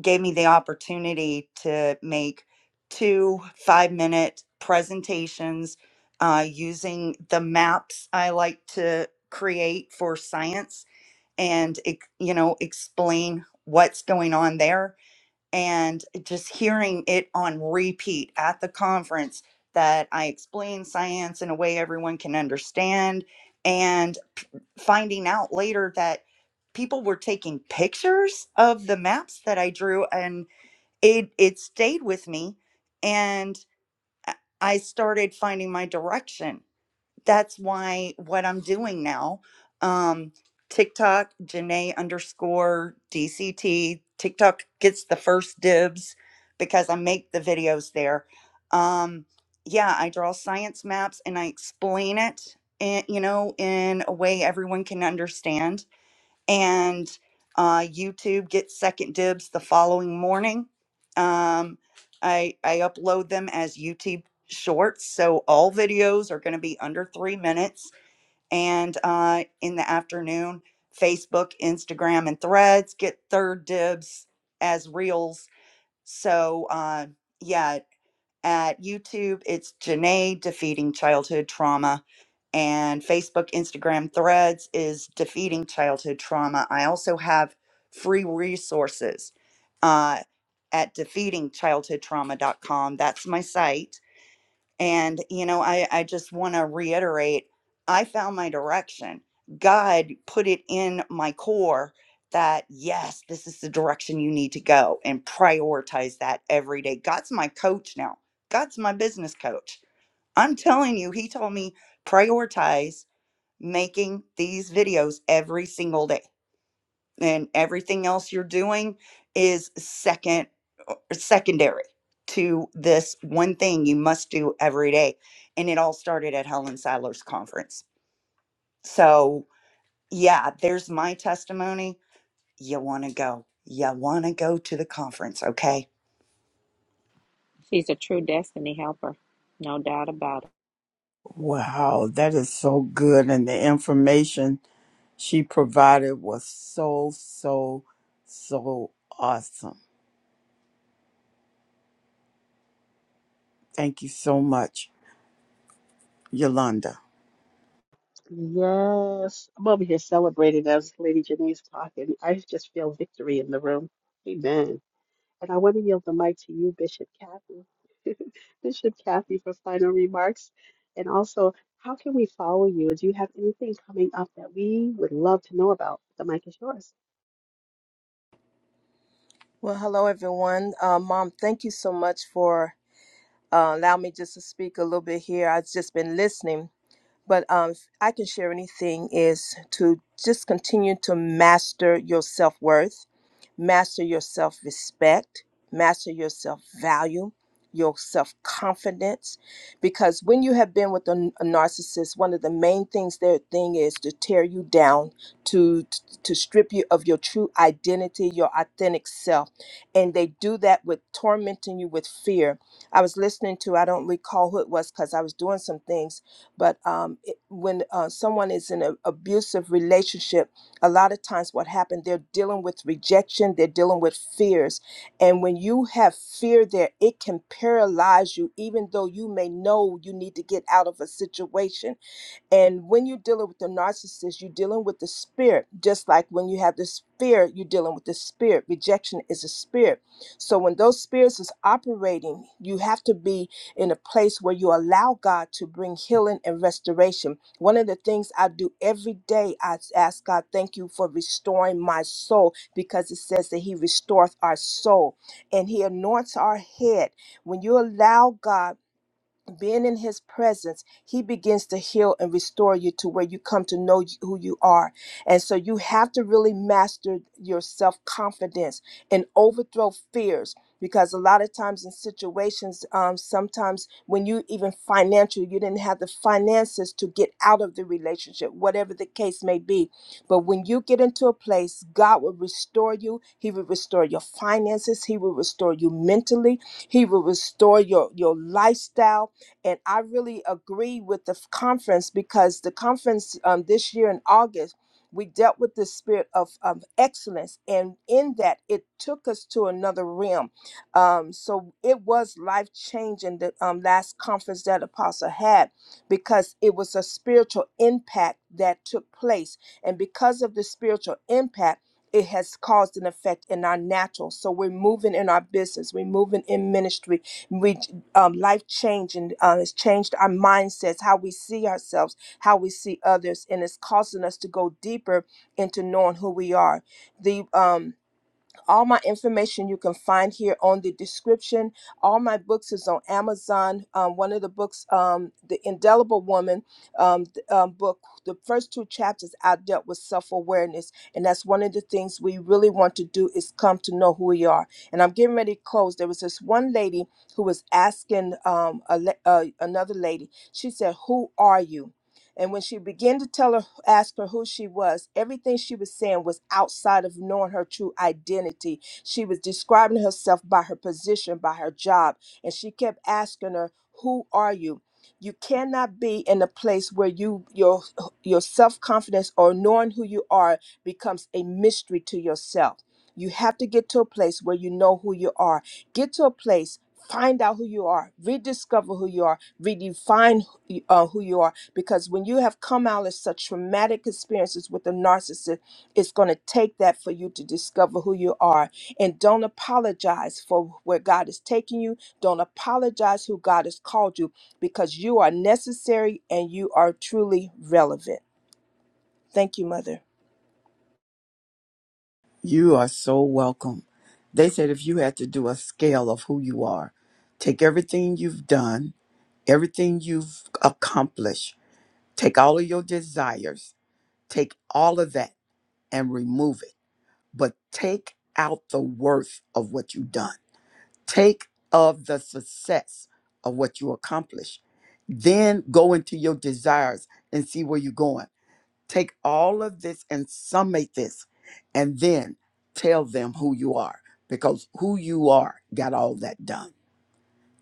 gave me the opportunity to make two five minute presentations uh, using the maps I like to create for science and ex- you know explain what's going on there and just hearing it on repeat at the conference that I explain science in a way everyone can understand and finding out later that people were taking pictures of the maps that I drew and it it stayed with me and i I started finding my direction that's why what i'm doing now um tiktok janae underscore dct tiktok gets the first dibs because i make the videos there um yeah i draw science maps and i explain it and you know in a way everyone can understand and uh, YouTube gets second dibs the following morning. Um, I I upload them as YouTube shorts, so all videos are going to be under three minutes. And uh, in the afternoon, Facebook, Instagram, and Threads get third dibs as reels. So uh, yeah, at YouTube, it's Janae defeating childhood trauma and Facebook, Instagram, Threads is Defeating Childhood Trauma. I also have free resources uh, at defeatingchildhoodtrauma.com. That's my site. And, you know, I, I just want to reiterate I found my direction. God put it in my core that, yes, this is the direction you need to go and prioritize that every day. God's my coach now, God's my business coach. I'm telling you, He told me prioritize making these videos every single day and everything else you're doing is second uh, secondary to this one thing you must do every day and it all started at helen seiler's conference so yeah there's my testimony you want to go you want to go to the conference okay She's a true destiny helper, no doubt about it. Wow, that is so good. And the information she provided was so, so, so awesome. Thank you so much, Yolanda. Yes. I'm over here celebrating as Lady Janae's talking. I just feel victory in the room. Amen. And I want to yield the mic to you, Bishop Kathy. Bishop Kathy, for final remarks. And also, how can we follow you? Do you have anything coming up that we would love to know about? The mic is yours. Well, hello, everyone. Uh, Mom, thank you so much for uh, allowing me just to speak a little bit here. I've just been listening, but um, if I can share anything is to just continue to master your self worth, master your self respect, master your self value, your self confidence. Because when you have been with a, a narcissist, one of the main things their thing is to tear you down, to to strip you of your true identity, your authentic self, and they do that with tormenting you with fear. I was listening to I don't recall who it was because I was doing some things but um, it, when uh, someone is in an abusive relationship, a lot of times what happened, they're dealing with rejection, they're dealing with fears. And when you have fear there, it can paralyze you, even though you may know you need to get out of a situation. And when you're dealing with the narcissist, you're dealing with the spirit. Just like when you have this fear, you're dealing with the spirit. Rejection is a spirit. So when those spirits is operating, you have to be in a place where you allow God to bring healing and restoration. One of the things I do every day, I ask God, thank you for restoring my soul because it says that He restoreth our soul and He anoints our head. When you allow God, being in his presence, he begins to heal and restore you to where you come to know who you are. And so you have to really master your self confidence and overthrow fears because a lot of times in situations, um, sometimes when you even financially, you didn't have the finances to get out of the relationship, whatever the case may be. But when you get into a place, God will restore you. He will restore your finances. He will restore you mentally. He will restore your, your lifestyle and I really agree with the f- conference because the conference um, this year in August, we dealt with the spirit of um, excellence. And in that, it took us to another realm. Um, so it was life changing the um, last conference that Apostle had because it was a spiritual impact that took place. And because of the spiritual impact, it has caused an effect in our natural. So we're moving in our business, we're moving in ministry, we um, life changing. Uh, it's changed our mindsets, how we see ourselves, how we see others, and it's causing us to go deeper into knowing who we are. The um, all my information you can find here on the description all my books is on amazon um, one of the books um, the indelible woman um, th- um, book the first two chapters i dealt with self-awareness and that's one of the things we really want to do is come to know who we are and i'm getting ready to close there was this one lady who was asking um, a, le- uh, another lady she said who are you and when she began to tell her, ask her who she was, everything she was saying was outside of knowing her true identity. She was describing herself by her position, by her job. And she kept asking her, Who are you? You cannot be in a place where you your your self-confidence or knowing who you are becomes a mystery to yourself. You have to get to a place where you know who you are. Get to a place, find out who you are, rediscover who you are, redefine y- uh, who you are because when you have come out of such traumatic experiences with a narcissist it's going to take that for you to discover who you are and don't apologize for where god is taking you don't apologize who god has called you because you are necessary and you are truly relevant thank you mother You are so welcome. They said if you had to do a scale of who you are, take everything you've done, everything you've accomplished, take all of your desires, take all of that and remove it, but take out the worth of what you've done. Take of the success of what you accomplished. Then go into your desires and see where you're going Take all of this and summate this, and then tell them who you are because who you are got all that done.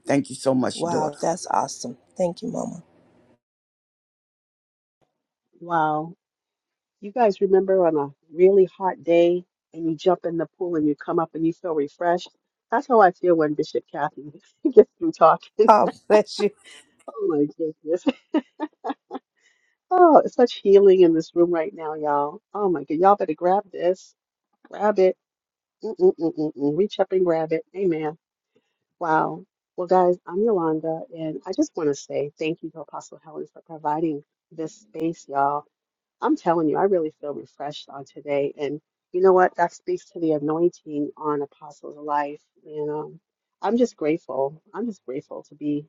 Thank you so much, wow daughter. that's awesome thank you mama Wow. You guys remember on a really hot day and you jump in the pool and you come up and you feel refreshed? That's how I feel when Bishop Kathy gets through talking. oh bless you Oh my goodness. Oh, it's such healing in this room right now, y'all. Oh my God! Y'all better grab this. Grab it. Mm-mm-mm-mm-mm. Reach up and grab it. Amen. Wow. Well, guys, I'm Yolanda, and I just want to say thank you to Apostle Helen for providing this space, y'all. I'm telling you, I really feel refreshed on today. And you know what? That speaks to the anointing on Apostle's life. And um, I'm just grateful. I'm just grateful to be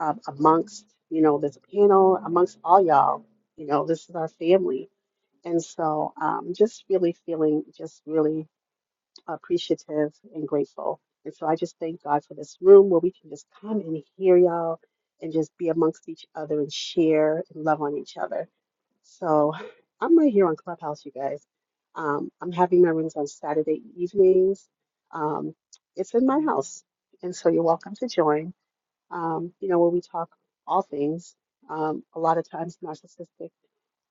um, amongst, you know, this panel, amongst all y'all. You know, this is our family. And so um, just really feeling just really appreciative and grateful. And so I just thank God for this room where we can just come and hear y'all and just be amongst each other and share and love on each other. So I'm right here on Clubhouse, you guys. Um, I'm having my rooms on Saturday evenings. Um, it's in my house, and so you're welcome to join. Um, you know, where we talk all things, um, a lot of times narcissistic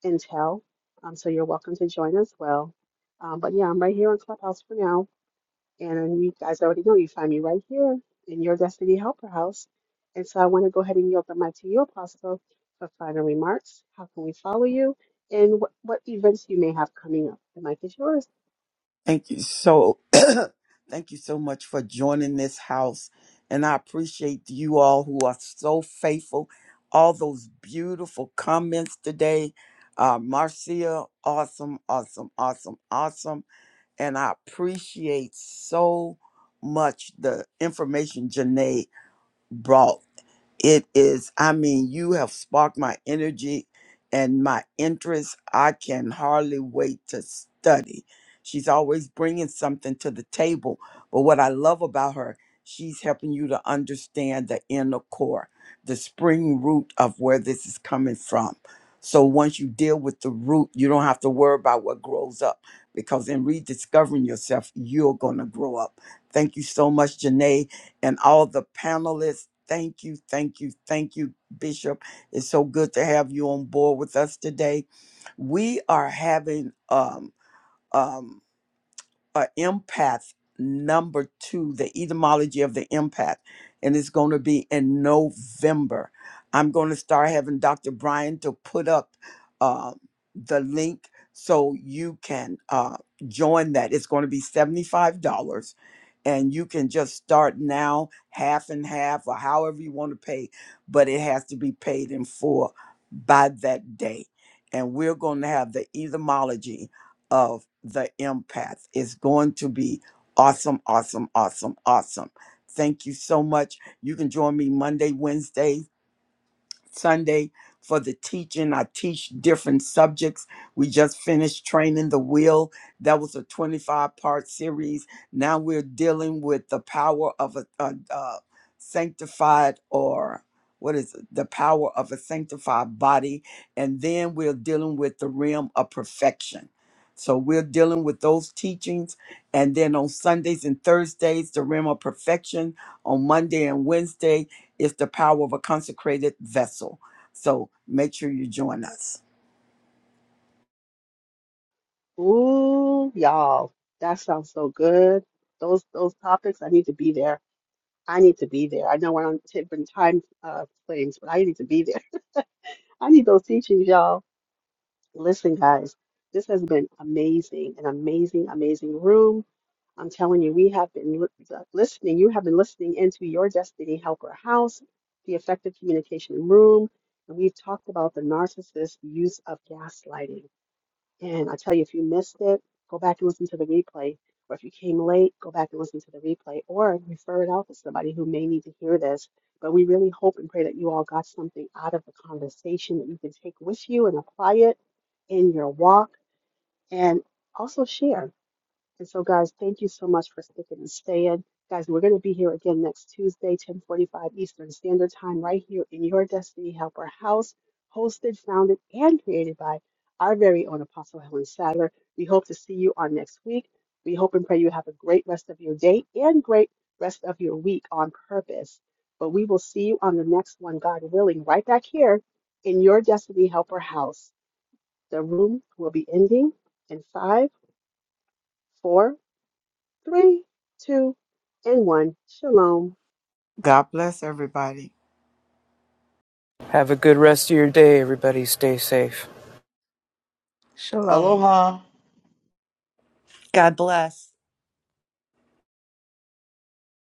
intel. Um, so you're welcome to join as well. Um, but yeah, I'm right here on Clubhouse for now. And you guys already know you find me right here in your Destiny Helper House. And so I want to go ahead and yield the mic to you, Apostle, for final remarks. How can we follow you? And what, what events you may have coming up? The mic is yours. Thank you so thank you so much for joining this house. And I appreciate you all who are so faithful. All those beautiful comments today. Uh, Marcia, awesome, awesome, awesome, awesome. And I appreciate so much the information Janae brought It is, I mean, you have sparked my energy and my interest. I can hardly wait to study. She's always bringing something to the table. But what I love about her, she's helping you to understand the inner core, the spring root of where this is coming from. So once you deal with the root, you don't have to worry about what grows up because in rediscovering yourself, you're going to grow up. Thank you so much, Janae and all the panelists. Thank you, thank you, thank you, Bishop. It's so good to have you on board with us today. We are having um, um, a empath number two, the etymology of the empath, and it's going to be in November. I'm going to start having Dr. Brian to put up uh, the link so you can uh, join that. It's going to be $75 and you can just start now, half and half, or however you want to pay, but it has to be paid in full by that day. And we're going to have the etymology of the empath. It's going to be awesome, awesome, awesome, awesome. Thank you so much. You can join me Monday, Wednesday. Sunday for the teaching. I teach different subjects. We just finished training the will. That was a 25 part series. Now we're dealing with the power of a, a, a sanctified or what is it? the power of a sanctified body. And then we're dealing with the realm of perfection. So we're dealing with those teachings. And then on Sundays and Thursdays, the realm of perfection. On Monday and Wednesday, is the power of a consecrated vessel. So make sure you join us. Ooh, y'all, that sounds so good. Those those topics, I need to be there. I need to be there. I know we're on different time uh, frames, but I need to be there. I need those teachings, y'all. Listen, guys, this has been amazing, an amazing, amazing room. I'm telling you, we have been li- listening. You have been listening into your Destiny Helper House, the Effective Communication Room, and we've talked about the narcissist use of gaslighting. And I tell you, if you missed it, go back and listen to the replay. Or if you came late, go back and listen to the replay or refer it out to somebody who may need to hear this. But we really hope and pray that you all got something out of the conversation that you can take with you and apply it in your walk and also share. And so, guys, thank you so much for sticking and staying. Guys, we're going to be here again next Tuesday, 1045 Eastern Standard Time, right here in your Destiny Helper house, hosted, founded, and created by our very own Apostle Helen Sadler. We hope to see you on next week. We hope and pray you have a great rest of your day and great rest of your week on purpose. But we will see you on the next one, God willing, right back here in your Destiny Helper house. The room will be ending in five, four Three, two, and one. Shalom. God bless everybody. Have a good rest of your day, everybody. Stay safe. shalom Aloha. god bless